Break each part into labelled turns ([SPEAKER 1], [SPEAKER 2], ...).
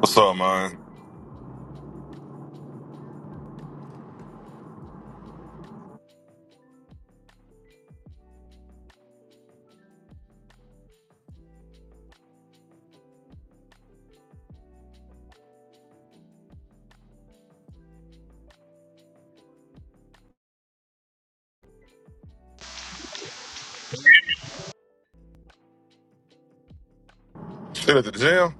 [SPEAKER 1] What's up, man? Shit at the gym?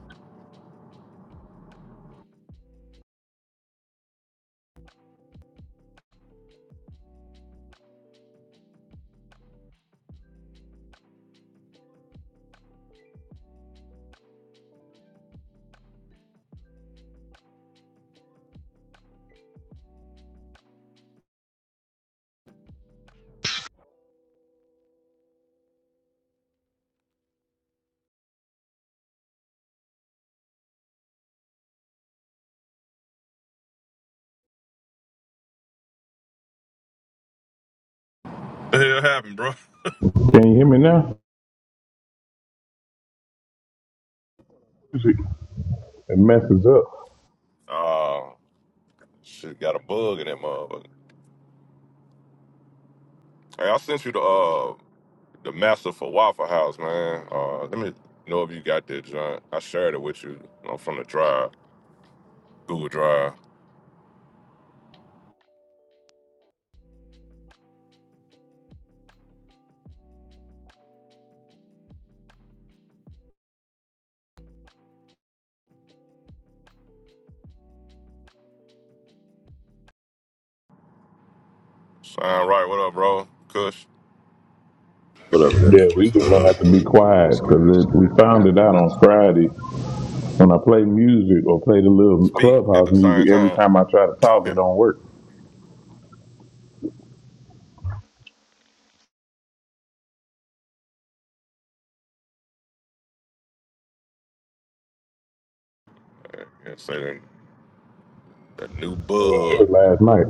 [SPEAKER 1] The hell happened, bro?
[SPEAKER 2] Can you hear me now? It messes up.
[SPEAKER 1] Uh, shit got a bug in that motherfucker. Hey, I sent you the uh the master for Waffle House, man. Uh, let me know if you got that, John. I shared it with you, you know, from the drive, Google Drive. Sign right, what up, bro? Kush.
[SPEAKER 3] What up, guys?
[SPEAKER 2] Yeah,
[SPEAKER 3] What's
[SPEAKER 2] we just
[SPEAKER 3] going
[SPEAKER 2] gonna
[SPEAKER 3] on?
[SPEAKER 2] have to be
[SPEAKER 4] Hey,
[SPEAKER 2] quiet
[SPEAKER 4] what's good? What's
[SPEAKER 2] because we
[SPEAKER 4] good? What
[SPEAKER 2] found
[SPEAKER 4] happened
[SPEAKER 2] it
[SPEAKER 4] to
[SPEAKER 2] out
[SPEAKER 4] bots?
[SPEAKER 2] on Friday when I play music or play the little
[SPEAKER 1] Speak at
[SPEAKER 2] clubhouse
[SPEAKER 1] the
[SPEAKER 2] music.
[SPEAKER 1] same
[SPEAKER 2] Every
[SPEAKER 1] time.
[SPEAKER 2] time I try to talk, it don't work.
[SPEAKER 1] Yeah, say that, that new
[SPEAKER 2] It
[SPEAKER 1] bug.
[SPEAKER 2] was last night.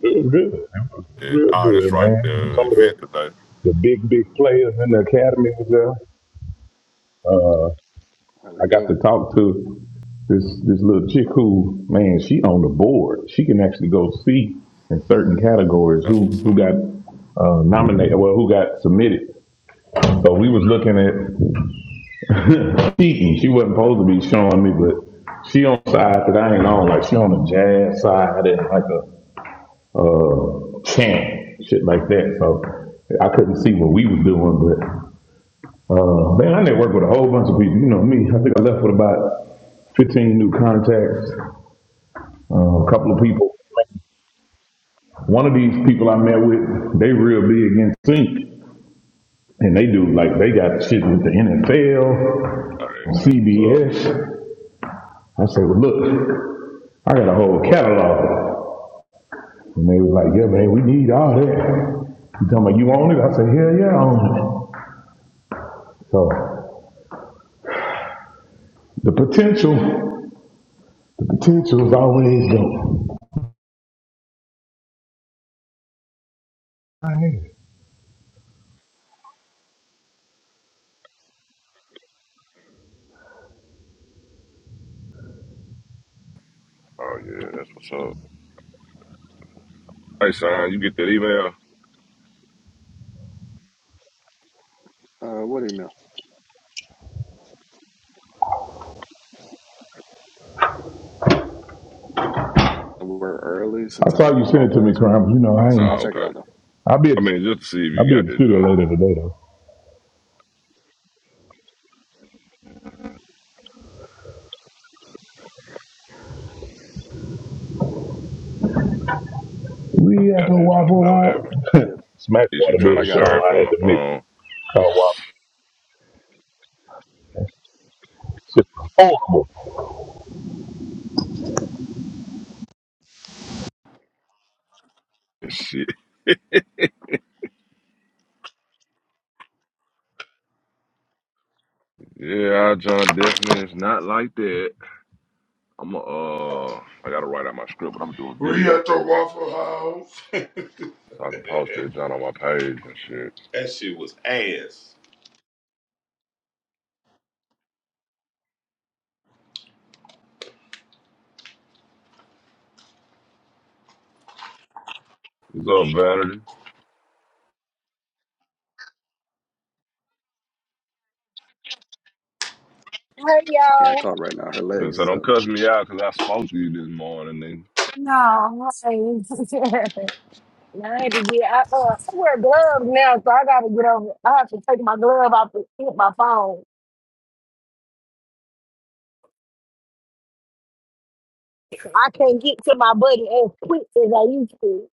[SPEAKER 2] It was good. It was
[SPEAKER 1] That,
[SPEAKER 2] real
[SPEAKER 1] ah, that's
[SPEAKER 2] good,
[SPEAKER 1] right,
[SPEAKER 2] man.
[SPEAKER 1] the
[SPEAKER 2] Some of the,
[SPEAKER 1] event today.
[SPEAKER 2] the big big players in the academy was there.
[SPEAKER 4] How'd
[SPEAKER 2] I
[SPEAKER 4] it
[SPEAKER 2] got
[SPEAKER 4] go?
[SPEAKER 2] to talk to this this little chick who, man, she on the board. She can actually go see in certain categories
[SPEAKER 1] That's
[SPEAKER 2] who
[SPEAKER 1] what's
[SPEAKER 2] who
[SPEAKER 1] up.
[SPEAKER 2] got uh, nominated, well, who got submitted. So we was looking at cheating. She wasn't supposed to be showing me, but she on side that I ain't on. Like she on the jazz side and like a chant, shit like that. So I couldn't see what we was doing, but uh, man, I networked with a whole bunch of people. You know me. I think I left with about fifteen new contacts, uh, a couple of people. One of these people I met with, they real big in sync, and they do like they got shit with the NFL.
[SPEAKER 1] All right, that's what's up.
[SPEAKER 2] CBS. I said, well, look, I got a whole catalog. And they was like, yeah, man, we need all that. You talking about you own it? I said, hell yeah, I own it. So the potential, the potential is always dope.
[SPEAKER 1] Oh, yeah, that's what's up. Hey, son, you get that email?
[SPEAKER 4] Uh, what email? we were early
[SPEAKER 2] I
[SPEAKER 4] since I was
[SPEAKER 2] saw you
[SPEAKER 4] out
[SPEAKER 2] send
[SPEAKER 4] all
[SPEAKER 2] it to me,
[SPEAKER 4] last week,
[SPEAKER 2] Crime. You know, I
[SPEAKER 4] so I'll
[SPEAKER 1] Oh,
[SPEAKER 2] ain't,
[SPEAKER 4] check it
[SPEAKER 1] okay.
[SPEAKER 4] out though.
[SPEAKER 2] I'll be at
[SPEAKER 1] I
[SPEAKER 2] the,
[SPEAKER 1] mean, just to see if
[SPEAKER 2] I'll
[SPEAKER 1] you
[SPEAKER 2] be at
[SPEAKER 1] got
[SPEAKER 2] the
[SPEAKER 1] that
[SPEAKER 2] studio
[SPEAKER 1] junk.
[SPEAKER 2] later today, though. We at
[SPEAKER 1] Got
[SPEAKER 2] the
[SPEAKER 1] that junk 'cause
[SPEAKER 2] Waffle
[SPEAKER 1] I was having
[SPEAKER 2] House.
[SPEAKER 4] Yep,
[SPEAKER 1] issue
[SPEAKER 2] Smashwater
[SPEAKER 4] yep,
[SPEAKER 1] trying
[SPEAKER 2] did
[SPEAKER 4] I
[SPEAKER 1] to
[SPEAKER 2] it, so
[SPEAKER 4] got it.
[SPEAKER 1] share it
[SPEAKER 2] I
[SPEAKER 1] from
[SPEAKER 2] had
[SPEAKER 1] my
[SPEAKER 2] to mix.
[SPEAKER 1] phone
[SPEAKER 2] Kind of waffle. It's horrible.
[SPEAKER 1] and shit. yeah, our junk definitely is not like that. I'm uh, I gotta write out my script, but I'm gonna do a
[SPEAKER 2] We
[SPEAKER 1] video
[SPEAKER 2] at the Waffle House.
[SPEAKER 1] so I can post that junk on my page and shit.
[SPEAKER 2] that shit was ass.
[SPEAKER 1] What's up, Vanity?
[SPEAKER 5] Hey
[SPEAKER 4] She can't
[SPEAKER 5] y'all.
[SPEAKER 4] talk right now. Her
[SPEAKER 1] Just
[SPEAKER 4] legs
[SPEAKER 1] so
[SPEAKER 4] is
[SPEAKER 1] don't
[SPEAKER 4] up.
[SPEAKER 1] cuss me out because I spoke to you this morning. Nigga.
[SPEAKER 5] No, hey. Now I had to get I, uh, I wear gloves now, so I gotta get over. I have to take my glove off to get my phone. I can't get to my buddy as quick as I used to.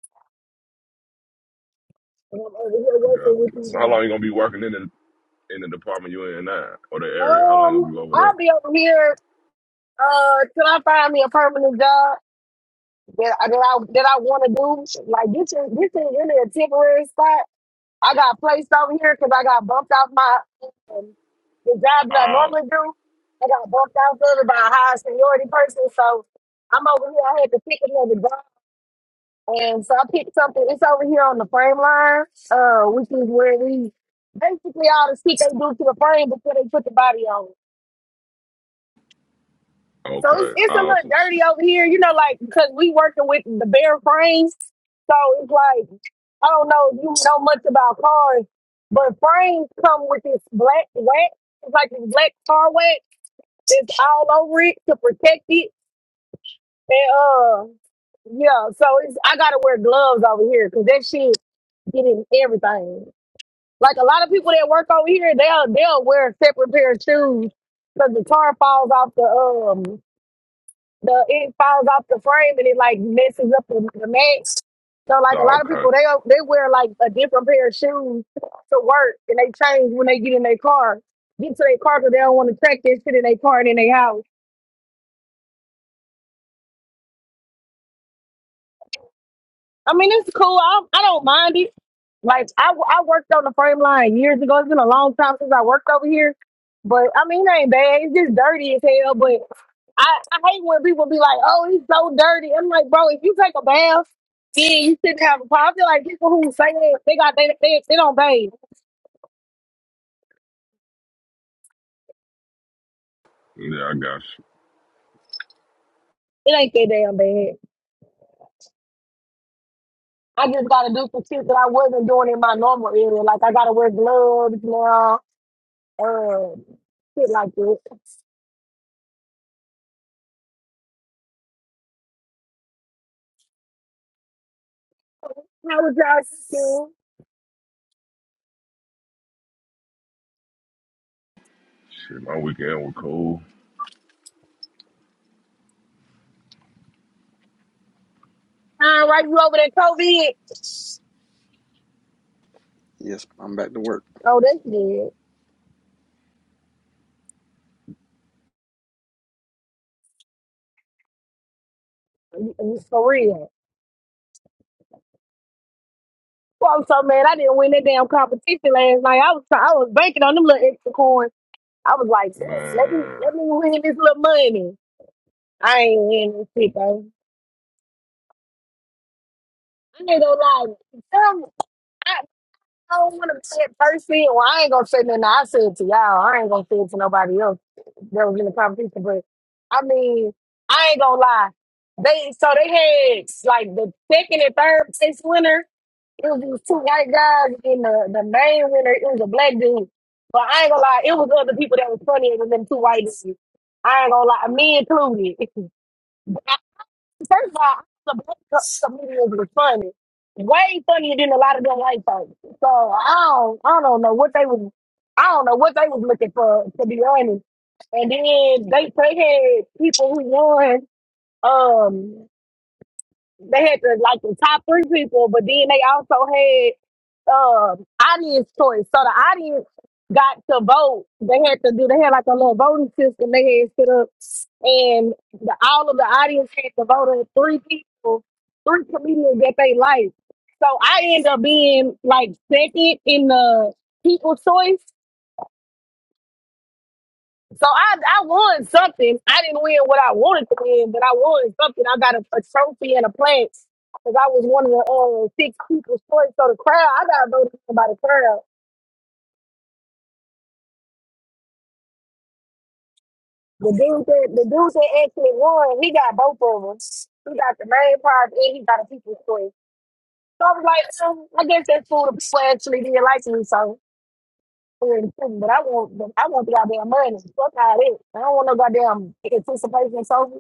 [SPEAKER 5] And I'm over here
[SPEAKER 1] I got
[SPEAKER 5] working
[SPEAKER 1] it.
[SPEAKER 5] with these.
[SPEAKER 1] So how
[SPEAKER 5] men.
[SPEAKER 1] long you gonna be working in the in the department you in now or the area? How long you
[SPEAKER 5] Um,
[SPEAKER 1] gonna be over there?
[SPEAKER 5] I'll be over here uh till I find me a permanent job that I that I, that I want to do. Like this is this is really a temporary spot. I got placed over here because I got bumped out my um, the job that I
[SPEAKER 1] Ah,
[SPEAKER 5] normally do. I got bumped out there by a high seniority person, so I'm over here. I had to pick another job, and so I picked something. It's over here on the frame line, uh, which is where we basically all the shit they do to the frame before they put the body on. So it's
[SPEAKER 1] okay.
[SPEAKER 5] it's a little
[SPEAKER 1] Awesome
[SPEAKER 5] dirty
[SPEAKER 1] shit.
[SPEAKER 5] over here, you know, like because we working with the bare frames, so it's like. I don't know if you know much about cars, but frames come with this black wax. It's like this black car wax that's all over it to protect it. And uh, yeah, so it's I gotta wear gloves over here because that shit get in everything. Like a lot of people that work over here, they'll they'll wear separate pair of shoes because the tar falls off the um the it falls off the frame and it like messes up the, the match. So like a
[SPEAKER 1] Ah,
[SPEAKER 5] lot of
[SPEAKER 1] okay.
[SPEAKER 5] people, they they wear like a different pair of shoes to work and they change when they get in their car, get to their car because they don't want to track that shit in their car and in their house. I mean, it's cool. I, I don't mind it. Like I, I worked on the frame line years ago. It's been a long time since I worked over here, but I mean, it ain't bad. It's just dirty as hell. But I, I hate when people be like, "Oh, he's so dirty." I'm like, bro, if you take a bath, yeah, you shouldn't have a problem. I feel like people who say that they got they they, they don't bathe.
[SPEAKER 1] Yeah, I got you.
[SPEAKER 5] It ain't that damn bad. I just gotta do some shit that I wasn't doing in my normal area. Like I gotta wear gloves now, um, shit like that. How was y'all doing?
[SPEAKER 1] Shit, my weekend was cold.
[SPEAKER 5] All right, you over there, COVID?
[SPEAKER 4] Yes, I'm back to work.
[SPEAKER 5] Oh, that's good. For real. Well, I'm so mad I didn't win that damn competition last night. I was try- I was banking on them little extra coins. I was like, "Sis, let me
[SPEAKER 1] Man,
[SPEAKER 5] let me win this little money. I ain't winning this shit though. I ain't gonna lie. Some, I, I don't want to be that person. Well, I ain't gonna say nothing. I said it to y'all. I ain't gonna say it to nobody else that was in the competition. But I mean, I ain't gonna lie. They so they had like the second and third place winner. It was these two white guys, and the, the main winner, it was a black dude. But I ain't gonna lie, it was other people that was funnier than them two white dudes. I ain't gonna lie, me included. I- First of all, the black co- comedians were funny. Way funnier than a lot of them white folks. So I don't, I don't know what they was, I don't know what they was looking for, to be honest. And then they, they had people who won. Um, they had the like the top three people, but then they also had um audience choice. So the audience got to vote. They had to do they had like a little voting system they had set up and the, all of the audience had to vote on three people, three comedians that they liked. So I end up being like second in the people choice. So I, I won something. I didn't win what I wanted to win, but I won something. I got a, a trophy and a plant because I was one of the uh, six people's choice. So the crowd, I got voted for by the crowd. The dude that the dude that actually won, he got both of them. He got the main prize and he got a people's choice. So I was like, um, I guess that's cool. The people actually did like me, so we're in prison, but I want the, I want the goddamn money. Fuck all that. I don't want no goddamn anticipation trophy.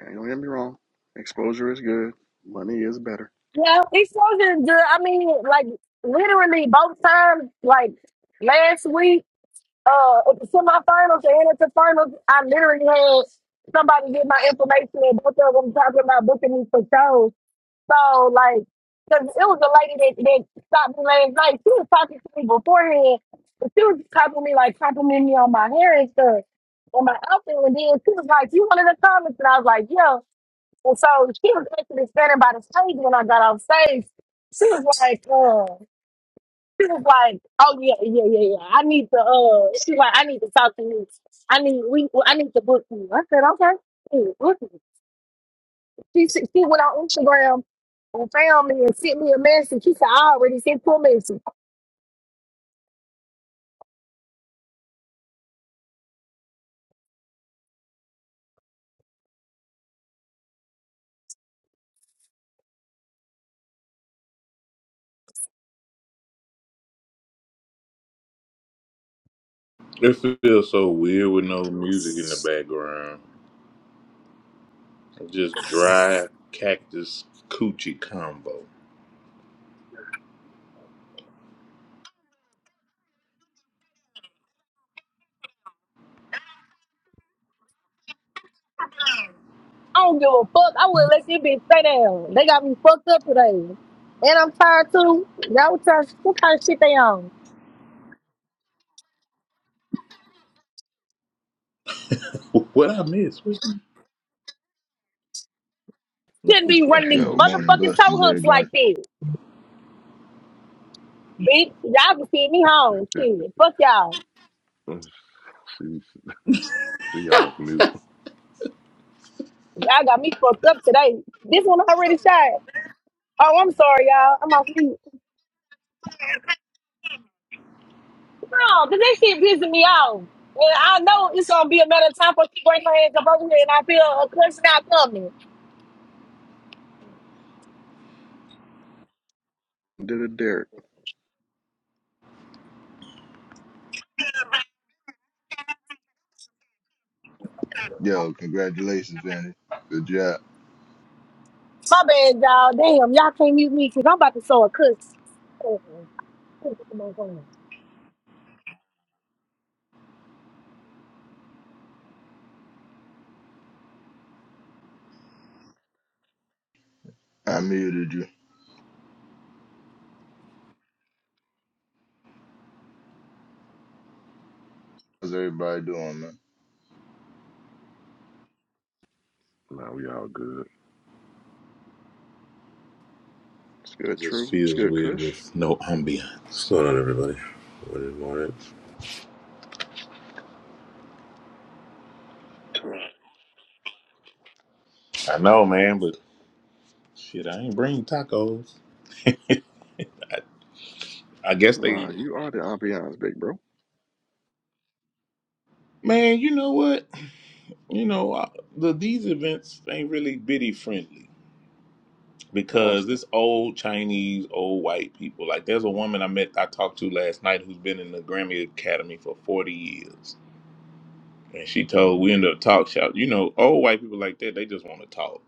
[SPEAKER 4] Man, don't get me wrong. Exposure is good. Money is better.
[SPEAKER 5] Yeah, he's supposed to I mean, like literally both times, like last week, uh, at the semifinals and at the finals, I literally had somebody get my information and both of them talking about booking me for shows. So like, cause it was a lady that, that stopped me last night. She was talking to me beforehand, but she was talking to me like complimenting me on my hair and stuff. And my outfit, and then she was like, "You wanted to comment?" And I was like, "Yeah." And so she was actually standing by the stage when I got off stage. She was like, uh, she was like, oh yeah, yeah, yeah, yeah. I need to, uh, she like, I need to talk to you. I need, we, I need to book you. I said, okay. Hey, book me. She, she she went on Instagram and found me and sent me a message. She said, I already sent you a message.
[SPEAKER 2] It feels so weird with no music in the background. Just dry cactus coochie combo.
[SPEAKER 5] I don't give a fuck. I wouldn't let you bitch stay down. They got me fucked up today. And I'm tired too. That was what kind of shit they on.
[SPEAKER 2] What I miss? What she, what
[SPEAKER 5] Shouldn't
[SPEAKER 2] she
[SPEAKER 5] be running
[SPEAKER 2] fussing?
[SPEAKER 5] these
[SPEAKER 6] Yo,
[SPEAKER 4] Coochie
[SPEAKER 6] morning
[SPEAKER 5] motherfucking toe
[SPEAKER 6] blessings,
[SPEAKER 5] hooks like
[SPEAKER 6] everybody.
[SPEAKER 5] this. Bitch, y'all can send me home. Shit. Fuck y'all.
[SPEAKER 1] let's see, see y'all off mute.
[SPEAKER 5] Y'all got me fucked up today. This one already shot. Oh, I'm sorry, y'all. I'm off mute. No, because that shit pissing me off. And I know it's going to be a matter of time for she bring her hands up over here and I feel a cuss not coming.
[SPEAKER 4] did a Derek.
[SPEAKER 6] Yo, congratulations, Vandy. Good job.
[SPEAKER 5] My bad, y'all. Damn, y'all can't mute me because I'm about to throw a cuss. Oh, shit, come on, come on.
[SPEAKER 6] I muted you. How's everybody doing, man?
[SPEAKER 1] Now we all good.
[SPEAKER 4] It's
[SPEAKER 2] It
[SPEAKER 4] good,
[SPEAKER 2] just
[SPEAKER 4] true. It's
[SPEAKER 2] feels
[SPEAKER 4] good,
[SPEAKER 2] weird
[SPEAKER 4] Kush.
[SPEAKER 2] with no
[SPEAKER 3] What's
[SPEAKER 2] ambiance.
[SPEAKER 3] going on, everybody? Morning, morning.
[SPEAKER 2] I know, man, but shit, I ain't bringing tacos. I guess they.
[SPEAKER 4] Tomorrow, you are the ambiance, big bro.
[SPEAKER 2] Man, you know what? You know, I, the these events ain't really biddy friendly
[SPEAKER 4] In
[SPEAKER 2] because
[SPEAKER 4] Austin.
[SPEAKER 2] it's old Chinese, old white people. Like, there's a woman I met, I talked to last night, who's been in the Grammy Academy for 40 years And she told we ended up talk shop. You know, old white people like that, they just want to talk.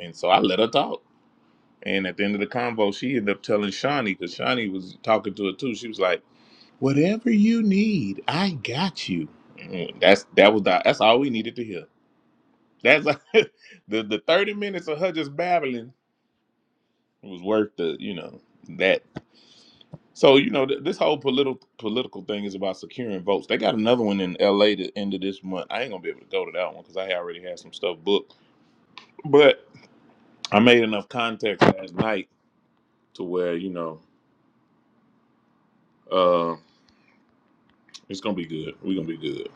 [SPEAKER 2] And so I let her talk. And at the end of the convo, she ended up telling Shawnee, because Shawnee was talking to her too. She was like, Whatever you need, I got you. Mm, That's that was the, that's all we needed to hear. That's the the 30 minutes of her just babbling was worth the, you know, that. So, you know, th- this whole political political thing is about securing votes. They got another one in LA the end of this month. I ain't gonna be able to go to that one because I already had some stuff booked. but. I made enough contact last night to where you know uh, it's gonna be good. We're gonna be good.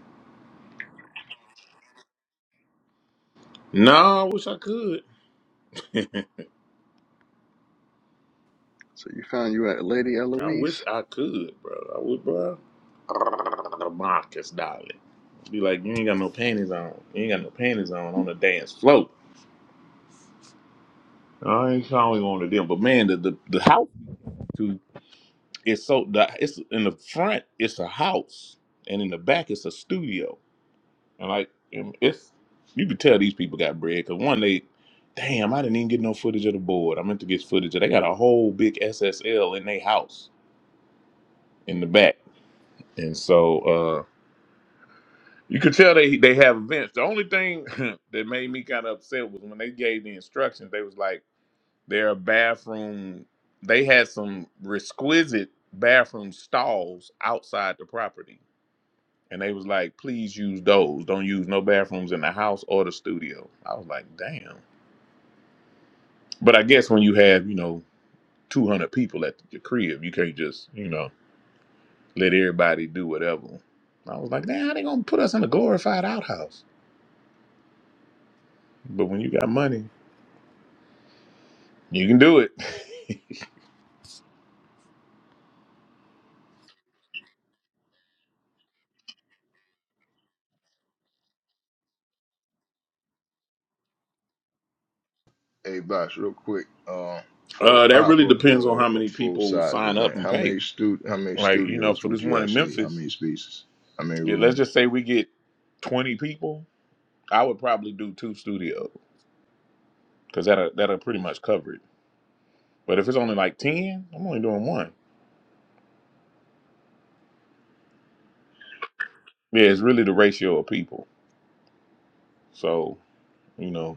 [SPEAKER 2] No, I wish I could.
[SPEAKER 4] So you found you at Lady
[SPEAKER 2] I wish
[SPEAKER 4] Eloise.
[SPEAKER 2] I could, bro. I would, bro. The Marcus, darling. Be like, you ain't got no panties on. You ain't got no panties on on the dance floor. I ain't calling on to them, but man, the the, the house too. It's so the it's in the front. It's a house, and in the back, it's a studio. And like, um, it's you could tell these people got bread because one, they, damn, I didn't even get no footage of the board. I meant to get footage. of They got a whole big SSL in their house in the back, and so uh you could tell they they have events. The only thing that made me kind of upset was when they gave the instructions. They was like, their bathroom. They had some exquisite bathroom stalls outside the property. And they was like, please use those. Don't use no bathrooms in the house or the studio. I was like, damn. But I guess when you have, you know, 200 people at your crib, you can't just, you know, let everybody do whatever. I was like, nah, they gonna put us in a glorified outhouse. But when you got money, you can do it.
[SPEAKER 6] Hey, Bosh, real quick, uh, for a
[SPEAKER 2] Uh, that
[SPEAKER 6] pop
[SPEAKER 2] really
[SPEAKER 6] up
[SPEAKER 2] depends on
[SPEAKER 6] or
[SPEAKER 2] how
[SPEAKER 6] a
[SPEAKER 2] many
[SPEAKER 6] full
[SPEAKER 2] people
[SPEAKER 6] size
[SPEAKER 2] sign up
[SPEAKER 6] event,
[SPEAKER 2] and
[SPEAKER 6] how
[SPEAKER 2] pay.
[SPEAKER 6] many stu how many
[SPEAKER 2] Like, you know,
[SPEAKER 6] studios
[SPEAKER 2] for
[SPEAKER 6] would
[SPEAKER 2] this
[SPEAKER 6] you
[SPEAKER 2] one in
[SPEAKER 6] actually need? How
[SPEAKER 2] Memphis,
[SPEAKER 6] many spaces? How many
[SPEAKER 2] yeah, let's
[SPEAKER 6] rooms?
[SPEAKER 2] just say we get 20 people, I would probably do two studios because that'll, that'll pretty much cover it. But if it's only like 10, I'm only doing one. Yeah, it's really the ratio of people. So, you know,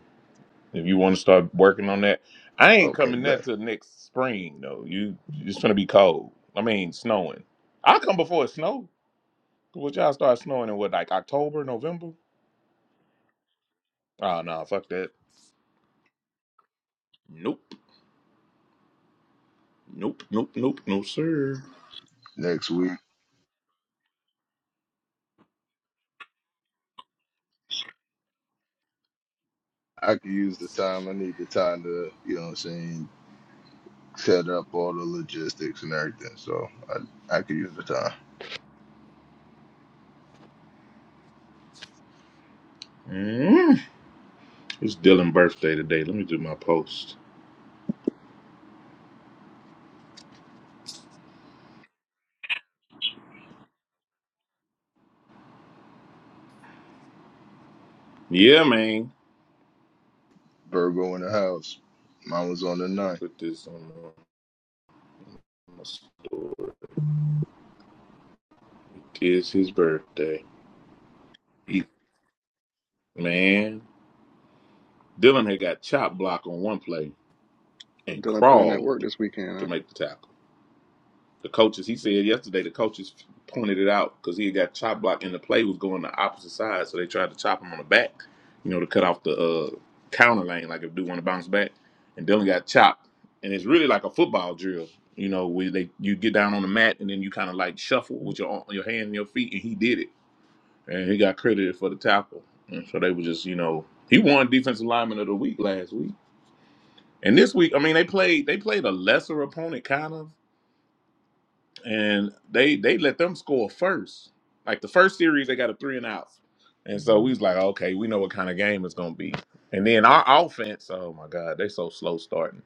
[SPEAKER 2] If you want to start working on that, I ain't
[SPEAKER 6] Okay,
[SPEAKER 2] coming
[SPEAKER 6] bet.
[SPEAKER 2] that till next spring though. You it's gonna be cold. I mean, snowing. I come before it snow. Would y'all start snowing in what like October, November? Oh no, fuck that. Nope, nope, nope, nope, no sir.
[SPEAKER 6] Next week, I could use the time. I need the time to, you know, what I'm saying, set up all the logistics and everything. So I I could use the time.
[SPEAKER 2] Mm. It's Dylan's birthday today. Let me do my post. Yeah, man.
[SPEAKER 6] Virgo in the house. Mine was on the
[SPEAKER 2] Let me
[SPEAKER 6] ninth.
[SPEAKER 2] put this on my story. It is his birthday. He, man, Dylan had got chop block on one play
[SPEAKER 4] So
[SPEAKER 2] and
[SPEAKER 4] Dylan put in that
[SPEAKER 2] crawled.
[SPEAKER 4] work this weekend.
[SPEAKER 2] to make the tackle. The coaches, he said yesterday, the coaches pointed it out because he had got chop block and the play was going the opposite side, so they tried to chop him on the back, you know, to cut off the uh, counter lane, like if dude want to bounce back, and Dylan got chopped, and it's really like a football drill, you know, where they you get down on the mat and then you kind of like shuffle with your your hand and your feet, and he did it, and he got credited for the tackle, and so they were just you know he won defensive lineman of the week last week, and this week I mean they played they played a lesser opponent kind of and they they let them score first. Like the first series, they got a three and out, and so we was like, okay, we know what kind of game it's gonna be. And then our offense, oh my god, they so slow starting.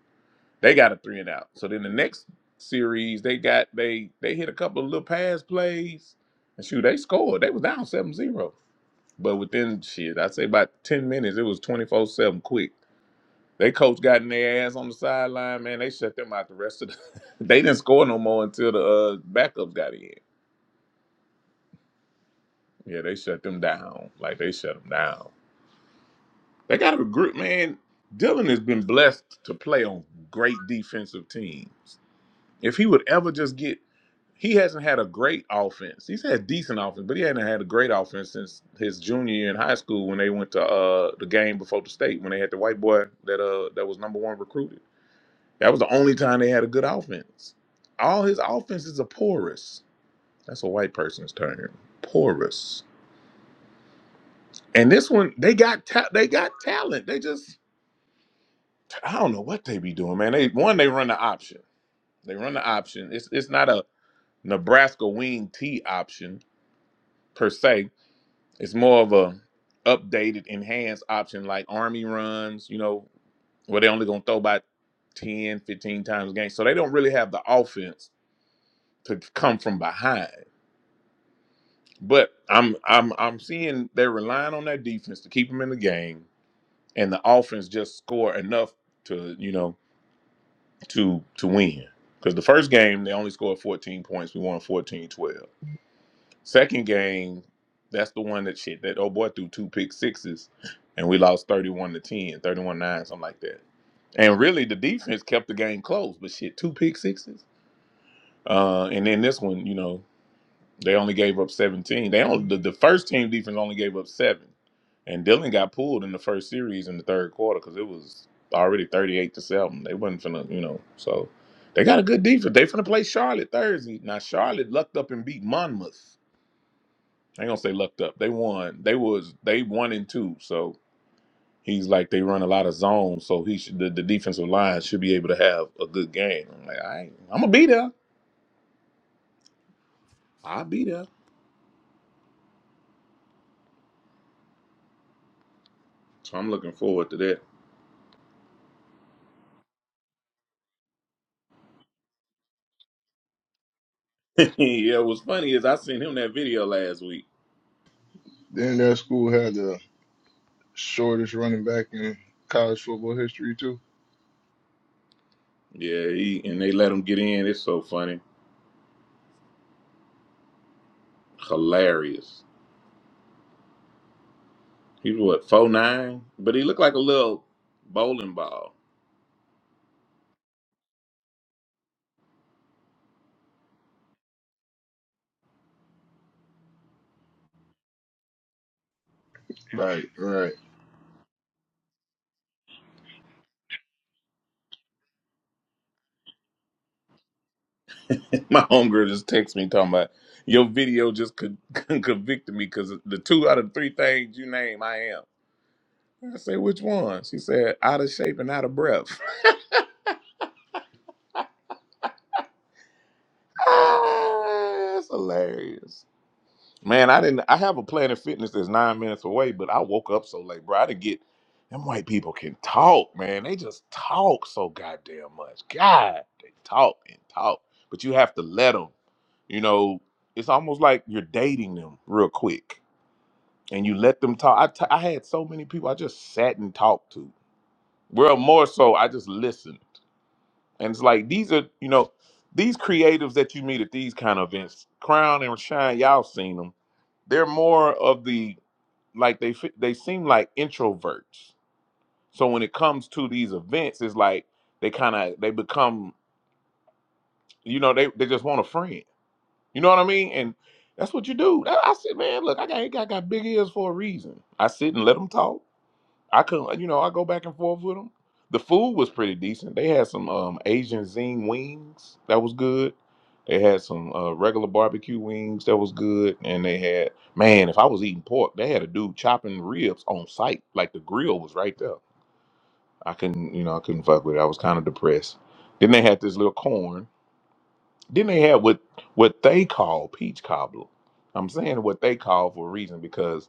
[SPEAKER 2] They got a three and out. So then the next series, they got they they hit a couple of little pass plays, and shoot, they scored. They was down seven zero, but within shit, I'd say about ten minutes, it was twenty four seven quick. They coach got in their ass on the sideline, man. They shut them out the rest of the. they didn't score no more until the uh, backups got in. Yeah, they shut them down. Like they shut them down. They got a group, man. Dylan has been blessed to play on great defensive teams. If he would ever just get, he hasn't had a great offense. He's had decent offense, but he hasn't had a great offense since his junior year in high school when they went to uh the game before the state when they had the white boy that uh that was number one recruited. That was the only time they had a good offense. All his offenses are porous. That's a white person's term. Porous. And this one, they got ta- they got talent. They just I don't know what they be doing, man. They one they run the option. They run the option. It's it's not a Nebraska wing T option per se. It's more of a updated, enhanced option like Army runs, you know, where they only gonna throw about 10, 15 times a game. So they don't really have the offense to come from behind. But I'm I'm I'm seeing they're relying on their defense to keep them in the game and the offense just score enough to, you know. to to win. Because the first game they only scored 14 points. We won fourteen twelve. Second game, that's the one that shit that old boy threw two pick sixes and we lost 31 to ten, thirty 9, something like that. And really the defense kept the game close, but shit, two pick sixes. Uh and then this one, you know, they only gave up 17. They only the, the first team defense only gave up seven, and Dylan got pulled in the first series in the third quarter because it was already 38 to seven. They wasn't finna, you know. So they got a good defense. They finna play Charlotte Thursday. Now Charlotte lucked up and beat Monmouth. I ain't gonna say lucked up. They won. They was they one and two. So he's like they run a lot of zones. So he should, the, the defensive line should be able to have a good game. I'm like I ain't, I'm gonna be there. I'll be there. So I'm looking forward to that. yeah, what's funny is I seen him that video last week.
[SPEAKER 6] Then that school had the shortest running back in college football history too.
[SPEAKER 2] Yeah, he and they let him get in. It's so funny, hilarious. He's what four nine, but he looked like a little bowling ball.
[SPEAKER 6] Right, right.
[SPEAKER 2] My homegirl just texted me talking about your video just could convicted me because the two out of three things you name, I am. I said which one? She said out of shape and out of breath. That's hilarious. Man, I didn't. I have a Planet Fitness that's nine minutes away, but I woke up so late, bro. I didn't get. Them white people can talk, man. They just talk so goddamn much. God, they talk and talk, but you have to let them. You know, it's almost like you're dating them real quick, and you let them talk. I t- I had so many people I just sat and talked to. Well, more so, I just listened. And it's like these are, you know, these creatives that you meet at these kind of events, Crown and Shine, y'all seen them. They're more of the like they fi- they seem like introverts. So when it comes to these events, it's like they kind of they become, you know, they they just want a friend. You know what I mean? And that's what you do. I, I said, man, look, I got I got big ears for a reason. I sit and let them talk. I could, not you know, I go back and forth with them. The food was pretty decent. They had some um, Asian zing wings that was good. They had some uh, regular barbecue wings that was good, and they had man, if I was eating pork, they had a dude chopping ribs on site, like the grill was right there. I couldn't, you know, I couldn't fuck with it. I was kind of depressed. Then they had this little corn. Then they had what what they call peach cobbler. I'm saying what they call for a reason because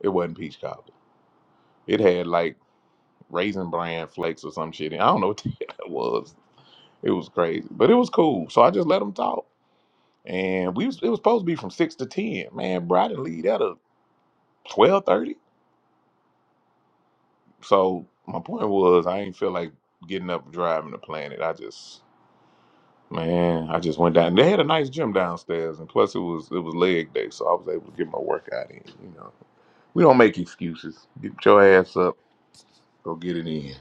[SPEAKER 2] it wasn't peach cobbler. It had like raisin bran flakes or some shit. I don't know what the hell that was. It was crazy, but it was cool. So I just let them talk, and we was, it was supposed to be from six to ten. Man, bro, I didn't leave that at twelve thirty. So my point was, I ain't feel like getting up and driving the planet. I just man, I just went down. They had a nice gym downstairs, and plus it was it was leg day, so I was able to get my workout in. You know, we don't make excuses. Get your ass up, go get it in.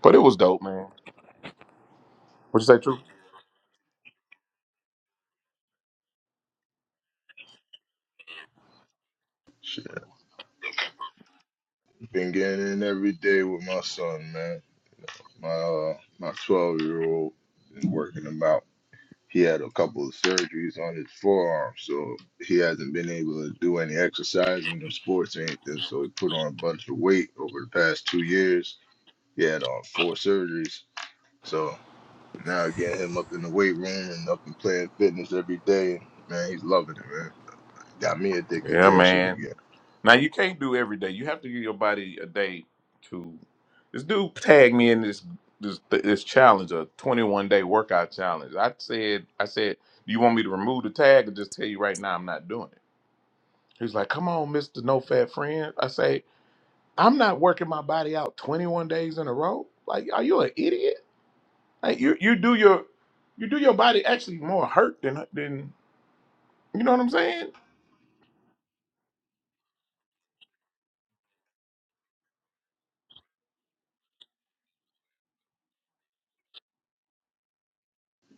[SPEAKER 2] But it was dope, man. What you say, true?
[SPEAKER 6] Shit. Been getting in every day with my son, man. My uh, my twelve year old and working him out. He had a couple of surgeries on his forearm, so he hasn't been able to do any exercising or sports or anything. So he put on a bunch of weight over the past two years. He had on four surgeries. So now getting him up in the weight room and up and playing fitness every day, man, he's loving it, man. Got me addicted
[SPEAKER 2] Yeah,
[SPEAKER 6] to that shit
[SPEAKER 2] man.
[SPEAKER 6] again.
[SPEAKER 2] Now you can't do every day. You have to give your body a day to. This dude tagged me in this this this challenge, a 21 day workout challenge. I said, I said, do you want me to remove the tag or just tell you right now I'm not doing it? He's like, come on, Mister No Fat Friend. I say, I'm not working my body out 21 days in a row. Like, are you an idiot? Like, you you do your you do your body actually more hurt than than you know what I'm saying?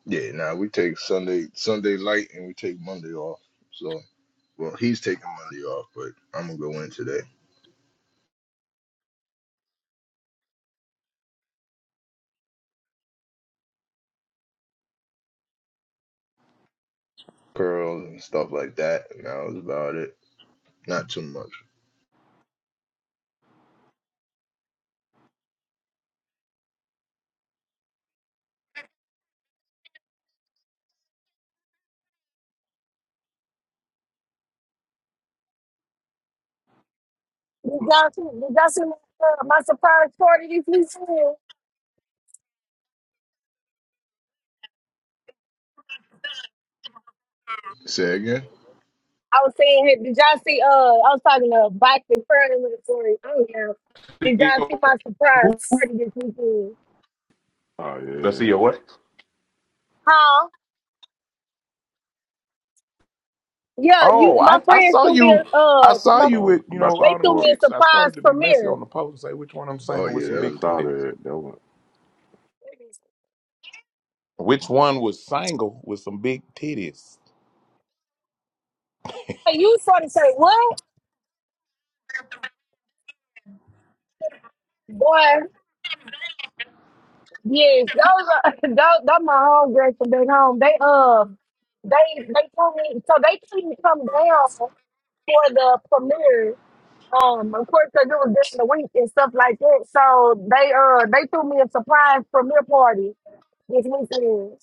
[SPEAKER 6] Yeah, now we take Sunday Sunday light and we take Monday off. So well he's taking Monday off, but I'm gonna go in today. Curls and stuff like that, and that was about it. Not too much.
[SPEAKER 5] Did y'all see, did y'all see my, uh, my surprise party this weekend?
[SPEAKER 6] Say again?
[SPEAKER 5] I was saying, hey, did y'all see? Uh, I was talking to Bike and Fern with the story. I don't know. Did y'all see my surprise party this weekend?
[SPEAKER 1] Oh
[SPEAKER 2] Let's see
[SPEAKER 1] yeah,
[SPEAKER 2] your what?
[SPEAKER 5] Huh? Yeah, you.
[SPEAKER 2] Oh,
[SPEAKER 5] My
[SPEAKER 2] I, I
[SPEAKER 5] friends
[SPEAKER 2] saw
[SPEAKER 5] threw me
[SPEAKER 2] you.
[SPEAKER 5] a.
[SPEAKER 2] I
[SPEAKER 5] Uh,
[SPEAKER 2] saw
[SPEAKER 1] I
[SPEAKER 5] my,
[SPEAKER 2] you
[SPEAKER 1] saw
[SPEAKER 2] with you
[SPEAKER 1] about
[SPEAKER 2] know
[SPEAKER 1] your
[SPEAKER 2] all
[SPEAKER 5] they
[SPEAKER 2] them
[SPEAKER 5] threw
[SPEAKER 1] support.
[SPEAKER 5] me a
[SPEAKER 2] chicks. I
[SPEAKER 5] surprise
[SPEAKER 2] started to be messy
[SPEAKER 5] premiere.
[SPEAKER 2] on the post and say which one I'm
[SPEAKER 6] Oh
[SPEAKER 2] single with
[SPEAKER 6] yeah,
[SPEAKER 2] some
[SPEAKER 6] that
[SPEAKER 1] Yeah,
[SPEAKER 2] big
[SPEAKER 1] I
[SPEAKER 6] was
[SPEAKER 1] saw
[SPEAKER 6] dope.
[SPEAKER 2] titties.
[SPEAKER 1] that. That was
[SPEAKER 2] Which one was single with some big titties?
[SPEAKER 5] Hey, you sort of say what? Boy, yes, those are those. those my homegirls from back home. They um, they they told me so they couldn't come down for the premiere Um, of course, because it was during the week and stuff like that. So they uh they threw me a surprise premiere party this weekend.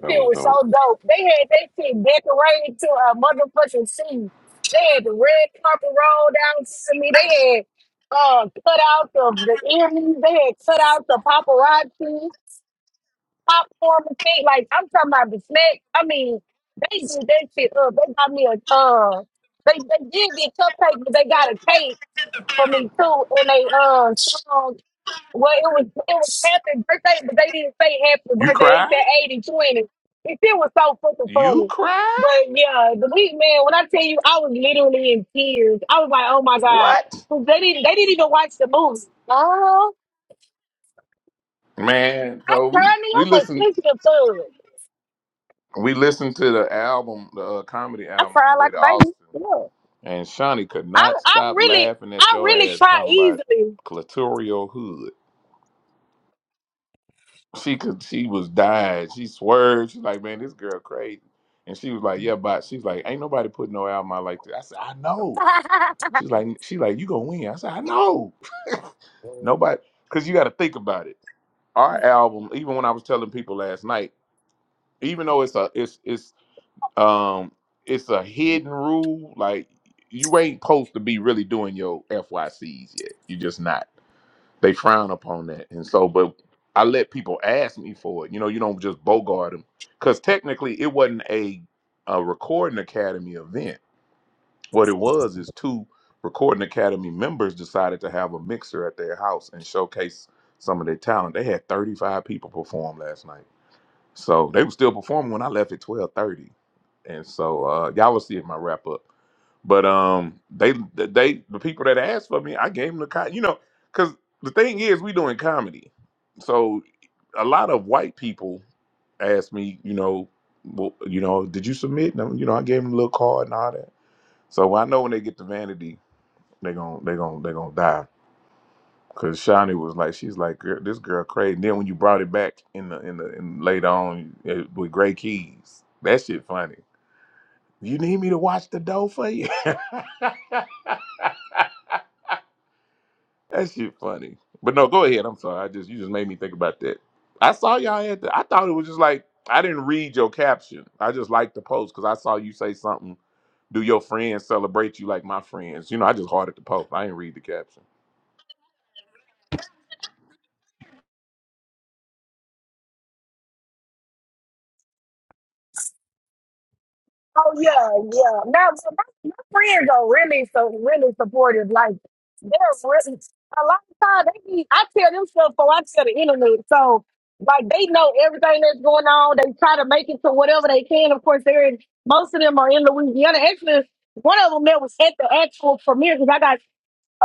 [SPEAKER 1] that
[SPEAKER 5] It
[SPEAKER 1] was
[SPEAKER 5] was so
[SPEAKER 1] dope.
[SPEAKER 5] dope. They had that shit decorated to a motherfucking scene. They had the red carpet rolled down to me. They had uh cutouts of the enemies. They had cutouts of paparazzi, popcorn and shit. Like I'm talking about the snack. I mean, they did that shit up. They got me a uh they they did get cupcakes, but they got a cake for me too in a uh song. Well, it was it was happy birthday, but they didn't say happy
[SPEAKER 2] You
[SPEAKER 5] birthday. They
[SPEAKER 2] cried.
[SPEAKER 5] said 80 20. It still was so fucking
[SPEAKER 2] You
[SPEAKER 5] funny.
[SPEAKER 2] cried.
[SPEAKER 5] But yeah, the week man, when I tell you I was literally in tears. I was like, oh my God.
[SPEAKER 2] What?
[SPEAKER 5] 'Cause They didn't they didn't even watch the movie. Oh
[SPEAKER 2] Man,
[SPEAKER 5] I
[SPEAKER 2] so we
[SPEAKER 5] cried me.
[SPEAKER 2] we
[SPEAKER 5] I'm a
[SPEAKER 2] listened
[SPEAKER 5] sensitive thug.
[SPEAKER 2] we listened to the album, the uh, comedy
[SPEAKER 5] I
[SPEAKER 2] album on
[SPEAKER 5] cried
[SPEAKER 2] the way
[SPEAKER 5] like
[SPEAKER 2] to
[SPEAKER 5] a baby.
[SPEAKER 2] Austin,
[SPEAKER 5] Yeah.
[SPEAKER 2] and Shawnee could
[SPEAKER 5] I
[SPEAKER 2] not
[SPEAKER 5] I
[SPEAKER 2] stop
[SPEAKER 5] really
[SPEAKER 2] laughing at
[SPEAKER 5] I
[SPEAKER 2] your
[SPEAKER 5] really
[SPEAKER 2] ass
[SPEAKER 5] cry
[SPEAKER 2] talking about
[SPEAKER 5] easily.
[SPEAKER 2] clitoral hood. she could she was dying. She swerved. She's like, man, this girl crazy. And she was like, yeah, but she's like, ain't nobody putting no album out like that. I said, I know. She's like, she like, you gonna win. I said, I know. nobody, because you got to think about it. Our album, even when I was telling people last night, even though it's a it's it's um it's a hidden rule, like you ain't supposed to be really doing your FYCs yet. You just not. They frown upon that, and so but I let people ask me for it. You know, you don't just bogart them because technically it wasn't a a recording academy event. What it was is two recording academy members decided to have a mixer at their house and showcase some of their talent. They had 35 people perform last night. So they were still performing when I left at 12:30. And so uh y'all will see it in my wrap up. But um, they they the people that asked for me, I gave them the con. You know, because the thing is, we doing comedy, so a lot of white people ask me, you know, well, you know, did you submit? And, you know, I gave them a little card and all that. So I know when they get to vanity, they gon' they gon' they gonna die. Cause Shawnee was like, she's like, girl, this girl crazy. And then when you brought it back in the in the in later on eh, with Gray Keys, that shit funny. You need me to watch the dough for you. That shit funny. But no, go ahead. I'm sorry. I just you just made me think about that. I saw y'all had that. I thought it was just like I didn't read your caption. I just liked the post because I saw you say something. Do your friends celebrate you like my friends? You know, I just hearted the post. I didn't read the caption.
[SPEAKER 5] Oh yeah, yeah. Now my, my friends are really so really supportive. Like they're really a lot of times they be I tell them stuff before I tell the internet. So like they know everything that's going on. They try to make it to whatever they can. Of course, they're in most of them are in Louisiana. Actually, one of them that was at the actual premiere because I got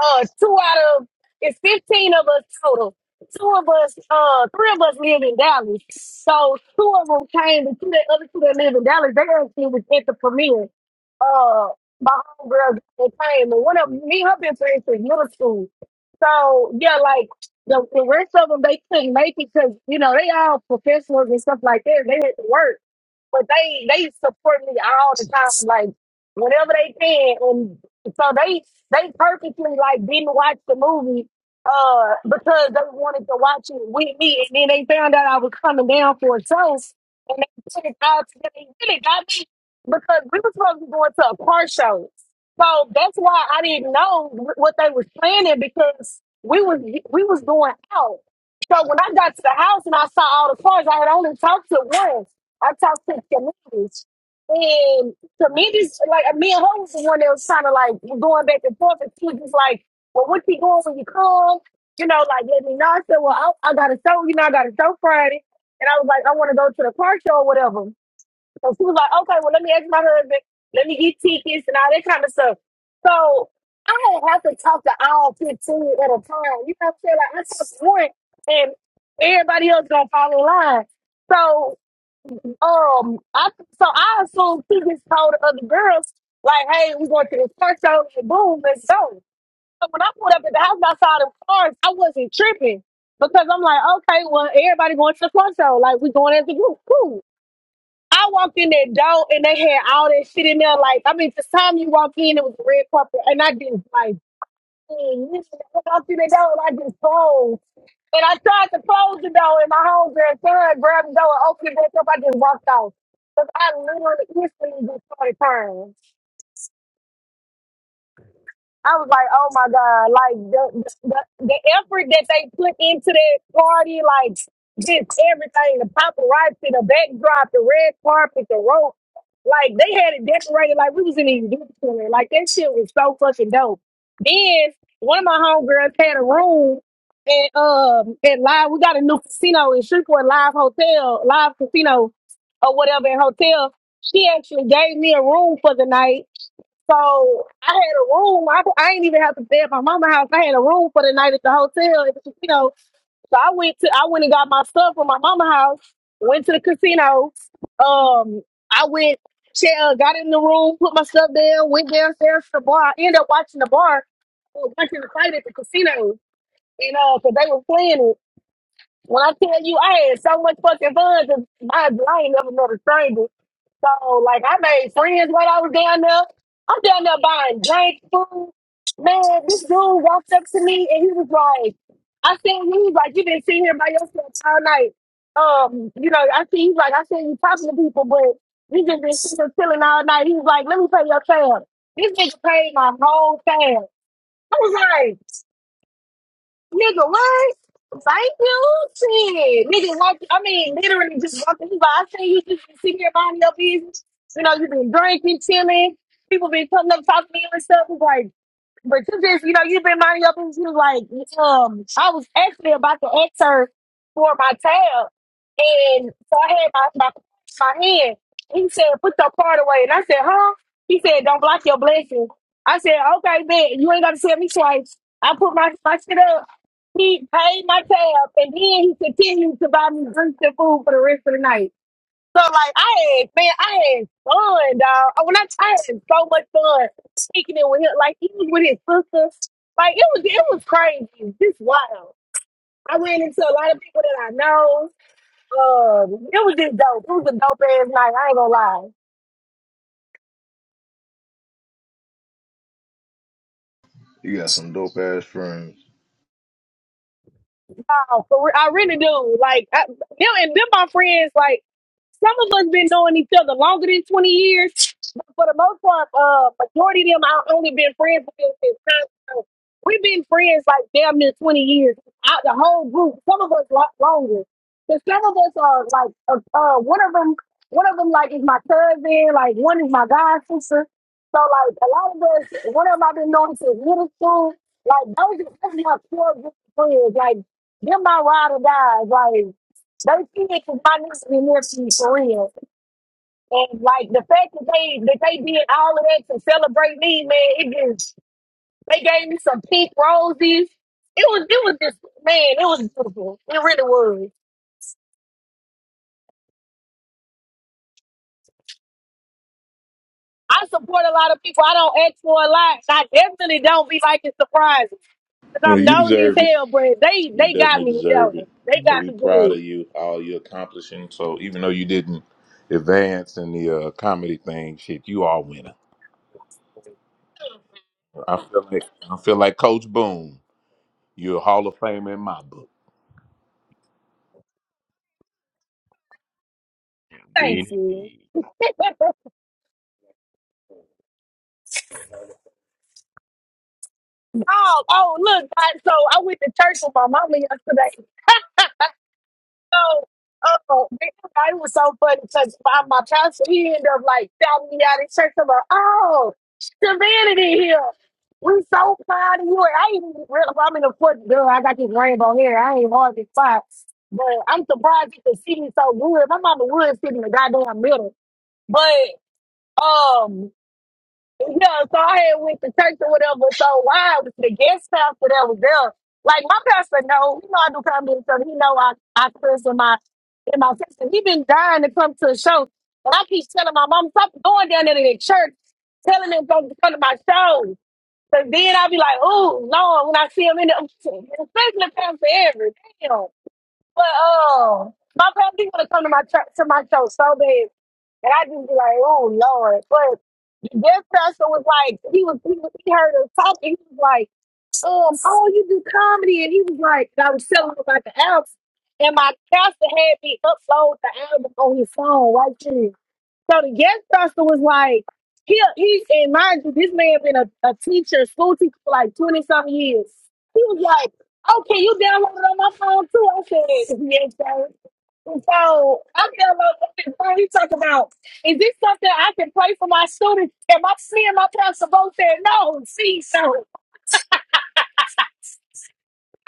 [SPEAKER 5] uh two out of it's fifteen of us total. Two of us, uh, three of us live in Dallas. So two of them came, and two that other two that live in Dallas, they actually was at the premiere. Uh, my homegirl that came, and one of me and her been friends since middle school. So yeah, like the, the rest of them, they couldn't make it because you know they all professionals and stuff like that. They had to work but they they support me all the time, like whenever they can, and so they they purposely like didn't watch the movie uh because they wanted to watch it with me, and then they found out I was coming down for a toast, and they took it out together. They really got me because we were supposed to be going to a car show, so that's why I didn't know wh- what they was planning because we was we was going out. So when I got to the house and I saw all the cars, I had only talked to one. I talk to communities. And communities, like me and her was the one that was kind of like going back and forth. And she was just like, well, what you doing when you come? You know, like, let me know. I said, well, I, I got a show, you know, I got a show Friday. And I was like, I want to go to the car show or whatever. So she was like, okay, well, let me ask my husband. Let me get tickets and all that kind of stuff. So I didn't have to talk to all 15 at a time. You know what I'm saying? Like, I talked to one and everybody else going to fall in line. So um, I so I assume he just told the other girls like, "Hey, we going to this car show, and boom, let's go." So when I pulled up at the house and I saw them cars, I wasn't tripping because I'm like, "Okay, well, everybody going to the car show, like we going as a group, cool." I walked in that door and they had all that shit in there. Like, I mean, the time you walk in, it was a red carpet, and I didn't like. You walked through the door and I just closed. And I tried to close the door and my homegirl son grabbed the door and opened it back up. I just walked off. Because I literally instantly just started crying. I was like, oh my God, like the, the the effort that they put into that party, like just everything, the paparazzi, the backdrop, the red carpet, the rope, like they had it decorated like we was in a youth center. Like that shit was so fucking dope. Then one of my homegirls had a room at um at live we got a new casino in Shreveport Live Hotel, live casino or whatever in hotel. She actually gave me a room for the night so I had a room. I, I didn't even have to stay at my mama house. I had a room for the night at the hotel. And, you know, so I went to I went and got my stuff from my mama house. Went to the casino. Um, I went, che- uh, got in the room, put my stuff down, went downstairs to the bar. I ended up watching the bar, uh, watching the fight at the casino. You know, because they were playing it. When I tell you, I had so much fucking fun. Cause my, I ain't never met a stranger. So like I made friends while I was down there. I'm down there buying drink, food. Man, this dude walked up to me and he was like, I seen you, he was like, you been sitting here by yourself all night. Um, you know, I see he's like, I seen you talking to people, but you just been sitting here chilling all night. He was like, Let me pay your tab. This nigga paid my whole tab. I was like, Nigga, what? Thank you, shit. Nigga, walk, I mean, literally just walking by. I seen you just sitting here minding your business. You know, you've been drinking, chilling. People been coming up talking to you and stuff. It's like, but you just, you know, you've been minding your business. You like, um, I was actually about to ask her for my tab, and so I had my my, my hand. He said, "Put your card away," and I said, "Huh?" He said, "Don't block your blessing." I said, "Okay, man, you ain't got to tell me twice." I put my my shit up. He paid my tab, and then he continued to buy me drinks and food for the rest of the night. So like I had man, I had fun, dog. When I, I had so much fun speaking it with him, like he was with his sister. Like it was it was crazy. Just wild. I ran into a lot of people that I know. Um, it was just dope. It was a dope ass night. I ain't gonna lie.
[SPEAKER 6] You got some dope ass friends.
[SPEAKER 5] No, for re- I really do. Like I, them and them, my friends. Like some of us been knowing each other longer than twenty years, but for the most part, uh, majority of them I only been friends with them since time. So we've been friends like damn near twenty years. Out the whole group, some of us lot longer. But some of us are like, uh, uh, one of them, one of them like is my cousin. Like one is my god sister. So like a lot of us, one of them I've been knowing since middle school. Like those, are- that's my core group of friends. Like they're my ride or die. Like those kids is my niece and nephew for real. And like the fact that they that they did all of that to celebrate me, man, it just they gave me some pink roses. It was it was just man, it was beautiful. It really was. I support a lot of people. I don't ask for a lot. I definitely don't be like it's surprising because
[SPEAKER 2] Well,
[SPEAKER 5] I'm
[SPEAKER 2] you
[SPEAKER 5] nosy as
[SPEAKER 2] deserve it.
[SPEAKER 5] hell. But they
[SPEAKER 2] You
[SPEAKER 5] they got
[SPEAKER 2] definitely
[SPEAKER 5] me
[SPEAKER 2] deserve it.
[SPEAKER 5] devil. They
[SPEAKER 2] You know,
[SPEAKER 5] got
[SPEAKER 2] we
[SPEAKER 5] me
[SPEAKER 2] proud of
[SPEAKER 5] good.
[SPEAKER 2] you, all you accomplishing. So even though you didn't advance in the uh, comedy thing, shit, you are a winner. I feel like I feel like Coach Boone. You're a Hall of Famer in my book.
[SPEAKER 5] Thank
[SPEAKER 7] Indeed,
[SPEAKER 5] you.
[SPEAKER 7] indeed.
[SPEAKER 5] Oh, oh, look, guys. So I went to church with my mama yesterday, So, oh, man, it was so funny because my, my pastor, he ended up like shouting me out in church. I'm like, oh, divinity here. We so proud of you. And I ain't even real. I'm in the fourth girl. I got this rainbow hair. I ain't hardly five. But I'm surprised you can see me so good. My mama would sit in the goddamn middle. But um, yeah, so I had went to church or whatever. So why was the guest pastor that was there? Like my pastor know, you know I do comedy, so he know I I curse in my in my text. And He been dying to come to a show, and I keep telling my mom stop going down there to the church, telling him go to come to my show. So then i be like, oh Lord, when I see him in the especially Pastor Everett, damn. But uh, my pastor he wanna come to my church to my show so bad. And I just be like, oh Lord. But this person was like, he was he, was, he heard us talking. He was like, um, oh, you do comedy. And he was like, I was telling him about the album. And my pastor had me upload the album on his phone right there. So the guest pastor was like, he, he and mind you, this man been a, a teacher, school teacher for like 20 something years. He was like, okay, you downloaded it on my phone too. I said, yes, sir. And So I feel like what we talk about is this something I can pray for my students? And my me and my pastor both said no. See, sir,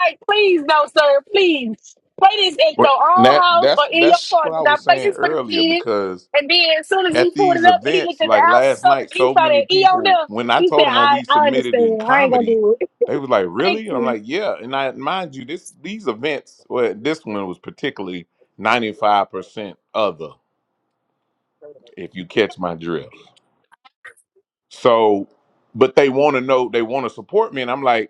[SPEAKER 5] like please, no, sir, please play this at
[SPEAKER 2] Well,
[SPEAKER 5] your
[SPEAKER 2] and
[SPEAKER 5] own
[SPEAKER 2] that
[SPEAKER 5] house or
[SPEAKER 2] that's
[SPEAKER 5] in your
[SPEAKER 2] that's
[SPEAKER 5] car.
[SPEAKER 2] what
[SPEAKER 5] Did
[SPEAKER 2] I
[SPEAKER 5] I
[SPEAKER 2] was
[SPEAKER 5] play
[SPEAKER 2] saying
[SPEAKER 5] this for the
[SPEAKER 2] earlier
[SPEAKER 5] kids.
[SPEAKER 2] because
[SPEAKER 5] And then as soon as we
[SPEAKER 2] at
[SPEAKER 5] pulled it
[SPEAKER 2] these
[SPEAKER 5] up, he
[SPEAKER 2] events,
[SPEAKER 5] looked at the
[SPEAKER 2] like
[SPEAKER 5] house and
[SPEAKER 2] last
[SPEAKER 5] stuff,
[SPEAKER 2] night,
[SPEAKER 5] and he
[SPEAKER 2] so
[SPEAKER 5] saw
[SPEAKER 2] many
[SPEAKER 5] that E on
[SPEAKER 2] people.
[SPEAKER 5] there.
[SPEAKER 2] When I
[SPEAKER 5] He said,
[SPEAKER 2] told them, "Oh,
[SPEAKER 5] "I
[SPEAKER 2] we
[SPEAKER 5] I
[SPEAKER 2] submitted in
[SPEAKER 5] understand. I ain't gonna
[SPEAKER 2] comedy,"
[SPEAKER 5] do it.
[SPEAKER 2] they was like,
[SPEAKER 5] Thank
[SPEAKER 2] "Really?" And I'm like,
[SPEAKER 5] you."
[SPEAKER 2] "Yeah." And I mind you, this these events, well, this one was particularly 95 percent other. If you catch my drift, so but they want to know, they want to support me, and I'm like.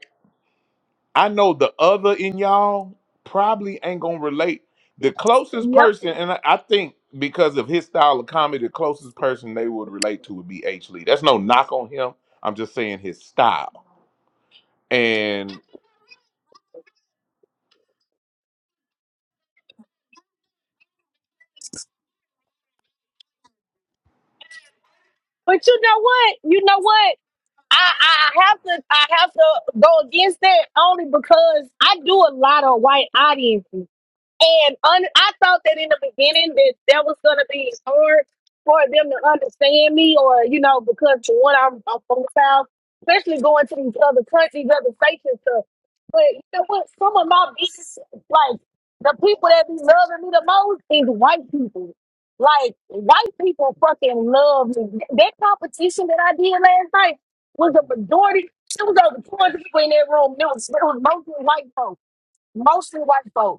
[SPEAKER 2] I know the other in y'all probably ain't gonna relate. The closest
[SPEAKER 5] Yep.
[SPEAKER 2] person, and I I think because of his style of comedy, the closest person they would relate to would be H. Lee. That's no knock on him. I'm just saying his style. And
[SPEAKER 5] But you know what? You know what? I, I have to I have to go against that only because I do a lot of white audiences. And un- I thought that in the beginning that that was going to be hard for them to understand me, or you know, because for one, I'm, I'm from the south, especially going to these other countries, other states and stuff. But you know what? Some of my biggest, like the people that be loving me the most is white people. Like white people fucking love me. That competition that I did last night was a majority. It was over 200 people in that room. It was, it was mostly white folks. Mostly white folks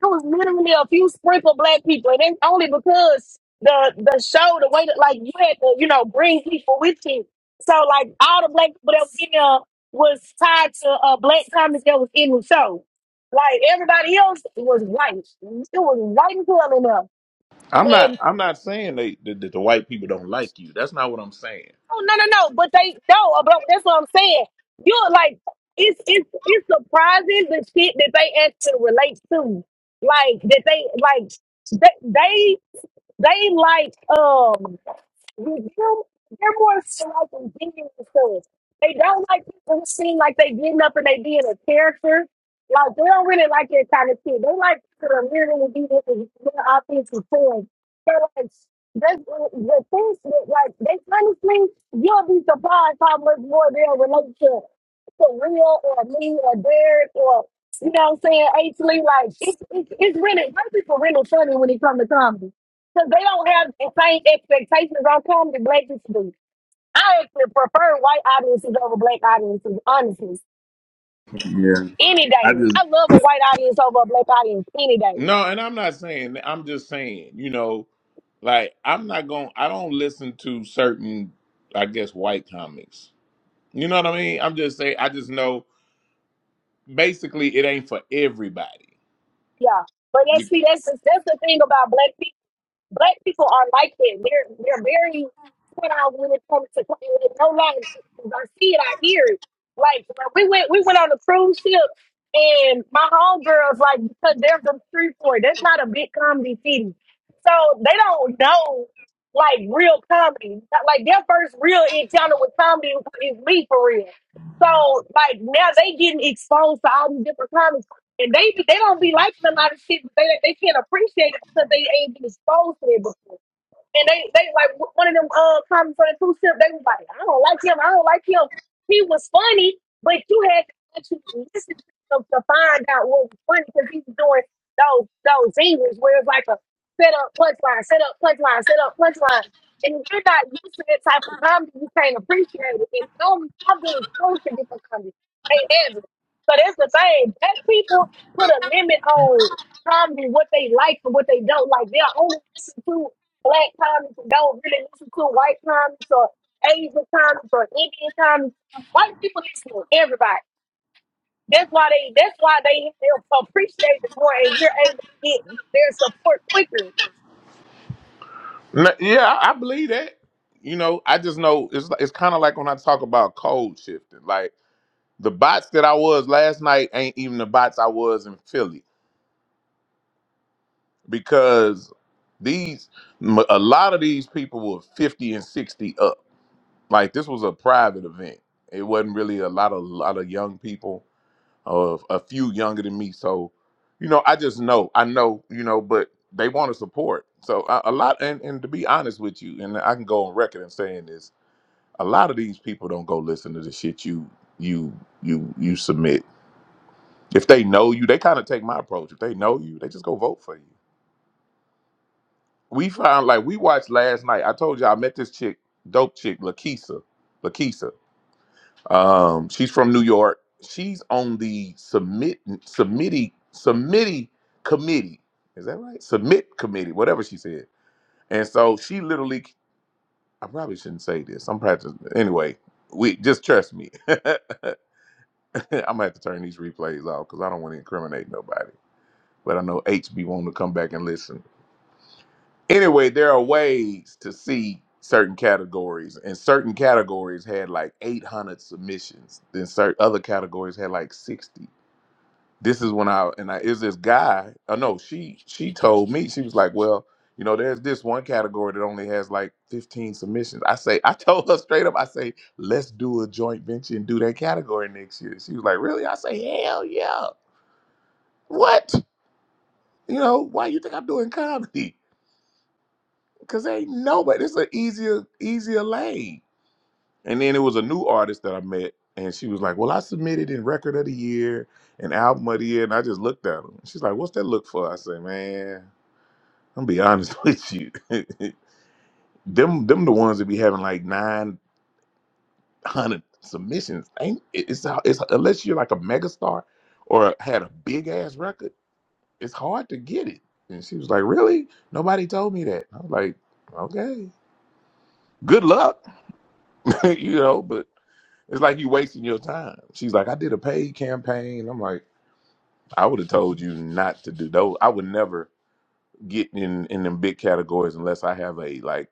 [SPEAKER 5] it was literally a few sprinkle black people, and it's only because the the show, the way that like you had to, you know, bring people with you. So like all the black people that was in there was tied to uh, black comics that was in the show. Like everybody else was white. It was white and color in there.
[SPEAKER 2] I'm not
[SPEAKER 5] And
[SPEAKER 2] I'm not saying they that, that the white people don't like you. That's not what I'm saying.
[SPEAKER 5] oh no no no, but they no, but that's what I'm saying. You're like it's it's it's surprising the shit that they actually relate to. Like that they like they, they They like um they're, they're more so like engaging themselves. They don't like people who seem like they getting up and they being a character. Like they don't really like that kind of shit. They like to literally be with the their offensive form. So like that's the the things that like they honestly you'll be surprised how much more their relationship for real or me or Derek or you know what I'm saying, H Lee, like it's it's it's really most people really funny when it comes to comedy because they don't have the same expectations on comedy black people do. I actually prefer white audiences over black audiences, honestly.
[SPEAKER 2] Yeah,
[SPEAKER 5] Any
[SPEAKER 2] I
[SPEAKER 5] day.
[SPEAKER 2] just
[SPEAKER 5] I love a white audience over a black audience any day.
[SPEAKER 2] No, and I'm not saying that. I'm just saying, you know, like I'm not going I don't listen to certain I guess white comics. You know what I mean? I'm just saying I just know basically it ain't for everybody.
[SPEAKER 5] Yeah. But that's
[SPEAKER 2] You-
[SPEAKER 5] see, that's that's the thing about black people. black people are like that. They're they're very put out when it comes to it no longer. I see it, I hear it. Like when we went we went on a cruise ship and my homegirls like because they're from Streetport, that's not a big comedy city. So they don't know like real comedy. Like their first real encounter with comedy is me for real. So like now they getting exposed to all these different comedy and they they don't be like somebody shit, but they they can't appreciate it because they ain't been exposed to it before. And they, they like one of them uh comments on the two step. They was like, I don't like him. I don't like him. He was funny, but you had to actually listen to him to find out what was funny because he was doing those those zingers where it's like a set up punchline, set up punchline, set up punchline. And if you're not used to that type of comedy, you can't appreciate it. And I'm, I'm doing totally different comedy. They have it. So that's the thing. That people put a limit on comedy, what they like and what they don't like. They're only listen to black comics and don't really listen to white comics or Asian comics or Indian comics. White people listen to everybody. That's why they that's why they, they appreciate it more and you're able to get their support quicker.
[SPEAKER 2] N- Yeah, I I believe that. You know, I just know it's it's kind of like when I talk about code shifting. Like the bots that I was last night ain't even the bots I was in Philly because these m- a lot of these people were 50 and 60 up. Like this was a private event. It wasn't really a lot of lot of young people. or a few younger than me. So, you know, I just know, I know, you know, but they want to support. So a, a lot, and, and to be honest with you, and I can go on record and saying this, a lot of these people don't go listen to the shit you you you you submit. If they know you, they kind of take my approach. If they know you, they just go vote for you. We found like we watched last night. I told you I met this chick, dope chick, Lakisa. Lakisa. Um, she's from New York. She's on the submit submittee submittee committee. Is that right? Submit committee, whatever she said. And so she literally I probably shouldn't say this. I'm practicing anyway. We just trust me. I'm gonna have to turn these replays off because I don't want to incriminate nobody. But I know HB wanted to come back and listen. Anyway, there are ways to see certain categories, and certain categories had like 800 submissions. Then certain other categories had like 60 this is when I and I is this guy. I know she she told me she was like, well, you know, there's this one category that only has like 15 submissions. I say I told her straight up. I say let's do a joint venture and do that category next year. She was like, really? I say hell yeah. What? You know why you think I'm doing comedy? Because ain't nobody. It's an easier easier lane. And then it was a new artist that I met, and she was like, well, I submitted in record of the year an album of the year, and I just looked at her. She's like, "What's that look for?" I say, "Man." I'm gonna be honest with you. them them the ones that be having like nine hundred submissions. Ain't it- it's it's unless you're like a megastar or had a big ass record, it's hard to get it. And she was like, Really? Nobody told me that. I was like, Okay. Good luck. you know, but it's like you wasting your time. She's like, I did a paid campaign. I'm like, I would have told you not to do those. I would never get in in them big categories unless I have a like.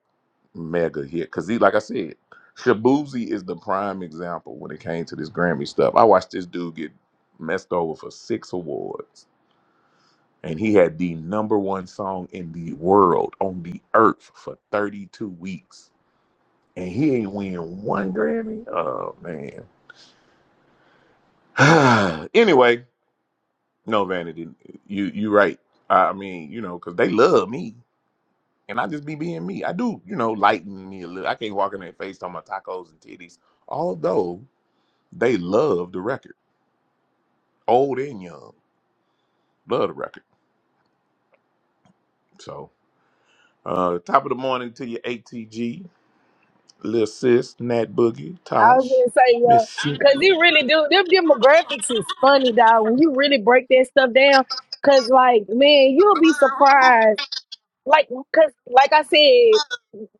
[SPEAKER 2] mega hit. Cause he, like I said, Shabuzi is the prime example when it came to this Grammy stuff. I watched this dude get messed over for six awards, and he had the number one song in the world on the earth for 32 weeks. And he ain't win one Grammy. Oh man. anyway, no vanity. You you right. I mean, you know, cause they love me. And I just be being me. I do, you know, lighten me a little. I can't walk in their face talking about tacos and titties although They love the record, old and young. Love the record. So, uh, top of the morning to your ATG, Lil Sis, Nat Boogie,
[SPEAKER 5] I was
[SPEAKER 2] Tosh,
[SPEAKER 5] gonna say, yeah.
[SPEAKER 2] Miss C.
[SPEAKER 5] Cause it really do them demographics is funny, dog. When you really break that stuff down, cause like, man, you'll be surprised. Like, cause like I said,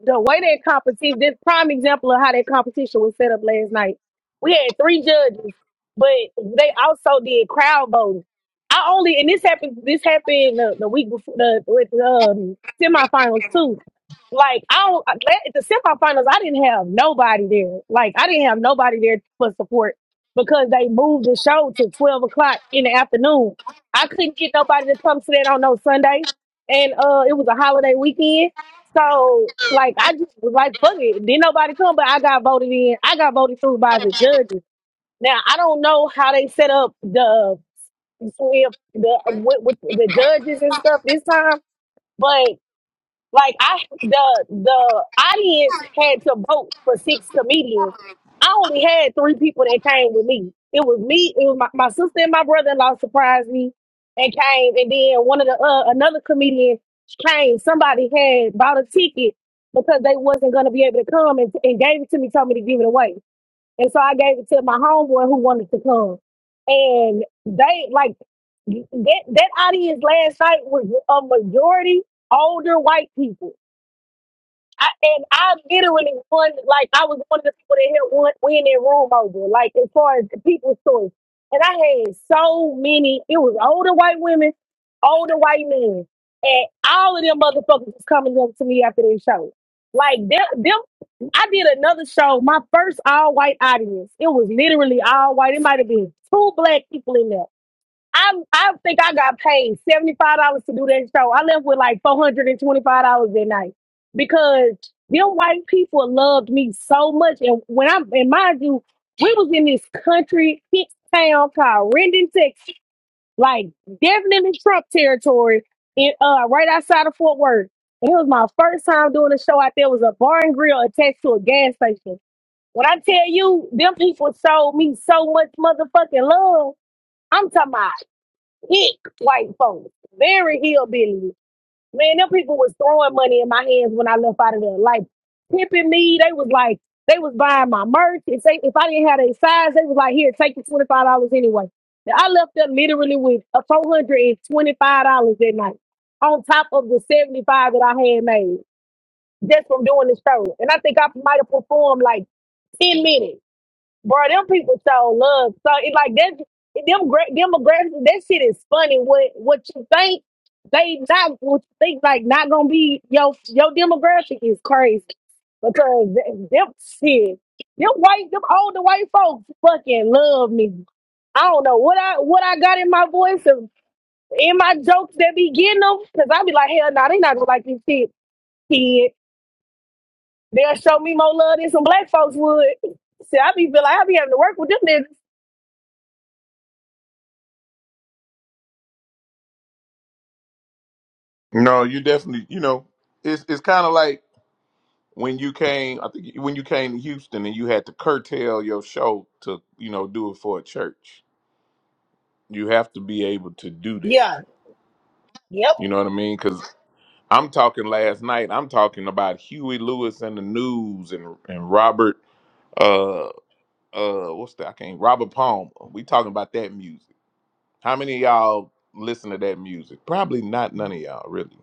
[SPEAKER 5] the way that competition, this prime example of how that competition was set up last night. We had three judges, but they also did crowd voting. I only, and this happened, this happened the, the week before the with um, semifinals too. Like I don't, I- la- the semifinals, I didn't have nobody there. Like I didn't have nobody there for support because they moved the show to twelve o'clock in the afternoon. I couldn't get nobody to come to that on no Sunday, and uh, it was a holiday weekend. So like I just was like fuck it. Didn't nobody come, but I got voted in. I got voted through by the judges. Now I don't know how they set up the if the with, with the judges and stuff this time, but like I the the audience had to vote for six comedians. I only had three people that came with me. It was me, it was my, my sister and my brother in law surprised me and came and then one of the uh, another comedian came. Somebody had bought a ticket because they wasn't gonna be able to come and, and gave it to me, told me to give it away. And so I gave it to my homeboy who wanted to come. And they like that that audience last night was a majority older white people I, and I literally one like I was one of the people that helped win, win that room over, like as far as the people's choice. And I had so many. It was older white women, older white men, and all of them motherfuckers was coming up to me after their show. Like them, them, I did another show. My first all white audience. It was literally all white. It might have been two black people in there I I think I got paid seventy five dollars to do that show. I left with like four hundred and twenty five dollars that night because them white people loved me so much. And when I and mind you, we was in this country hick town called Rendon, Texas, like definitely Trump territory, in uh right outside of Fort Worth. And it was my first time doing a show out there. It was a bar and grill attached to a gas station. When I tell you, them people showed me so much motherfucking love. I'm talking about. Hick white folks, very hillbilly. Man, them people was throwing money in my hands when I left out of there. Like pimping me, they was like, they was buying my merch. If they, if I didn't have a size, they was like, here, take your twenty five dollars anyway. Now, I left there literally with a four hundred and twenty five dollars that night, on top of the seventy five that I had made just from doing the show. And I think I might have performed like ten minutes bro, them people show love. So it like that them gra- demographics, that shit is funny. What what you think they not what you think like not gonna be your your demographic is crazy because th- them shit, them white them older white folks fucking love me. I don't know what I what I got in my voice and in my jokes that be getting them because I be like hell no they not gonna like this shit kid. They'll show me more love than some black folks would. See, I be feel like I be having to work with them niggas.
[SPEAKER 2] No, you definitely, you know, it's it's kind of like when you came, I think when you came to Houston and you had to curtail your show to, you know, do it for a church. You have to be able to do that.
[SPEAKER 5] Yep.
[SPEAKER 2] You know what I mean? Because I'm talking last night, I'm talking about Huey Lewis and the News and, and Robert. uh, uh what's that? I can't Robert Palmer. We talking about that music. How many of y'all listen to that music? Probably not none of y'all really.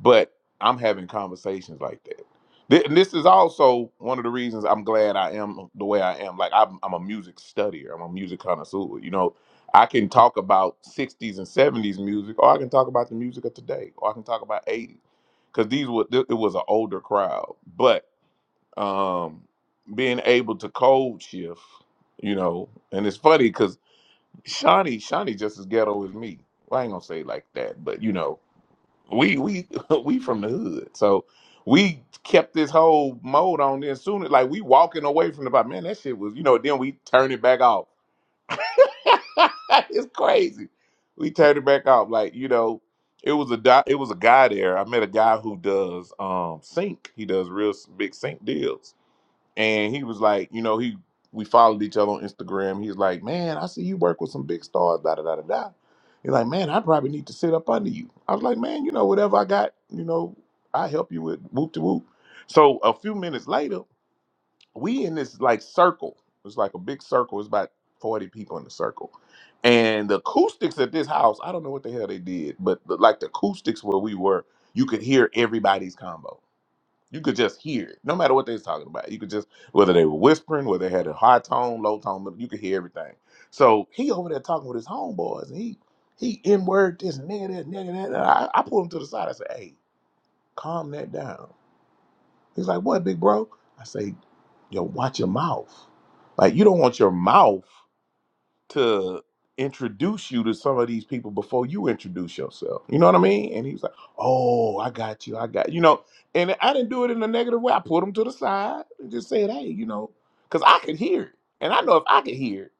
[SPEAKER 2] But I'm having conversations like that. Th- and This is also one of the reasons I'm glad I am the way I am. Like I'm, I'm a music studier. I'm a music connoisseur. You know, I can talk about 60s and 70s music, or I can talk about the music of today, or I can talk about 80s, because these were th- it was an older crowd, but um, being able to code shift, you know, and it's funny because Shawnee, Shawnee just as ghetto as me. Well, I ain't gonna say it like that, but you know, we we we from the hood, so we kept this whole mode on. Then soon, as- like we walking away from the bar, man, that shit was, you know. Then we turn it back off. it's crazy. We turned it back off, like you know. It was a di- it was a guy there. I met a guy who does um sync. He does real s- big sync deals and he was like, you know, he we followed each other on Instagram. He's like, man, I see you work with some big stars, da da da da da. He's like, man, I probably need to sit up under you. I was like, man, you know, whatever I got, you know, I help you with whoop to whoop. So a few minutes later, we in this like circle. It's like a big circle. It's about forty people in the circle, and the acoustics at this house, I don't know what the hell they did, but the, like the acoustics where we were, you could hear everybody's combo. You could just hear it, no matter what they was talking about. You could just whether they were whispering, whether they had a high tone, low tone, but you could hear everything. So he over there talking with his homeboys, and he he n word this and nigga that nigga that. And I, I pulled him to the side. I said, "Hey, calm that down." He's like, "What, big bro?" I say, "Yo, watch your mouth. Like you don't want your mouth." to introduce you to some of these people before you introduce yourself. You know what I mean? And he was like, "Oh, I got you. I got you know." And I didn't do it in a negative way. I put him to the side and just said, "Hey, you know," because I could hear it, and I know if I could hear it,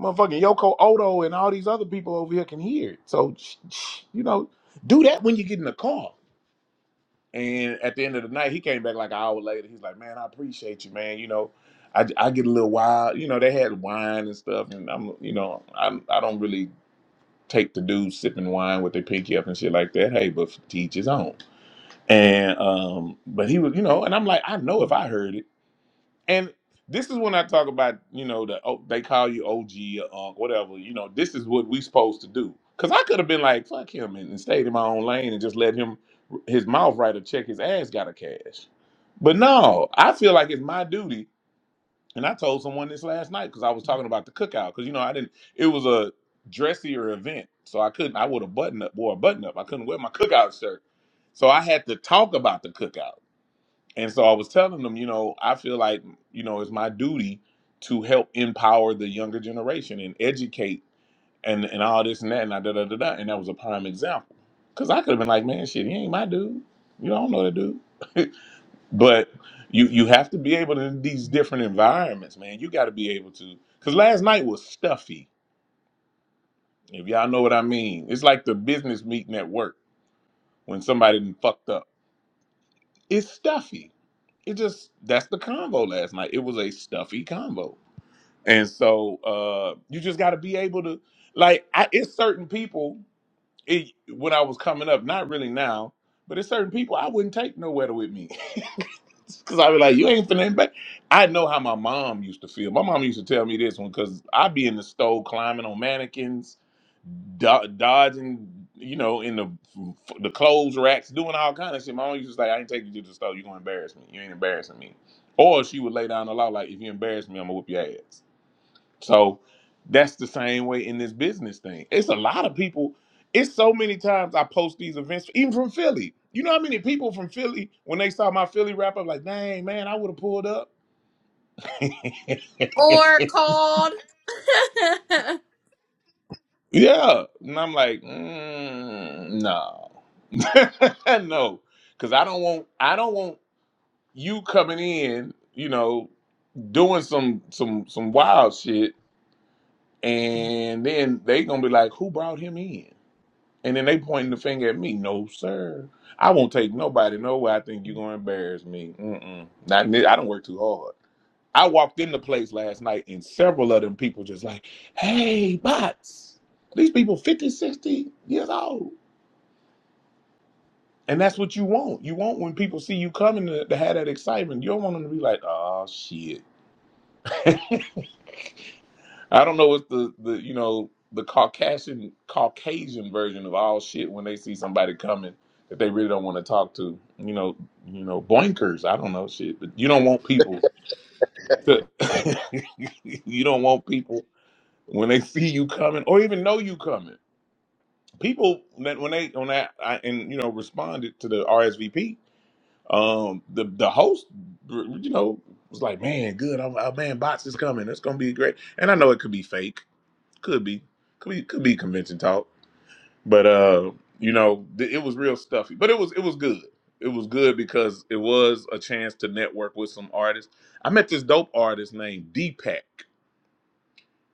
[SPEAKER 2] motherfucking Yoko Odo and all these other people over here can hear it. So, sh- sh- you know, do that when you get in the car and at the end of the night, he came back like an hour later. He's like, "Man, I appreciate you, man. You know, I, I get a little wild. You know, they had wine and stuff, and I'm, you know, I'm I don't really take the dudes sipping wine with their pinky up and shit like that. Hey, but teach his own. And um, but he was, you know, and I'm like, I know if I heard it. And this is when I talk about, you know, the oh, they call you OG or unk, whatever. You know, this is what we supposed to do. Cause I could have been like, fuck him, and, and stayed in my own lane and just let him his mouth right or check his ass got a cash. But no, I feel like it's my duty. And I told someone this last night because I was talking about the cookout. Because you know, I didn't. It was a dressier event, so I couldn't. I would have button up, wore a button up. I couldn't wear my cookout shirt, so I had to talk about the cookout. And so I was telling them, you know, I feel like, you know, it's my duty to help empower the younger generation and educate and, and all this and that and da da da da. da. And that was a prime example. Cause I could have been like, man, shit, he ain't my dude. You don't know that dude. but you you have to be able to in these different environments, man. You got to be able to. Cause last night was stuffy. If y'all know what I mean, it's like the business meeting at work when somebody done fucked up It's stuffy. It just that's the combo last night. It was a stuffy combo, and so uh you just got to be able to like. I, it's certain people. It, when I was coming up, not really now, but it's certain people I wouldn't take nowhere with me because I'd be like, "You ain't finna." Back. I know how my mom used to feel. My mom used to tell me this one because I'd be in the stove climbing on mannequins do- dodging, you know, in the the clothes racks, doing all kind of shit. My mom used to say, "I ain't taking you to the store. You gonna embarrass me. You ain't embarrassing me." Or she would lay down the law, like, "If you embarrass me, I'm gonna whoop your ass." So that's the same way in this business thing. It's a lot of people. It's so many times I post these events, even from Philly. You know how many people from Philly when they saw my Philly wrap up, like, "Dang man, I would have pulled up."
[SPEAKER 8] Or called.
[SPEAKER 2] Yeah. And I'm like, mm, no. no. Cause I don't want I don't want you coming in, you know, doing some some some wild shit and then they gonna be like, Who brought him in? And then they pointing the finger at me. No, sir. I won't take nobody nowhere. I think you're gonna embarrass me. Mm-mm. Not in this- I don't work too hard. I walked in the place last night and several of them people just like, hey, bots. These people 50, 60 years old. And that's what you want. You want when people see you coming to, to have that excitement. You don't want them to be like, oh shit. I don't know what's the, the you know, the Caucasian Caucasian version of all shit when they see somebody coming that they really don't want to talk to. You know, you know, boinkers. I don't know shit. But you don't want people to you don't want people. when they see you coming or even know you coming. People that when they on that I, and you know responded to the RSVP, um, the the host, you know, was like, "Man, good, I'm, uh, man, bots is coming. It's gonna be great." And I know it could be fake, could be, could be, could be convention talk, but uh, you know, th- it was real stuffy, but it was it was good. It was good because it was a chance to network with some artists. I met this dope artist named Deepak.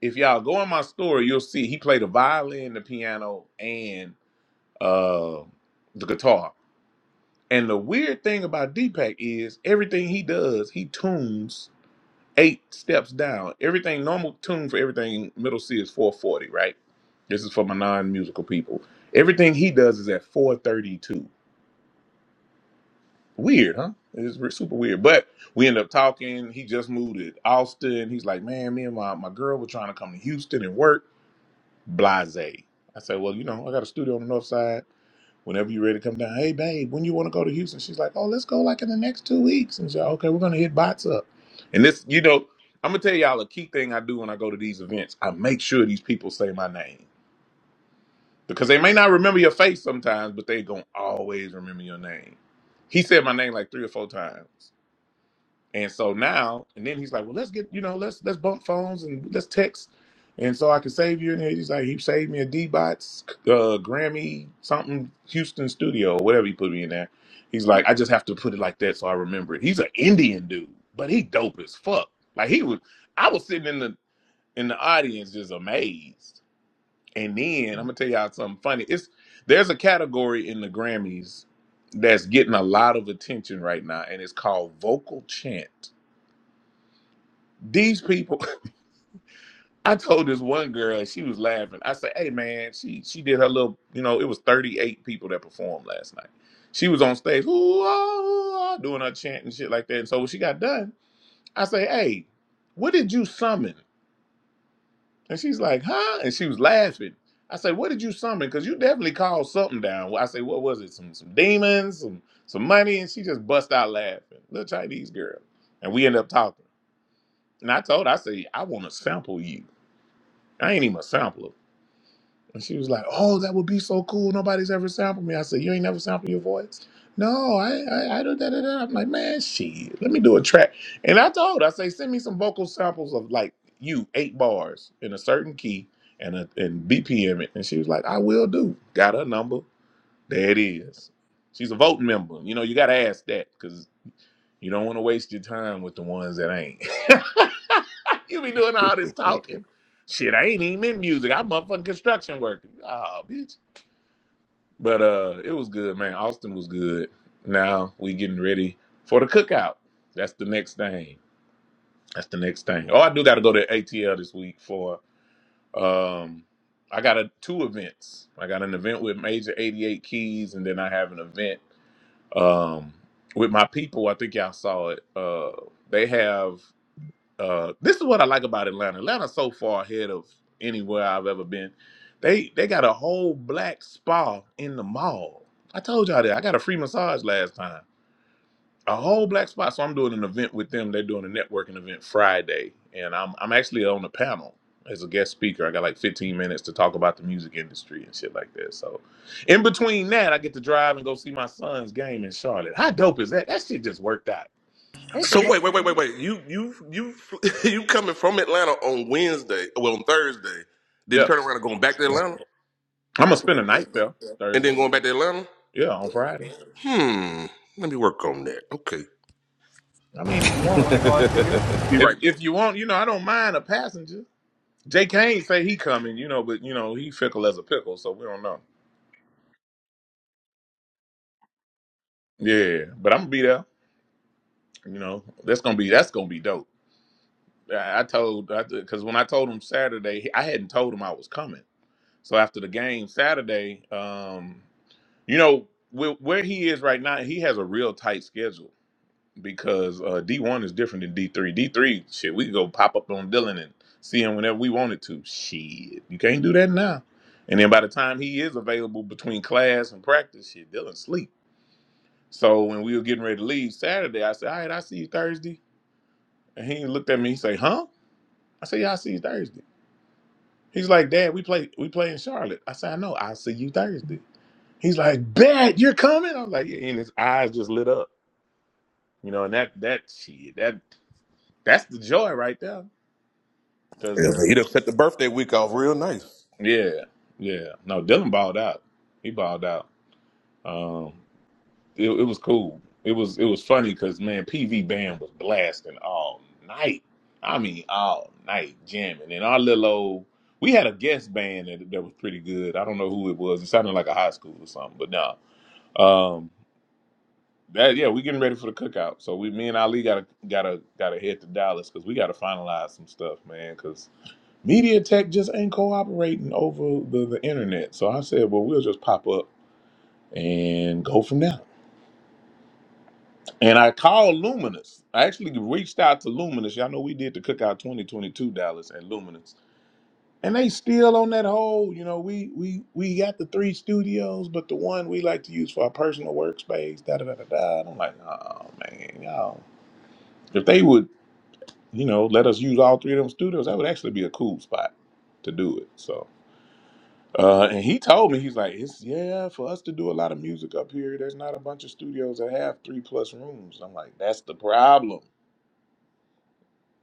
[SPEAKER 2] if y'all go in my story, you'll see he played the violin, the piano, and uh, the guitar. And the weird thing about Deepak is everything he does, he tunes eight steps down. Everything normal tune for everything middle C is 440, right? This is for my non-musical people. Everything he does is at 432. Weird, huh? It's re- super weird. But we end up talking. He just moved to Austin. He's like, man, me and my, my girl were trying to come to Houston and work. Blase. I said, well, you know, I got a studio on the north side. Whenever you're ready to come down, hey, babe, when you want to go to Houston? She's like, oh, let's go like in the next two weeks. And she's like, okay, we're going to hit bots up. And this, you know, I'm going to tell y'all a key thing I do when I go to these events. I make sure these people say my name because they may not remember your face sometimes, but they going to always remember your name. He said my name like three or four times. And so now, and then he's like, well, let's get, you know, let's let's bump phones and let's text. And so I can save you. And he's like, he saved me a D-Bots uh, Grammy something Houston studio or whatever he put me in there. He's like, I just have to put it like that so I remember it. He's an Indian dude, but he dope as fuck. Like he was, I was sitting in the in the audience just amazed. And then I'm gonna tell y'all something funny. It's there's a category in the Grammys that's getting a lot of attention right now, and it's called vocal chant these people i told this one girl and she was laughing i said hey man she she did her little you know it was 38 people that performed last night she was on stage "Ooh, ah, ooh, ah," doing her chant and shit like that and so when she got done i say, hey what did you summon and she's like huh and she was laughing i said what did you summon because you definitely called something down Well, i say, what was it some some demons some some money and she just bust out laughing little chinese girl and we end up talking and i told her i say, i want to sample you i ain't even a sampler And she was like, "Oh, that would be so cool. Nobody's ever sampled me." I said, "You ain't never sampled your voice." No, I I, I do that. that, that." I'm like, man, shit. Let me do a track. And I told, her, I say, send me some vocal samples of like you eight bars in a certain key and a, and BPM it. And she was like, "I will do." Got her number. There it is. She's a voting member. You know, you got to ask that because you don't want to waste your time with the ones that ain't. you be doing all this talking. Shit, I ain't even in music. I'm motherfucking construction worker. Oh, bitch. But uh it was good, man. Austin was good. Now we getting ready for the cookout. That's the next thing. That's the next thing. Oh, I do gotta go to ATL this week for um I got a two events. I got an event with Major 88 Keys, and then I have an event um with my people. I think y'all saw it. Uh they have Uh, this is what I like about Atlanta. Atlanta's so far ahead of anywhere I've ever been. They they got a whole black spa in the mall. I told y'all that. I got a free massage last time. A whole black spa. So I'm doing an event with them. They're doing a networking event Friday, and I'm I'm actually on the panel as a guest speaker. I got like 15 minutes to talk about the music industry and shit like that. So in between that, I get to drive and go see my son's game in Charlotte. How dope is that? That shit just worked out. Thank you,
[SPEAKER 9] So
[SPEAKER 2] Lord.
[SPEAKER 9] wait, wait, wait, wait, wait. You you you you coming from Atlanta on Wednesday? Well, on Thursday, then
[SPEAKER 2] Yeah.
[SPEAKER 9] turn around and going back to Atlanta,
[SPEAKER 2] I'm gonna spend a night there
[SPEAKER 9] and
[SPEAKER 2] Thursday.
[SPEAKER 9] then going back to Atlanta.
[SPEAKER 2] Yeah, on Friday.
[SPEAKER 9] Hmm. Let me work on that. Okay.
[SPEAKER 2] I mean, if you want, if if you want, you know, I don't mind a passenger. Jay Kane say he coming, you know, but you know he fickle as a pickle, so we don't know. Yeah, but I'm gonna be there. You know, that's gonna be that's gonna be dope. I, I told I because when I told him Saturday, he- I hadn't told him I was coming. So after the game Saturday, um, you know where, where he is right now, he has a real tight schedule. because uh, D1 is different than D3. D3, shit, we could go pop up on Dylan and see him whenever we wanted to. Shit, you can't do that now. And then by the time he is available between class and practice, shit, Dylan sleep. So when we were getting ready to leave Saturday, I said, all right, I see you Thursday. And he looked at me, he said, huh? I said, yeah, I see you Thursday. He's like, Dad, we play we play in Charlotte. I said, I know, I'll see you Thursday. He's like, Bet, you're coming? I'm like, yeah, and his eyes just lit up. You know, and that that shit, that that's the joy right there.
[SPEAKER 9] Yeah, he done set the birthday week off real nice,
[SPEAKER 2] Yeah, yeah. No, Dylan balled out. He balled out. Um, it, it was cool. It was it was funny because man, PV band was blasting all night. I mean, all night jamming. And our little old, we had a guest band that, that was pretty good. I don't know who it was. It sounded like a high school or something. But no, um, that yeah, we getting ready for the cookout. So we, me and Ali, gotta gotta gotta head to Dallas because we gotta finalize some stuff, man. Because Media Tech just ain't cooperating over the, the internet. So I said, well, we'll just pop up and go from there. And I called Luminous. I actually reached out to Luminous. Y'all know we did the Cookout 2022 Dallas and Luminous. And they still on that whole, you know, we we we got the three studios, but the one we like to use for our personal workspace, da da da da da. And I'm like, oh man, y'all. If they would, you know, let us use all three of them studios, that would actually be a cool spot to do it. So Uh, and he told me he's like, it's yeah, for us to do a lot of music up here, there's not a bunch of studios that have three plus rooms. I'm like, that's the problem.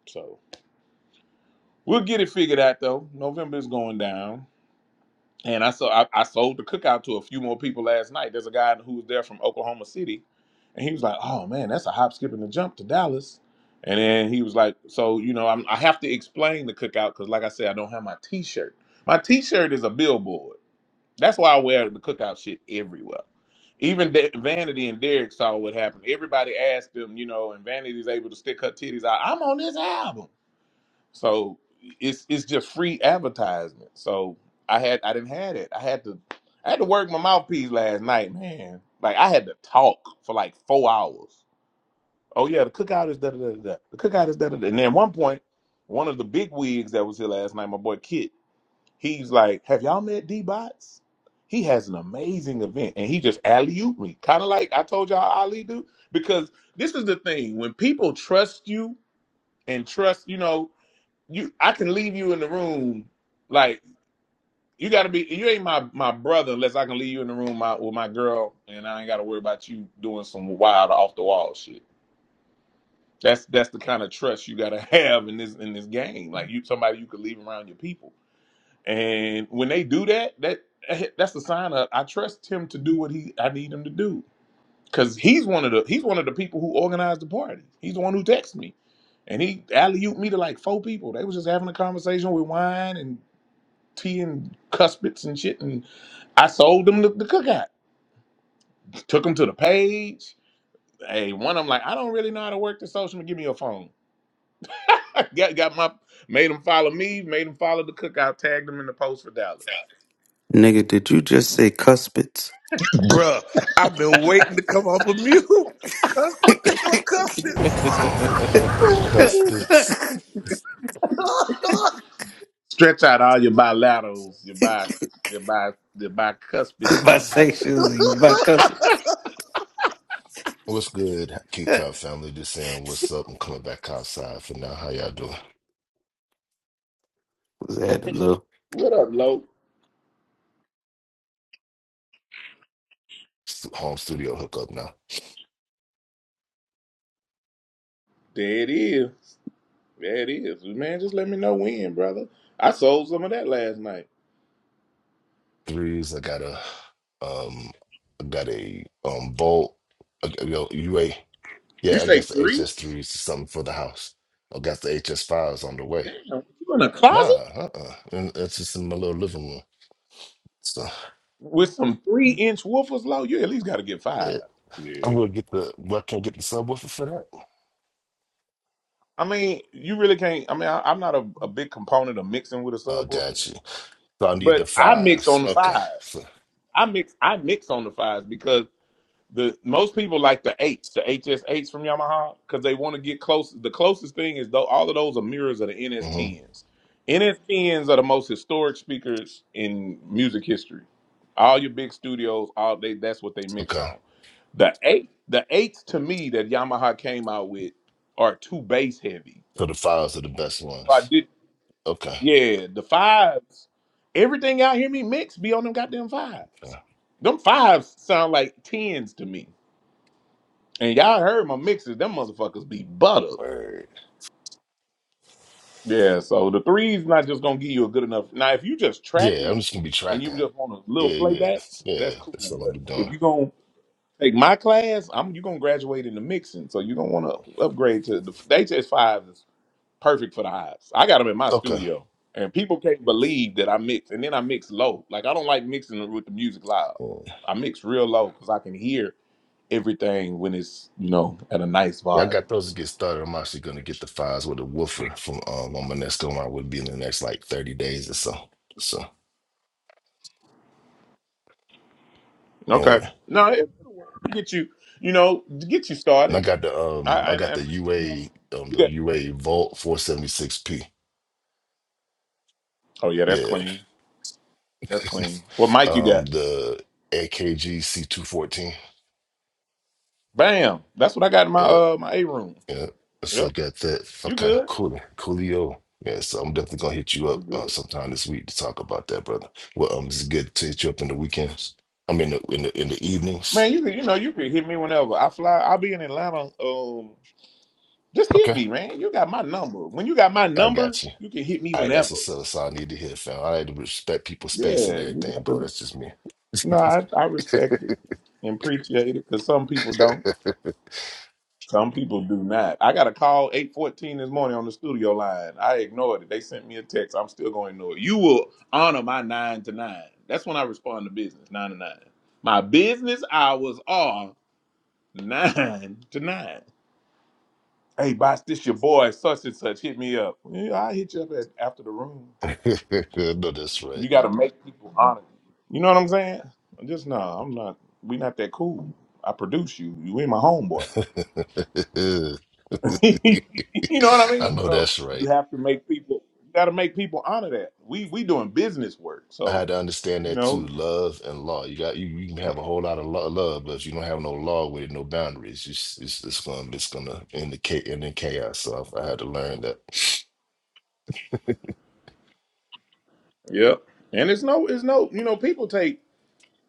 [SPEAKER 2] So we'll get it figured out though. November is going down, and I saw I, I sold the cookout to a few more people last night. There's a guy who was there from Oklahoma City, and he was like, oh man, that's a hop, skip, and a jump to Dallas. And then he was like, so you know, I'm, I have to explain the cookout because, like I said, I don't have my T-shirt. My T-shirt is a billboard. That's why I wear the cookout shit everywhere. Even De- Vanity and Derek saw what happened. Everybody asked them, you know, and Vanity's able to stick her titties out. I'm on this album, so it's it's just free advertisement. So I had I didn't had it. I had to I had to work my mouthpiece last night, man. Like I had to talk for like four hours. Oh yeah, the cookout is da da da da. The cookout is da da da. And then at one point, one of the big wigs that was here last night, my boy Kit, He's like, "Have y'all met D Bots? He has an amazing event, and he just alley ooped me, kind of like I told y'all Ali do. Because this is the thing: when people trust you and trust, you know, you I can leave you in the room like you got to be. You ain't my my brother unless I can leave you in the room my, with my girl, and I ain't got to worry about you doing some wild off the wall shit. That's that's the kind of trust you got to have in this in this game. Like you, somebody you could leave around your people. And when they do that, that that's a sign of I trust him to do what he I need him to do. Cause he's one of the he's one of the people who organized the party. He's the one who texted me. And he alley ooped me to like four people. They was just having a conversation with wine and tea and cuspits and shit. And I sold them the, the cookout. Took them to the page. Hey, one of them like, I don't really know how to work the social media. Give me your phone. got got my made them follow me, made them follow the cookout, tagged them in the post for Dallas.
[SPEAKER 10] Nigga, did you just say cuspids?
[SPEAKER 9] bruh. I've been waiting to come off of mute. Cuz what the hell, cuss this?
[SPEAKER 11] Bro. Cuspids,
[SPEAKER 2] Stretch out all your bilaterals, your bi, your bi, your bicuspids, and your bi.
[SPEAKER 10] bisexuals and bicuspids.
[SPEAKER 11] what's good? Kid Cop family, just saying what's up. I'm coming back outside for now. How y'all doing?
[SPEAKER 10] Was that a little?
[SPEAKER 2] What up, Lo?
[SPEAKER 11] Stu- Home studio hookup now.
[SPEAKER 2] There it is. There it is. Man, just let me know when, brother. I sold some of that last night.
[SPEAKER 11] Threes, I got a um, I got a um bolt. I got- Yo, UA.
[SPEAKER 2] You
[SPEAKER 11] Yeah, I
[SPEAKER 2] say
[SPEAKER 11] guess the
[SPEAKER 2] three?
[SPEAKER 11] HS threes is something for the house. I got the HS fives on the way.
[SPEAKER 2] Damn, you in a
[SPEAKER 11] Nah,
[SPEAKER 2] closet
[SPEAKER 11] uh, uh And that's just in my little living room. So
[SPEAKER 2] with some three-inch woofers, Lo? You at least got to get five.
[SPEAKER 11] yeah, I'm
[SPEAKER 1] Yeah,
[SPEAKER 11] gonna get the. Well, I can't get the subwoofer for that.
[SPEAKER 2] I mean, you really can't. I mean, I, I'm not a, a big component of mixing with a
[SPEAKER 11] Oh,
[SPEAKER 2] subwoofer,
[SPEAKER 11] got you. So I need the
[SPEAKER 2] but I mix on
[SPEAKER 11] fives.
[SPEAKER 2] the
[SPEAKER 11] Okay.
[SPEAKER 2] five.
[SPEAKER 11] So.
[SPEAKER 2] I mix. I mix on the fives because The most people like the eights, the HS8s from Yamaha, because they want to get close. The closest thing is though all of those are mirrors of the
[SPEAKER 11] mm-hmm.
[SPEAKER 2] NS10s. NS10s are the most historic speakers in music history. All your big studios, all they that's what they mix
[SPEAKER 11] Okay.
[SPEAKER 2] on. The eight, the eights to me that Yamaha came out with are too bass heavy.
[SPEAKER 11] So the files are the best
[SPEAKER 2] I
[SPEAKER 11] ones.
[SPEAKER 2] did,
[SPEAKER 11] Okay.
[SPEAKER 2] yeah. The fives, everything y'all hear me mix be on them goddamn fives.
[SPEAKER 11] okay.
[SPEAKER 2] Them fives sound like tens to me. And y'all heard my mixes; them motherfuckers be butter.
[SPEAKER 11] Word.
[SPEAKER 2] Yeah, so the three's not just gonna give you a good enough. Now, if you just
[SPEAKER 11] Yeah, I'm
[SPEAKER 2] tracking
[SPEAKER 11] just gonna be
[SPEAKER 2] and
[SPEAKER 11] tracking.
[SPEAKER 2] you just want a little
[SPEAKER 11] Yeah, yeah,
[SPEAKER 2] playback,
[SPEAKER 11] yeah.
[SPEAKER 2] that's
[SPEAKER 11] That's
[SPEAKER 2] cool.
[SPEAKER 11] all I'm be
[SPEAKER 2] But if
[SPEAKER 11] doing.
[SPEAKER 2] you gonna take my class, I'm you gonna graduate into mixing, so you gonna want to upgrade to the, the HS five is perfect for the highs. I got them in my
[SPEAKER 11] Okay.
[SPEAKER 2] studio, and people can't believe that I mix, and then I mix low. Like I don't like mixing with the music loud.
[SPEAKER 11] Yeah,
[SPEAKER 2] I mix real low because I can hear everything when it's you know at a nice
[SPEAKER 11] Yeah, I
[SPEAKER 2] volume.
[SPEAKER 11] got those to get started. I'm actually gonna get the files with a woofer from um on my next go around would be in the next like 30 days or so. So
[SPEAKER 2] Okay.
[SPEAKER 11] yeah.
[SPEAKER 2] No, it, it'll work. get you, you know, to get you
[SPEAKER 11] And I
[SPEAKER 2] started.
[SPEAKER 11] got the um
[SPEAKER 2] I
[SPEAKER 11] I
[SPEAKER 2] and,
[SPEAKER 11] got
[SPEAKER 2] and
[SPEAKER 11] the
[SPEAKER 2] I, you know,
[SPEAKER 11] UA um
[SPEAKER 2] you
[SPEAKER 11] the
[SPEAKER 2] got.
[SPEAKER 11] UA Vault 476P.
[SPEAKER 2] Oh yeah, that's
[SPEAKER 11] Yeah.
[SPEAKER 2] clean. That's clean. What mic you
[SPEAKER 11] Um
[SPEAKER 2] got?
[SPEAKER 11] the AKG C214.
[SPEAKER 2] Bam. That's what I got in my
[SPEAKER 11] Yeah.
[SPEAKER 2] uh my A room.
[SPEAKER 11] Yeah. So I
[SPEAKER 2] Yep.
[SPEAKER 11] got that.
[SPEAKER 2] You
[SPEAKER 11] Okay,
[SPEAKER 2] good?
[SPEAKER 11] cool. Coolio. Yeah, so I'm definitely gonna hit you
[SPEAKER 2] You
[SPEAKER 11] up uh,
[SPEAKER 2] good?
[SPEAKER 11] sometime this week to talk about that, brother. Well, um, it's good to hit you up in the weekends. I mean, in the in the, in the
[SPEAKER 2] Man,
[SPEAKER 11] evenings.
[SPEAKER 2] you can you know you can hit me whenever I fly. I'll be in Atlanta. Um, just hit
[SPEAKER 11] Okay,
[SPEAKER 2] me, man. You got my number. When you got my
[SPEAKER 11] I
[SPEAKER 2] number,
[SPEAKER 11] got you.
[SPEAKER 2] you can hit me
[SPEAKER 11] All right, that's
[SPEAKER 2] whenever.
[SPEAKER 11] what's up. That's all I need to hear, fam. I like to respect people's space
[SPEAKER 2] Yeah,
[SPEAKER 11] and
[SPEAKER 2] you
[SPEAKER 11] everything,
[SPEAKER 2] got
[SPEAKER 11] bro.
[SPEAKER 2] the.
[SPEAKER 11] That's just me.
[SPEAKER 2] No, I, I respect it and appreciate it because some people don't. Some people do not. I got a call 814 this morning on the studio line. I ignored it. They sent me a text. I'm still going to ignore it. You will honor my nine to nine. That's when I respond to business, nine to nine. My business hours are nine to nine. Hey, boss, this your boy, such and such. Hit me up. Yeah, I hit you up at, after the room.
[SPEAKER 11] I know that's
[SPEAKER 2] You
[SPEAKER 11] right.
[SPEAKER 2] got to make people honor you. You know what I'm saying? I'm just, no, I'm not. we not that cool. I produce you. You ain't my homeboy. you know what I
[SPEAKER 11] I
[SPEAKER 2] mean?
[SPEAKER 11] know
[SPEAKER 2] So
[SPEAKER 11] that's right.
[SPEAKER 2] you have to make people. You got to make people honor that. We we doing business work,
[SPEAKER 11] I
[SPEAKER 2] so
[SPEAKER 11] had to understand
[SPEAKER 2] you
[SPEAKER 11] that too.
[SPEAKER 2] know.
[SPEAKER 11] Love and law. You got you, you can have a whole lot of lo- love, but if you don't have no law with it, no boundaries, it's it's, it's gonna it's gonna end the cha- end in chaos. So I, I had to learn that.
[SPEAKER 2] Yep. And it's no, it's no. You know, people take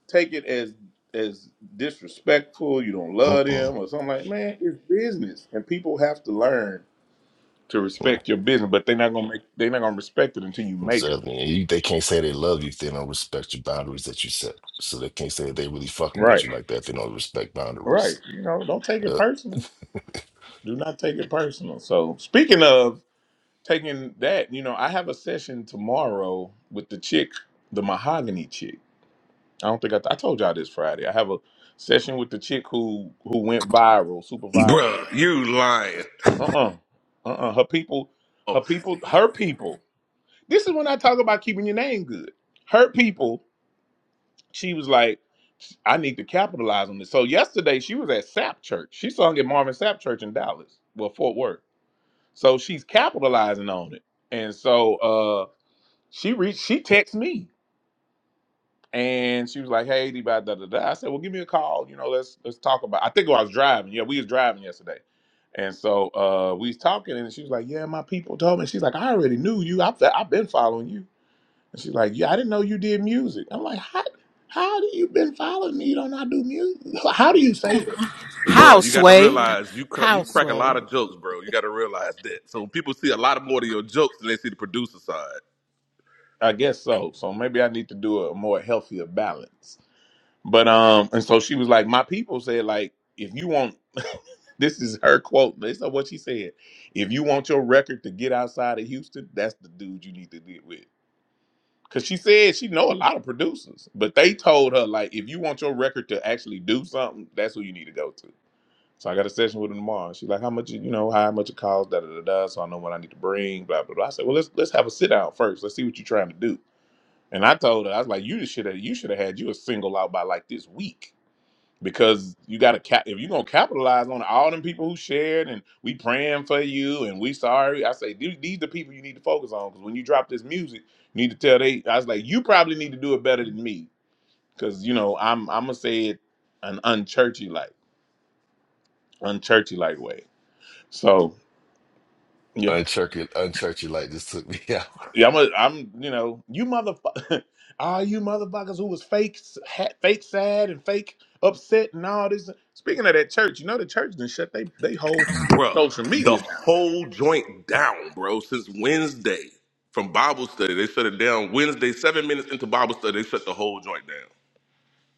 [SPEAKER 2] take it as as disrespectful. You don't love
[SPEAKER 11] Mm-mm.
[SPEAKER 2] them or something like. Man, it's business, and people have to learn to
[SPEAKER 11] Yeah.
[SPEAKER 2] respect your business. But they're not gonna make. They're not gonna respect it until you make them.
[SPEAKER 11] Exactly. And You, they can't say they love you if they don't respect your boundaries that you set. So they can't say they really fucking with
[SPEAKER 2] Right.
[SPEAKER 11] you like that if they don't respect
[SPEAKER 2] Right.
[SPEAKER 11] boundaries.
[SPEAKER 2] You know, don't take it
[SPEAKER 11] Yep.
[SPEAKER 2] personal. Do not take it personal. So speaking of. taking that, you know, I have a session tomorrow with the chick, the mahogany chick. I don't think I, I told y'all this Friday. I have a session with the chick who who went viral, super viral.
[SPEAKER 9] Bruh, you lying.
[SPEAKER 2] Uh uh-uh, uh, Her people,
[SPEAKER 9] Oh,
[SPEAKER 2] her people, her people. This is when I talk about keeping your name good. Her people. She was like, I need to capitalize on this. So yesterday she was at Sap Church. She sung at Marvin Sap Church in Dallas, well Fort Worth. So she's capitalizing on it. And so uh, She reached. She texted me, and she was like, "Hey, D, da da da." da." I said, "Well, give me a call. You know, let's let's talk about." I think I was driving. Yeah, we was driving yesterday, and so uh, we was talking, and she was like, "Yeah, my people told me." She's like, "I already knew you. I've I've been following you." And she's like, "Yeah, I didn't know you did music." I'm like, "How how do you been following me? You don't know I do music. How do you say that?"
[SPEAKER 12] How,
[SPEAKER 9] bruh, you got to
[SPEAKER 12] Sway?
[SPEAKER 9] realize you cra- you
[SPEAKER 12] How,
[SPEAKER 9] crack a lot
[SPEAKER 12] Sway?
[SPEAKER 9] of jokes, bro. You got to realize that. So people see a lot more of your jokes than they see the producer side.
[SPEAKER 2] I guess so. So maybe I need to do a more healthier balance. But um, and so she was like, my people said like, if you want, this is her quote. This is what she said. If you want your record to get outside of Houston, that's the dude you need to deal with. Cause she said she know a lot of producers, but they told her like, if you want your record to actually do something, that's who you need to go to. So I got a session with her tomorrow. She's like, how much it- you know, how much it costs, da da da da. So I know what I need to bring, blah blah blah. I said, well, let's let's have a sit down first. Let's see what you're trying to do. And I told her, I was like, you should have you should have had you a single out by like this week because you got to cap if you're gonna capitalize on all them people who shared and we praying for you and we sorry i say these, these the people you need to focus on because when you drop this music you need to tell they i was like you probably need to do it better than me because you know i'm i'm gonna say it an unchurchy like unchurchy like way so yeah
[SPEAKER 11] Unchurch it, unchurch it like this took me out.
[SPEAKER 2] yeah i'm a, i'm you know you motherfucker all you motherfuckers who was fake s- ha- fake sad and fake upset and all this speaking of that church you know the church then shut they they whole
[SPEAKER 9] Bruh,
[SPEAKER 2] social
[SPEAKER 9] the
[SPEAKER 2] media down
[SPEAKER 9] whole joint down, bro, since Wednesday from Bible study. They shut it down Wednesday, seven minutes into Bible study, they shut the whole joint down.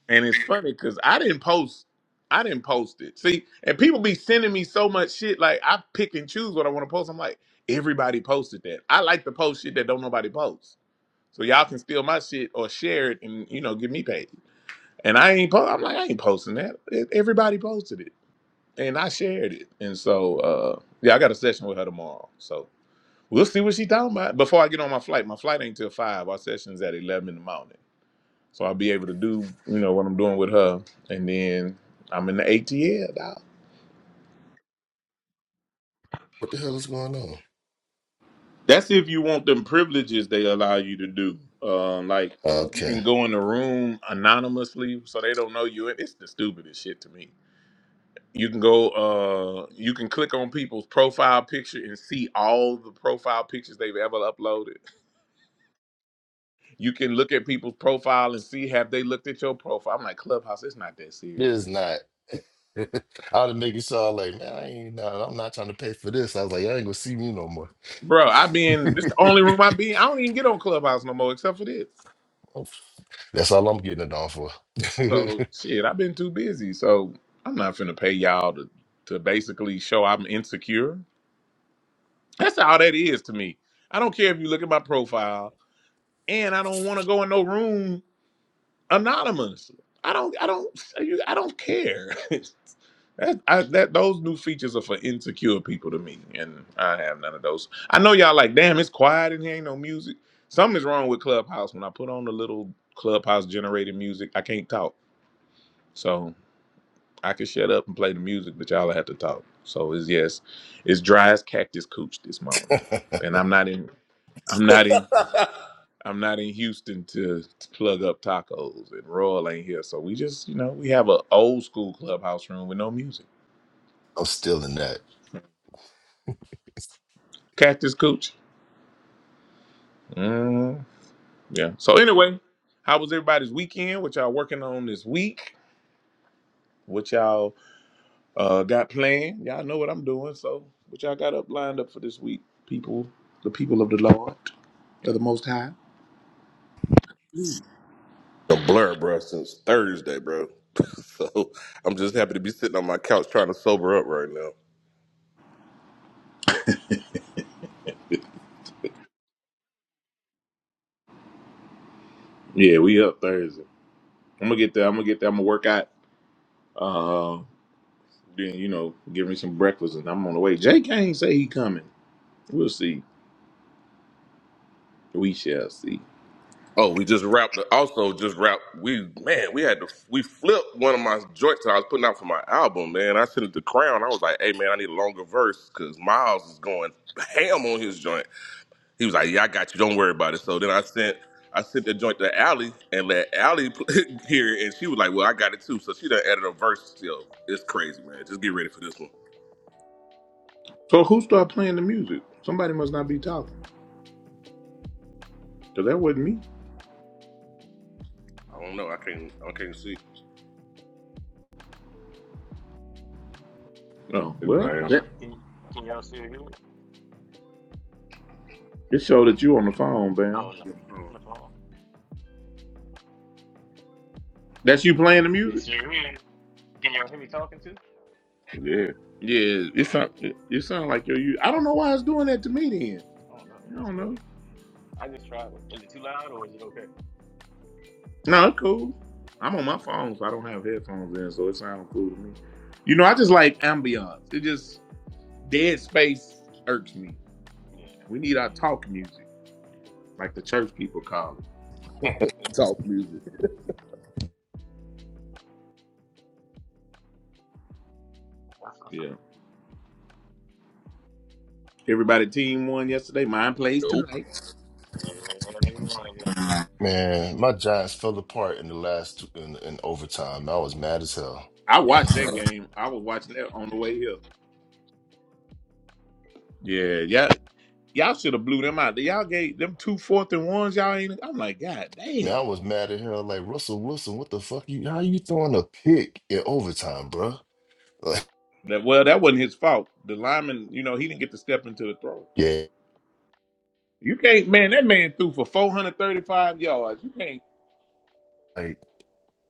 [SPEAKER 2] And it's funny because I didn't post, I didn't post it. See, and people be sending me so much shit. Like I pick and choose what I want to post. I'm like, everybody posted that. I like to post shit that don't nobody post. So y'all can steal my shit or share it and you know give me paid. And I ain't post. I'm like, I ain't posting that. E- Everybody posted it, and I shared it. And so uh yeah, I got a session with her tomorrow. So we'll see what she talking about. Before I get on my flight, my flight ain't till five. Our session's at eleven in the morning. So I'll be able to do, you know, what I'm doing with her. And then I'm in the ATL, dog.
[SPEAKER 11] What the hell is going on?
[SPEAKER 2] That's if you want them privileges they allow you to do. Um, like you
[SPEAKER 11] Okay.
[SPEAKER 2] can go in the room anonymously so they don't know you. It's the stupidest shit to me. You can go uh you can click on people's profile picture and see all the profile pictures they've ever uploaded. You can look at people's profile and see have they looked at your profile. I'm like, Clubhouse, it's not that
[SPEAKER 11] This is
[SPEAKER 2] serious.
[SPEAKER 11] not. All the niggas saw like, man, I ain't nah, I'm not trying to pay for this. I was like, y'all ain't gonna see me no more.
[SPEAKER 2] Bro, I been this the only room I be. in. I don't even get on Clubhouse no more except for this.
[SPEAKER 11] Oops. That's all I'm getting it on for.
[SPEAKER 2] So shit, I've been too busy. So I'm not finna pay y'all to to basically show I'm insecure. That's all that is to me. I don't care if you look at my profile, and I don't want to go in no room anonymous. I don't, I don't, I don't care. that, I, that those new features are for insecure people to me, and I have none of those. I know y'all like, damn, it's quiet in here, ain't no music. Something is wrong with Clubhouse. When I put on the little Clubhouse generated music, I can't talk. So I can shut up and play the music, but y'all have to talk. So it's yes, it's dry as cactus cooch this morning, and I'm not in. I'm not in. I'm not in Houston to, to plug up tacos, and Royal ain't here, so we just, you know, we have a old school clubhouse room with no music.
[SPEAKER 11] I'm still in that.
[SPEAKER 2] Cactus Cooch. Mm, yeah. So anyway, how was everybody's weekend? What y'all working on this week? What y'all uh, got planned? Y'all know what I'm doing, so what y'all got up lined up for this week, people? The people of the Lord, of the Most High. Mm.
[SPEAKER 9] The blur, bro, since Thursday, bro. so I'm just happy to be sitting on my couch trying to sober up right now.
[SPEAKER 2] Yeah, we up Thursday. I'm gonna get there. I'm gonna get there. I'm gonna work out. Uh, Then you know, give me some breakfast, and I'm on the way. Jay Kane say he coming. We'll see. We shall see.
[SPEAKER 9] Oh, we just wrapped. The, also, just wrapped. We man, we had to. We flipped one of my joints that I was putting out for my album. Man, I sent it to Crown. I was like, "Hey, man, I need a longer verse because Miles is going ham on his joint." He was like, "Yeah, I got you. Don't worry about it." So then I sent I sent the joint to Allie and let Allie hear it, and she was like, "Well, I got it too." So she done added a verse. Yo, it's crazy, man. Just get ready for this one.
[SPEAKER 2] So who started playing the music? Somebody must not be talking, cause that wasn't me.
[SPEAKER 9] I don't know. I can't. I can't see.
[SPEAKER 2] Oh well,
[SPEAKER 7] Can
[SPEAKER 1] bam.
[SPEAKER 7] y'all
[SPEAKER 2] that
[SPEAKER 7] can, can y'all still hear me?
[SPEAKER 2] it showed that you on the phone,
[SPEAKER 7] I
[SPEAKER 2] Bam.
[SPEAKER 7] don't know.
[SPEAKER 9] Mhm.
[SPEAKER 7] on the phone.
[SPEAKER 2] That's you playing the music.
[SPEAKER 7] It's your room? Can y'all hear me talking too?
[SPEAKER 1] Yeah,
[SPEAKER 2] Yeah, it sound it, it sound like you're you. I don't know why it's doing that to me. Then
[SPEAKER 7] I don't know.
[SPEAKER 2] I
[SPEAKER 7] That's
[SPEAKER 2] don't
[SPEAKER 7] crazy.
[SPEAKER 2] know.
[SPEAKER 7] I just tried. Is it too loud or is it okay?
[SPEAKER 2] No, it's cool. I'm on my phone, so I don't have headphones in, so it sounds cool to me. You know, I just like ambiance. It just dead space irks me.
[SPEAKER 7] Yeah.
[SPEAKER 2] We need our talk music. like the church people call
[SPEAKER 9] Talk music.
[SPEAKER 7] That's
[SPEAKER 2] it.
[SPEAKER 7] what's
[SPEAKER 2] Yeah.
[SPEAKER 7] up.
[SPEAKER 2] Everybody team won yesterday. Mine plays
[SPEAKER 9] Nope.
[SPEAKER 2] tonight.
[SPEAKER 7] Yeah, that made me want yesterday.
[SPEAKER 11] Man, my Giants fell apart in the last two, in, in overtime. I was mad as hell.
[SPEAKER 2] I
[SPEAKER 7] Yeah.
[SPEAKER 2] watched that game. I was watching that on the way here. Yeah, yeah. Y'all should have blew them out. Y'all gave them two fourth and ones. Y'all ain't. I'm like, God
[SPEAKER 11] Man,
[SPEAKER 2] damn.
[SPEAKER 11] I was mad as hell. Like Russell Wilson, what the fuck? You how you throwing a pick in overtime, bro? Like,
[SPEAKER 2] That, well, that wasn't his fault. The lineman, you know, he didn't get to step into the throw.
[SPEAKER 11] yeah,
[SPEAKER 2] You can't, man. That man threw for 435 yards. You can't.
[SPEAKER 11] like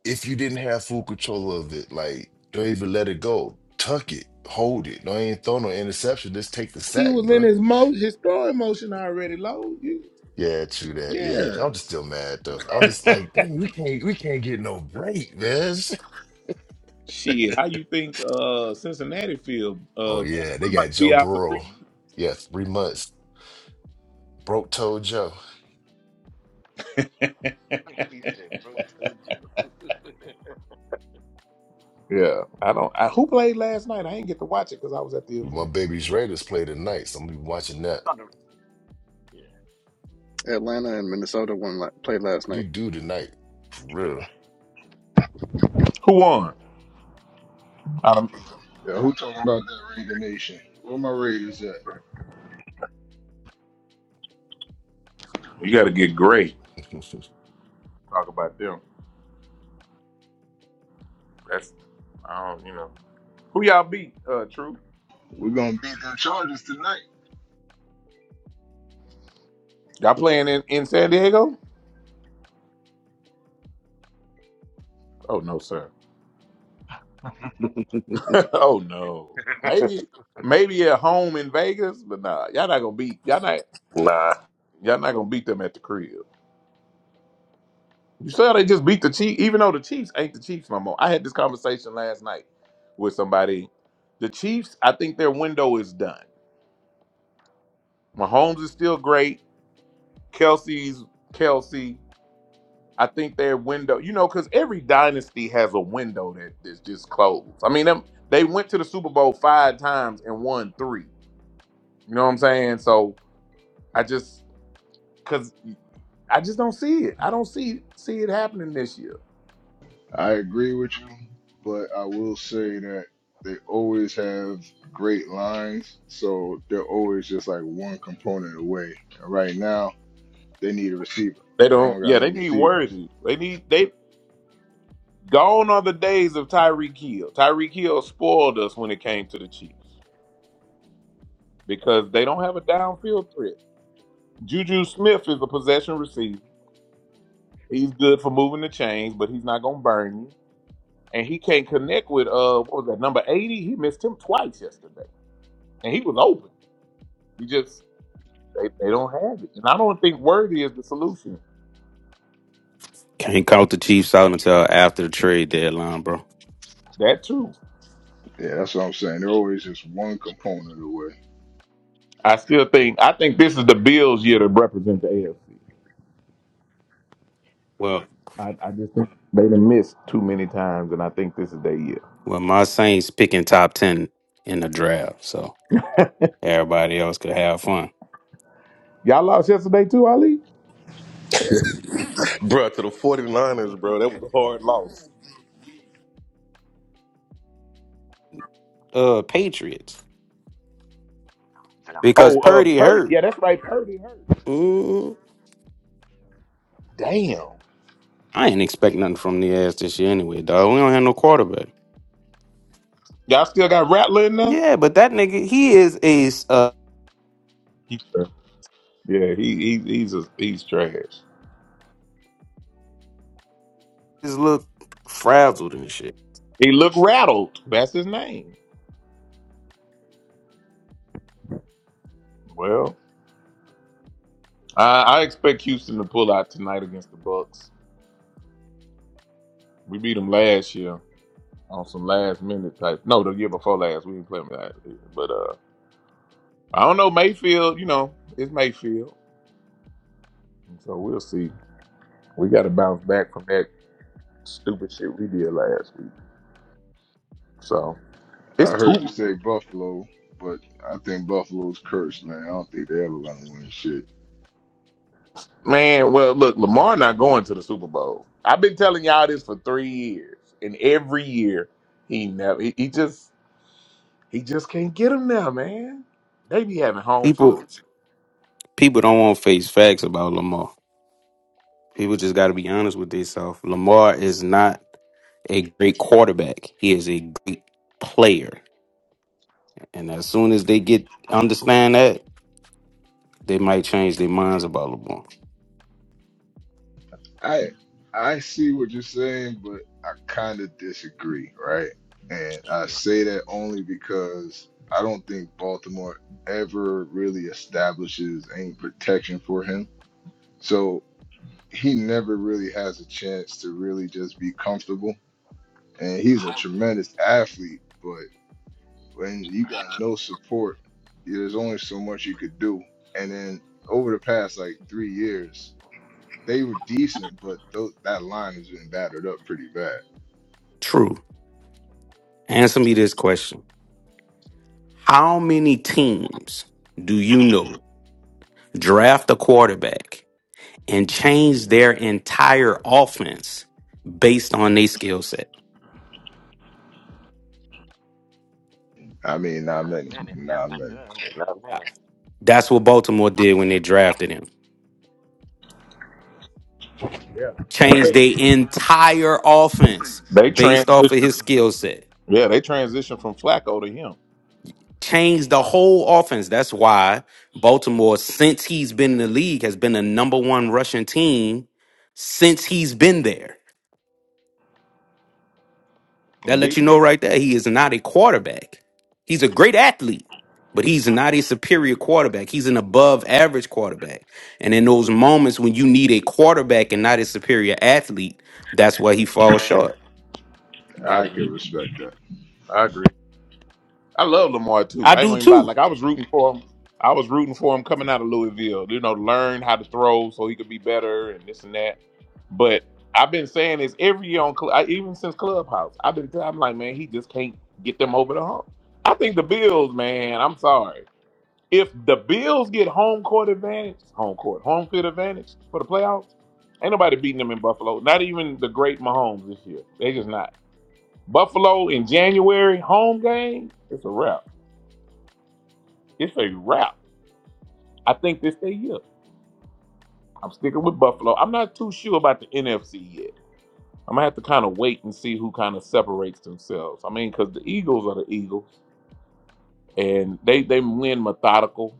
[SPEAKER 11] if you didn't have full control of it, like don't even let it go. Tuck it, hold it. Don't even throw no interception. Just take the
[SPEAKER 2] He
[SPEAKER 11] sack,
[SPEAKER 2] was in
[SPEAKER 11] bro.
[SPEAKER 2] his mo, his throwing motion already. Low. You,
[SPEAKER 11] Yeah, true that. Yeah,
[SPEAKER 2] yeah.
[SPEAKER 11] I'm just still mad though. I'm just like, dang, we can't, we can't get no break, man.
[SPEAKER 2] Shit, how you think uh Cincinnati feel?
[SPEAKER 11] Oh
[SPEAKER 2] Uh,
[SPEAKER 11] yeah, they
[SPEAKER 2] we
[SPEAKER 11] got
[SPEAKER 2] might be
[SPEAKER 11] Joe
[SPEAKER 2] out for three
[SPEAKER 11] Burrow. Yeah, three months. Broke toe Joe.
[SPEAKER 2] months.
[SPEAKER 7] He said, bro, it's so gentle.
[SPEAKER 2] Yeah, I don't. I, who played last night? I didn't get to watch it because I was at the
[SPEAKER 11] My
[SPEAKER 2] event.
[SPEAKER 11] baby's Raiders play tonight, so I'm gonna be watching
[SPEAKER 7] I
[SPEAKER 11] that. What
[SPEAKER 7] thought the yeah.
[SPEAKER 4] Huh? Atlanta and Minnesota won la- played last
[SPEAKER 11] do
[SPEAKER 4] night.
[SPEAKER 11] you do tonight? For real.
[SPEAKER 2] Who won? I don't,
[SPEAKER 6] Yeah, who talking about that Raider Nation? Where my Raiders at?
[SPEAKER 2] you got to get great. Talk about them. That's I don't. You know who y'all beat? Uh, True.
[SPEAKER 6] We're gonna beat them Chargers tonight.
[SPEAKER 2] Y'all playing in in San Diego? Oh no, sir. oh no. Maybe maybe at home in Vegas, but nah. Y'all not gonna beat. Y'all not.
[SPEAKER 9] Nah,
[SPEAKER 2] Y'all not gonna beat them at the crib. You saw they just beat the Chiefs, even though the Chiefs ain't the Chiefs no more. I had this conversation last night with somebody. The Chiefs, I think their window is done. Mahomes is still great. Kelsey's Kelsey. I think their window, you know, because every dynasty has a window that is just closed. I mean, them, they went to the Super Bowl five times and won three. You know what I'm saying? So I just, because I just don't see it. I don't see see it happening this year.
[SPEAKER 6] I agree with you, but I will say that they always have great lines, so they're always just like one component away. And right now, they need a receiver.
[SPEAKER 2] They
[SPEAKER 6] They
[SPEAKER 2] don't.
[SPEAKER 6] don't got
[SPEAKER 2] Yeah,
[SPEAKER 6] no
[SPEAKER 2] they need
[SPEAKER 6] receivers.
[SPEAKER 2] worthy. They need. They Gone are the days of Tyreek Hill. Tyreek Hill spoiled us when it came to the Chiefs because they don't have a downfield threat. Juju Smith is a possession receiver. He's good for moving the chains, but he's not gonna burn you. And he can't connect with uh what was that number eighty? He missed him twice yesterday, and he was open. He just they, they don't have it, and I don't think Worthy is the solution.
[SPEAKER 10] Can't count the Chiefs out until after the trade deadline, bro.
[SPEAKER 2] That too.
[SPEAKER 6] Yeah, that's what I'm saying. They're always just one component away.
[SPEAKER 2] I still think I think this is the Bills' year to represent the AFC.
[SPEAKER 10] Well,
[SPEAKER 2] I, I just think they done missed too many times, and I think this is their year.
[SPEAKER 10] well, my Saints picking top ten in the draft, so everybody else could have fun.
[SPEAKER 2] Y'all lost yesterday too, Ali?
[SPEAKER 9] bro. To the 49ers, bro. That was a hard loss.
[SPEAKER 10] Uh, Patriots
[SPEAKER 7] Damn it.
[SPEAKER 10] because
[SPEAKER 2] Oh, uh,
[SPEAKER 10] Purdy
[SPEAKER 2] Purdy.
[SPEAKER 10] hurt.
[SPEAKER 2] Yeah, that's right. Purdy hurt.
[SPEAKER 10] Mm,
[SPEAKER 2] Damn.
[SPEAKER 10] I ain't expect nothing from the ass this year anyway, dog. We don't have no quarterback.
[SPEAKER 2] Y'all still got Rattler in there?
[SPEAKER 10] Yeah, but that nigga, he is a uh,
[SPEAKER 2] He- yeah, he, he he's a, he's trash.
[SPEAKER 10] is look frazzled and shit.
[SPEAKER 2] He looked rattled. That's his name. Well, I, I expect Houston to pull out tonight against the Bucks. We beat them last year on some last minute type. No, the year before last. We didn't play them last year. But uh, I don't know Mayfield. You know, it's Mayfield. And so we'll see. We got to bounce back from that stupid shit we did last week. So.
[SPEAKER 6] I
[SPEAKER 2] It's two
[SPEAKER 6] heard you say Buffalo, but I think Buffalo's cursed, man. I don't think they ever gonna win shit.
[SPEAKER 2] man. Well, look, Lamar not going to the Super Bowl. I've been telling y'all this for three years, and every year he never. He, he just he just can't get him now, man. They be having home field.
[SPEAKER 10] People people don't want to face facts about Lamar. People just got to be honest with themselves. Lamar is not a great quarterback. He is a great player. And as soon as they get understand that, they might change their minds about Lamar.
[SPEAKER 6] I I see what you're saying, but I kind of disagree, right? And
[SPEAKER 7] How you
[SPEAKER 6] I
[SPEAKER 7] doing?
[SPEAKER 6] say that only because I don't think Baltimore ever really establishes any protection for him. So he never really has a chance to really just be comfortable. And he's a tremendous athlete, but when you got no support, there's only so much you could do. And then over the past like three years, they were decent, but those, that line has been battered up pretty bad.
[SPEAKER 10] True. Answer me this question. How many teams do you know draft a quarterback and change their entire offense based on their skill set?
[SPEAKER 6] I mean, not
[SPEAKER 7] Not
[SPEAKER 6] many,
[SPEAKER 7] many. That's
[SPEAKER 6] not
[SPEAKER 7] been
[SPEAKER 6] many.
[SPEAKER 7] good. But not many.
[SPEAKER 10] That's what Baltimore did when they drafted him.
[SPEAKER 2] Yeah, you gotta They,
[SPEAKER 10] Changed
[SPEAKER 2] think.
[SPEAKER 10] their entire offense
[SPEAKER 2] they
[SPEAKER 10] based off of
[SPEAKER 2] transition.
[SPEAKER 10] his
[SPEAKER 2] From,
[SPEAKER 10] skill set.
[SPEAKER 2] yeah, they transition from Flacco to him,
[SPEAKER 10] Changed the whole offense. That's why Baltimore, since he's been in the league, has been the number one rushing team since he's been there. That
[SPEAKER 2] and
[SPEAKER 10] lets
[SPEAKER 2] they.
[SPEAKER 10] you know right there, he is not a quarterback. He's a great athlete, but he's not a superior quarterback. He's an above average quarterback. And in those moments when you need a quarterback and not a superior athlete, that's why he falls short.
[SPEAKER 2] I
[SPEAKER 6] I can
[SPEAKER 2] agree.
[SPEAKER 6] respect that.
[SPEAKER 2] I agree. I love Lamar too.
[SPEAKER 10] I
[SPEAKER 2] I ain't
[SPEAKER 10] do
[SPEAKER 2] gonna even lie.
[SPEAKER 10] too.
[SPEAKER 2] Like I was rooting for him. I was rooting for him coming out of Louisville, you know, to learn how to throw so he could be better and this and that. But I've been saying this every year on, Cl- I, even since Clubhouse. I've been, I'm like, man, he just can't get them over the hump. I think the Bills, man. I'm sorry. If the Bills get home court advantage, home court, home field advantage for the playoffs, ain't nobody beating them in Buffalo. Not even the great Mahomes this year. They just not. Buffalo in January home game. It's a wrap. It's a wrap. I think this their year. I'm sticking with Buffalo. I'm not too sure about the NFC yet. I'm gonna have to kind of wait and see who kind of separates themselves. I mean, because the Eagles are the Eagles, and they they win methodical.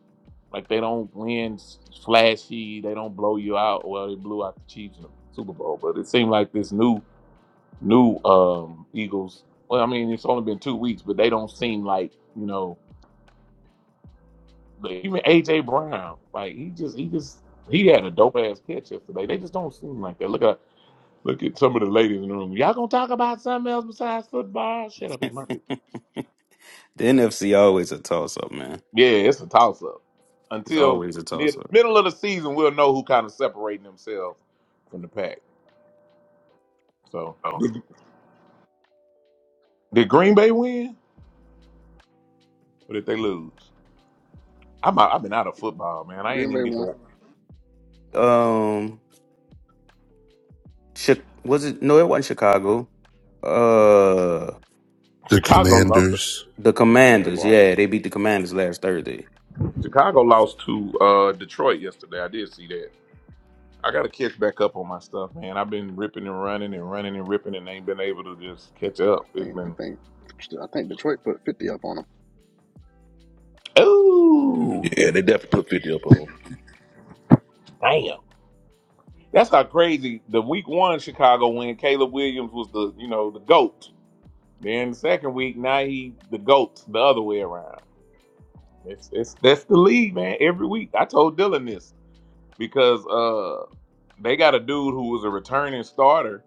[SPEAKER 2] Like they don't win s- flashy. They don't blow you out. Well, they blew out the Chiefs in the Super Bowl, but it seemed like this new new um Eagles. Well, I mean, it's only been two weeks, but they don't seem like you know even AJ Brown, like he just he just he had a dope ass catch yesterday. They just don't seem like that. Look at look at some of the ladies in the room. Y'all gonna talk about something else besides football? Shut up, it's my
[SPEAKER 10] The NFC always a toss up, man.
[SPEAKER 2] yeah. It's a toss up
[SPEAKER 10] It's
[SPEAKER 2] until
[SPEAKER 10] always a
[SPEAKER 2] mid
[SPEAKER 10] toss up.
[SPEAKER 2] middle of the season. We'll know who kind of separating themselves from the pack. So did, did Green Bay win or did they lose? I'm out, I've been out of football, man. I ain't
[SPEAKER 4] Green
[SPEAKER 2] even
[SPEAKER 4] Bay
[SPEAKER 2] get
[SPEAKER 4] won.
[SPEAKER 2] to
[SPEAKER 10] Um, Chi- was it? No, it wasn't Chicago. Uh,
[SPEAKER 13] The
[SPEAKER 2] Chicago lost. To,
[SPEAKER 13] Commanders.
[SPEAKER 10] the
[SPEAKER 4] Yeah,
[SPEAKER 10] Commanders. Yeah, they
[SPEAKER 4] Washington.
[SPEAKER 10] beat the Commanders last Thursday.
[SPEAKER 2] Chicago lost to uh, Detroit yesterday. I did see that. I got to catch back up on my stuff, man. I've been ripping and running and running and ripping and ain't been able to just catch up.
[SPEAKER 4] I
[SPEAKER 2] It's
[SPEAKER 4] think I
[SPEAKER 2] been,
[SPEAKER 4] think I think Detroit put fifty up on them.
[SPEAKER 2] oh,
[SPEAKER 9] Yeah, they definitely put 50 up on. 'em.
[SPEAKER 2] damn. That's how crazy the week one Chicago win. Caleb Williams was the, you know, the GOAT. Then the second week, now he the GOAT the other way around. It's, it's, that's the league, man. Every week. I told Dylan this because, uh, they got a dude who was a returning starter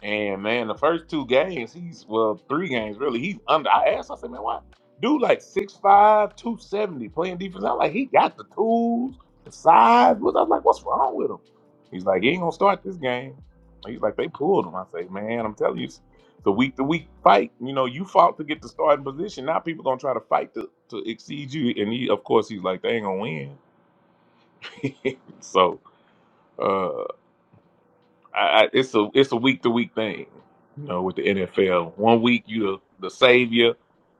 [SPEAKER 2] And man, the first two games, he's well, three games really. He's under. I asked, I said, man, why? Dude, like six five, two seventy, playing defense. I'm like, he got the tools, the size. What I was like, what's wrong with him? He's like, he ain't gonna start this game. He's like, they pulled him. I say, man, I'm telling you, it's the week to week fight. You know, you fought to get the starting position. Now people gonna try to fight to to exceed you. And he, of course, he's like, they ain't gonna win. so. uh, I, I, it's a it's a week to week thing, you know, with the NFL. One week you the, the savior,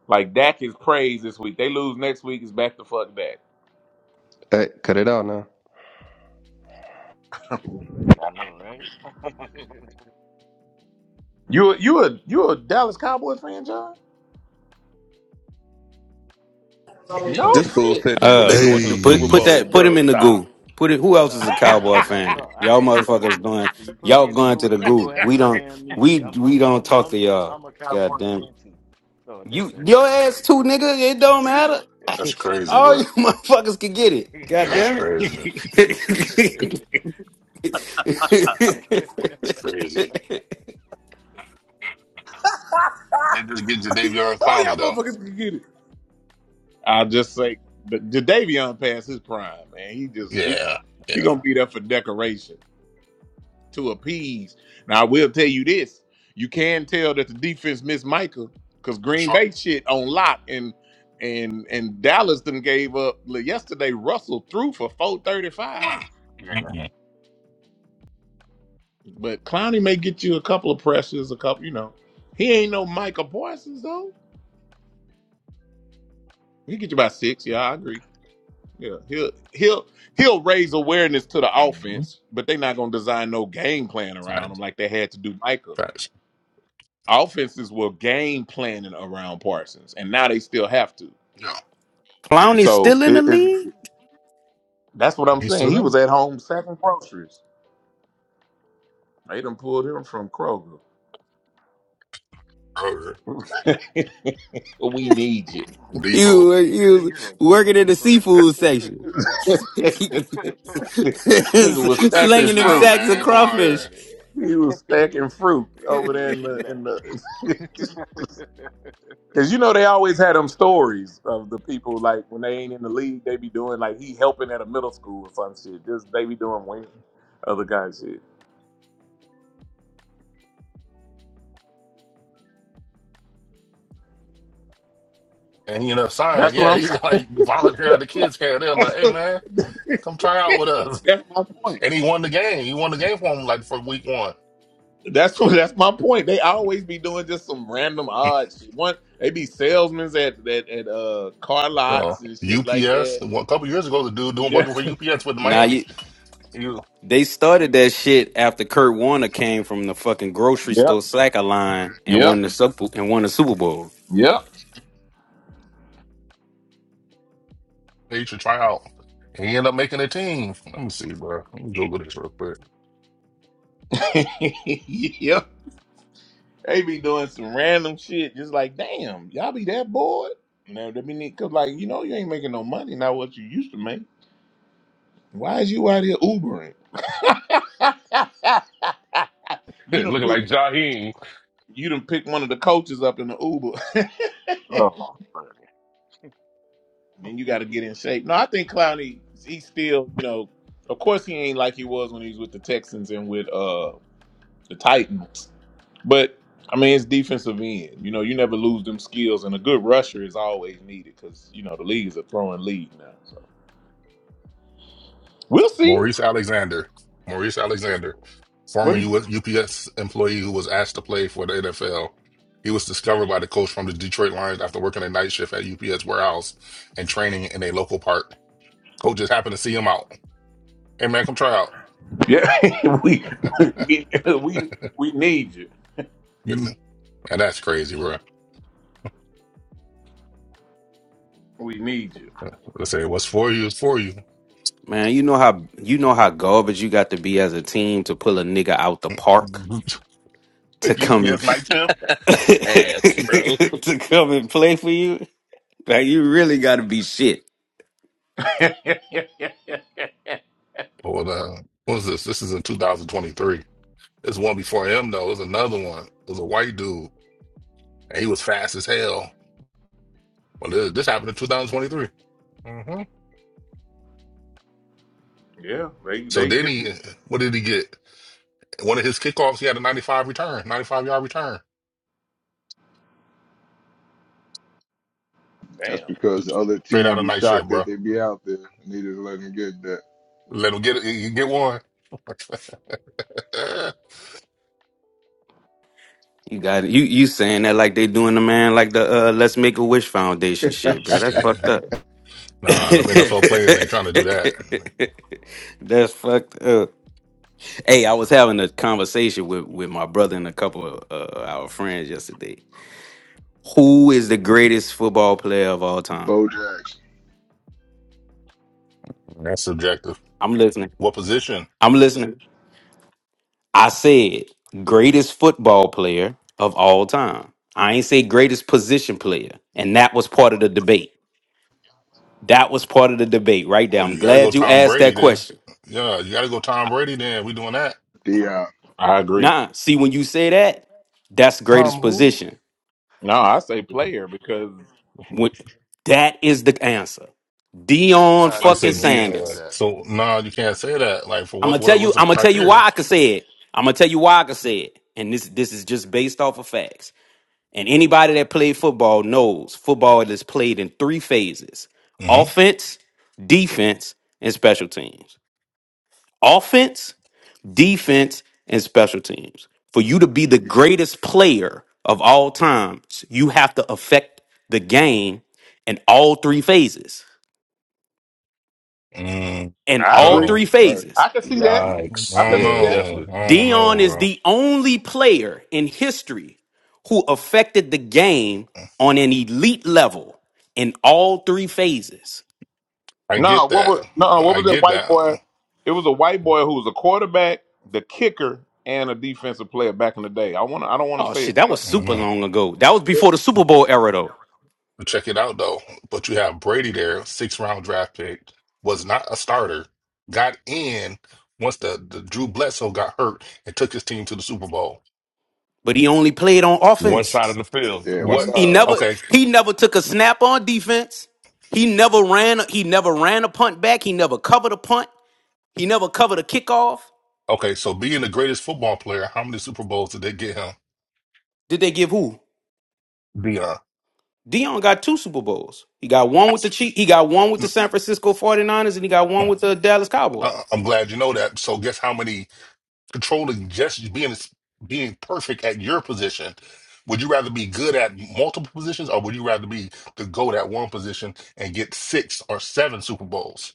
[SPEAKER 2] like Dak is praised this week. They lose next week, it's back to fuck Dak.
[SPEAKER 14] Hey, cut it out now.
[SPEAKER 7] I know, right?
[SPEAKER 2] You a, you a you a Dallas Cowboys fan, John? No
[SPEAKER 9] This fool
[SPEAKER 2] shit.
[SPEAKER 9] said the, they
[SPEAKER 10] Uh,
[SPEAKER 9] going to the Super
[SPEAKER 10] put
[SPEAKER 13] Hey,
[SPEAKER 10] put
[SPEAKER 9] Bowl,
[SPEAKER 10] that put
[SPEAKER 9] bro.
[SPEAKER 10] him in the
[SPEAKER 9] Stop.
[SPEAKER 10] goo. Put it. Who else is a
[SPEAKER 7] No,
[SPEAKER 10] Cowboy
[SPEAKER 7] don't don't
[SPEAKER 10] fan?
[SPEAKER 7] stop. I
[SPEAKER 10] Y'all
[SPEAKER 7] am too.
[SPEAKER 10] motherfuckers going.
[SPEAKER 7] So you put
[SPEAKER 10] Y'all
[SPEAKER 7] me in the
[SPEAKER 10] going
[SPEAKER 7] goo,
[SPEAKER 10] to the
[SPEAKER 7] you ain't
[SPEAKER 10] goo.
[SPEAKER 7] gonna have
[SPEAKER 10] We
[SPEAKER 7] no
[SPEAKER 10] don't.
[SPEAKER 7] damn music.
[SPEAKER 10] We
[SPEAKER 7] I'm
[SPEAKER 10] we
[SPEAKER 7] I'm
[SPEAKER 10] don't
[SPEAKER 7] I'm
[SPEAKER 10] talk to
[SPEAKER 7] I'm
[SPEAKER 10] y'all.
[SPEAKER 7] I'm a
[SPEAKER 10] God
[SPEAKER 7] cowboy
[SPEAKER 10] damn. it.
[SPEAKER 7] fan too. Throw that
[SPEAKER 10] You
[SPEAKER 7] mess up
[SPEAKER 10] your
[SPEAKER 7] in
[SPEAKER 10] ass
[SPEAKER 7] here.
[SPEAKER 10] too, nigga. It don't
[SPEAKER 7] Yeah,
[SPEAKER 10] matter.
[SPEAKER 15] That's
[SPEAKER 7] hey.
[SPEAKER 15] crazy,
[SPEAKER 10] All
[SPEAKER 15] bro.
[SPEAKER 10] you motherfuckers can get it. God
[SPEAKER 15] That's
[SPEAKER 10] damn
[SPEAKER 15] crazy.
[SPEAKER 10] it.
[SPEAKER 15] It's crazy. they just just getting Jadavion
[SPEAKER 9] All y'all
[SPEAKER 15] Clowney though.
[SPEAKER 9] motherfuckers can get it.
[SPEAKER 2] I'll just say, but Jadavion passed his prime, man. He just he,
[SPEAKER 15] Yeah,
[SPEAKER 2] he gonna
[SPEAKER 15] yeah,
[SPEAKER 2] be there for decoration. to appease. Now I will tell you this: you can tell that the defense missed Michael because
[SPEAKER 15] for
[SPEAKER 2] Green
[SPEAKER 15] sure.
[SPEAKER 2] Bay shit on lock and and and Dallas then gave up Look, yesterday. Russell threw for four thirty five,
[SPEAKER 7] Woo.
[SPEAKER 15] Mm.
[SPEAKER 7] yeah,
[SPEAKER 15] Mm-mm.
[SPEAKER 2] but Clowney may get you a couple of pressures, a couple. You know, he ain't no Michael Parsons though. He get you about six. Yeah, I agree. Yeah, he'll he'll he'll raise awareness to the
[SPEAKER 15] Mm.
[SPEAKER 2] offense, but they're not gonna design no game plan around him
[SPEAKER 15] Facts.
[SPEAKER 2] like they had to do Michael.
[SPEAKER 15] Facts.
[SPEAKER 2] offenses were game planning around Parsons, and now they still have to.
[SPEAKER 15] Yeah.
[SPEAKER 10] Clowney's
[SPEAKER 2] So
[SPEAKER 10] still in the
[SPEAKER 2] it, it,
[SPEAKER 10] league?
[SPEAKER 2] that's what I'm
[SPEAKER 15] He's
[SPEAKER 2] saying.
[SPEAKER 15] still
[SPEAKER 2] He
[SPEAKER 15] there.
[SPEAKER 2] was at home sacking groceries. They done pulled him from Kroger.
[SPEAKER 15] Kroger.
[SPEAKER 2] we need you.
[SPEAKER 7] off the
[SPEAKER 10] you
[SPEAKER 15] Depot.
[SPEAKER 10] were-
[SPEAKER 7] chain.
[SPEAKER 10] you was
[SPEAKER 7] You said pulled up
[SPEAKER 10] working in
[SPEAKER 7] from
[SPEAKER 10] the
[SPEAKER 7] Kroger.
[SPEAKER 10] seafood section,
[SPEAKER 15] Mm.
[SPEAKER 2] Nigga was
[SPEAKER 15] Put that
[SPEAKER 2] stacking
[SPEAKER 10] slinging
[SPEAKER 15] fish
[SPEAKER 10] them
[SPEAKER 15] down,
[SPEAKER 2] fruit.
[SPEAKER 10] sacks of
[SPEAKER 15] man. Come
[SPEAKER 7] oh,
[SPEAKER 15] on
[SPEAKER 10] crawfish.
[SPEAKER 15] here.
[SPEAKER 7] buddy,
[SPEAKER 2] He was
[SPEAKER 7] we we
[SPEAKER 2] stacking fruit over
[SPEAKER 7] gonna
[SPEAKER 2] there
[SPEAKER 7] need
[SPEAKER 2] in
[SPEAKER 7] you
[SPEAKER 2] the in
[SPEAKER 7] back.
[SPEAKER 2] the. Cause you know they always had them stories of the people like when they ain't in the league, they be doing like he helping at a middle school or some shit. Just they be doing wing other guys shit.
[SPEAKER 15] And he ended up signing.
[SPEAKER 2] That's what
[SPEAKER 15] Yeah,
[SPEAKER 2] I'm
[SPEAKER 15] he
[SPEAKER 2] saying.
[SPEAKER 15] was like volunteer at the
[SPEAKER 2] That's,
[SPEAKER 15] kids' camp. They're like, hey man, come try out with
[SPEAKER 2] that's,
[SPEAKER 15] us.
[SPEAKER 2] that's my point.
[SPEAKER 15] And he won the game. He won the game for him like for week one.
[SPEAKER 2] That's what that's my point. They always be doing just some random odd shit. One they be salesmen at at, at uh car
[SPEAKER 15] Uh,
[SPEAKER 2] lots and shit like
[SPEAKER 15] UPS.
[SPEAKER 2] that.
[SPEAKER 15] Well, a couple years ago, the dude doing
[SPEAKER 2] Yeah.
[SPEAKER 15] working for UPS with
[SPEAKER 10] Nah,
[SPEAKER 15] Miami.
[SPEAKER 10] you,
[SPEAKER 15] He was,
[SPEAKER 10] they started that shit after Kurt Warner came from the fucking grocery
[SPEAKER 2] Yep.
[SPEAKER 10] store sacker line and
[SPEAKER 2] Yep.
[SPEAKER 10] won the Sup and won the Super Bowl.
[SPEAKER 2] Yep.
[SPEAKER 15] they should try out. And He ended up making a team. Let me see, bro. Let me Google this real quick.
[SPEAKER 2] yep. They be doing some random shit just like damn, y'all be that bored? No, they be need cause like, you know, you ain't making no money, not what you used to make. Why is you out here Ubering? you done
[SPEAKER 9] Looking
[SPEAKER 2] pick.
[SPEAKER 9] like Jaheim
[SPEAKER 2] You done pick one of the coaches up in the Uber.
[SPEAKER 7] oh,
[SPEAKER 2] then you got to get in shape. No, I think Clowney, he's still, you know, of course he ain't like he was when he was with the Texans and with uh the Titans. But I mean, it's defensive end. You know, you never lose them skills, and a good rusher is always needed because you know the league is a throwing league now. So we'll see.
[SPEAKER 15] Maurice Alexander. Maurice Alexander,
[SPEAKER 2] What
[SPEAKER 15] former
[SPEAKER 2] do you,
[SPEAKER 15] US, UPS employee who was asked to play for the NFL. He was discovered by the coach from the Detroit Lions after working a night shift at UPS warehouse and training in a local park. Coach just happened to see him out. Hey, man, come try out.
[SPEAKER 2] yeah, we, we we we need you.
[SPEAKER 15] and that's crazy, bro.
[SPEAKER 2] We need you.
[SPEAKER 15] Let's say what's for you is for you.
[SPEAKER 10] Man, you know how you know how garbage you got to be as a team to pull a nigga out the park to come and
[SPEAKER 15] UPS night shift.
[SPEAKER 9] ass, bro. I'm
[SPEAKER 10] to come and play for you. Like you really gotta be shit.
[SPEAKER 2] yeah,
[SPEAKER 15] Or uh, what was this? This is in 2023. This one before him though. It was another one. It was a white dude, and he was fast as hell. Well, this, this happened in 2023. hmm
[SPEAKER 2] they
[SPEAKER 15] So
[SPEAKER 2] they
[SPEAKER 15] then
[SPEAKER 2] get
[SPEAKER 15] he, what did he get? One of his kickoffs, he had a 95 return, 95 yard return,
[SPEAKER 6] That's
[SPEAKER 2] damn.
[SPEAKER 6] because the other
[SPEAKER 15] straight out
[SPEAKER 6] team
[SPEAKER 15] of
[SPEAKER 6] be
[SPEAKER 15] night shift,
[SPEAKER 6] shocked
[SPEAKER 15] bro.
[SPEAKER 6] that they be out there. Need to let them
[SPEAKER 15] Let him get it. You get one.
[SPEAKER 10] You got you you saying that like they doing the man like the uh Let's Make a Wish Foundation
[SPEAKER 6] get
[SPEAKER 10] shit, bro. That's
[SPEAKER 15] Shit.
[SPEAKER 6] that.
[SPEAKER 10] fucked up.
[SPEAKER 15] Nah, them NFL players ain't trying to do that.
[SPEAKER 10] That's fucked up. Hey, I was having a conversation with with my brother and a couple of uh, our friends yesterday. Who is the greatest football player of all time?
[SPEAKER 6] Bo Jackson,
[SPEAKER 15] That's subjective.
[SPEAKER 10] I'm listening.
[SPEAKER 15] What position?
[SPEAKER 10] I'm listening. I said greatest football player of all time. I ain't say greatest position player, and that was part of the debate. That was part of the debate right there.
[SPEAKER 15] Oh,
[SPEAKER 10] I'm
[SPEAKER 15] you gotta go
[SPEAKER 10] glad you
[SPEAKER 15] Tom
[SPEAKER 10] asked that
[SPEAKER 15] Brady there.
[SPEAKER 10] question.
[SPEAKER 15] Yeah, you gotta go Tom Brady then. We doing that.
[SPEAKER 6] Dion.
[SPEAKER 2] I agree.
[SPEAKER 10] Nah, see, when you say that, that's greatest
[SPEAKER 11] Tom, who?
[SPEAKER 10] position.
[SPEAKER 2] No, I say
[SPEAKER 6] That's
[SPEAKER 2] player because
[SPEAKER 10] When, that is the answer. Dion
[SPEAKER 11] John
[SPEAKER 9] about to
[SPEAKER 11] is
[SPEAKER 9] say
[SPEAKER 10] fucking
[SPEAKER 11] the answer for
[SPEAKER 9] Dion.
[SPEAKER 10] Sanders.
[SPEAKER 11] that.
[SPEAKER 15] So no, nah, you can't say that. Like for
[SPEAKER 10] I'm
[SPEAKER 15] what
[SPEAKER 10] gonna tell
[SPEAKER 15] what
[SPEAKER 10] you.
[SPEAKER 15] what's the
[SPEAKER 10] I'm gonna tell you why
[SPEAKER 15] criteria?
[SPEAKER 10] I can say it. I'm gonna tell you why I can say it. And this this is just based off of facts. And anybody that played football knows football is played in three phases:
[SPEAKER 15] hmm
[SPEAKER 10] offense, defense, and special teams. Offense. defense, and special teams. For you to be the greatest player of all times, you have to affect the game in all three phases.
[SPEAKER 15] Mm,
[SPEAKER 10] In
[SPEAKER 2] I
[SPEAKER 10] all
[SPEAKER 2] agree.
[SPEAKER 15] no.
[SPEAKER 10] three
[SPEAKER 6] right.
[SPEAKER 10] phases,
[SPEAKER 2] I can see that.
[SPEAKER 15] I
[SPEAKER 2] I
[SPEAKER 9] Yikes.
[SPEAKER 2] can
[SPEAKER 15] don't
[SPEAKER 2] see
[SPEAKER 9] Yeah,
[SPEAKER 2] that.
[SPEAKER 15] know.
[SPEAKER 9] definitely.
[SPEAKER 15] I don't know,
[SPEAKER 10] Dion is
[SPEAKER 15] bro.
[SPEAKER 10] the only player in history who affected the game on an elite level in all three phases.
[SPEAKER 15] I get
[SPEAKER 2] No, what
[SPEAKER 15] that.
[SPEAKER 2] was no? What
[SPEAKER 15] I
[SPEAKER 2] was that
[SPEAKER 15] get
[SPEAKER 2] white
[SPEAKER 15] that.
[SPEAKER 2] boy?
[SPEAKER 15] I
[SPEAKER 2] It was a white boy who was a quarterback, the kicker, and a defensive player back in the day. I want. to I don't want to
[SPEAKER 10] Oh
[SPEAKER 2] say
[SPEAKER 10] shit,
[SPEAKER 2] it,
[SPEAKER 10] that was
[SPEAKER 2] sucked,
[SPEAKER 15] don't
[SPEAKER 10] super
[SPEAKER 15] know.
[SPEAKER 10] long ago. That was
[SPEAKER 2] but
[SPEAKER 10] before the Super Bowl era though.
[SPEAKER 15] But check it out though. But you have Brady there, six round draft pick, was not a starter, got in once the, the Drew Bledsoe got hurt and took his team to the Super Bowl.
[SPEAKER 10] But he only played on
[SPEAKER 9] One
[SPEAKER 10] offense.
[SPEAKER 9] side of the field.
[SPEAKER 6] Yeah,
[SPEAKER 9] One
[SPEAKER 15] What?
[SPEAKER 6] one
[SPEAKER 10] He
[SPEAKER 9] side.
[SPEAKER 6] side,
[SPEAKER 10] never
[SPEAKER 15] Okay,
[SPEAKER 10] he never took a snap on defense. He never ran he never ran a punt back. He never covered a punt. He never covered a kickoff.
[SPEAKER 15] Okay, so being the greatest football player, how many Super Bowls did they get him?
[SPEAKER 10] Did they give who?
[SPEAKER 15] Beyond.
[SPEAKER 10] Dion got two Super Bowls. He got one with the Chief, he got one with the San Francisco 49ers and he got one with the Dallas
[SPEAKER 15] Uh,
[SPEAKER 10] Cowboys.
[SPEAKER 15] I'm glad you know that. So guess how many controlling just being being perfect at your position. Would you rather be good at multiple positions, or would you rather be the goat at one position and get six or seven Super Bowls?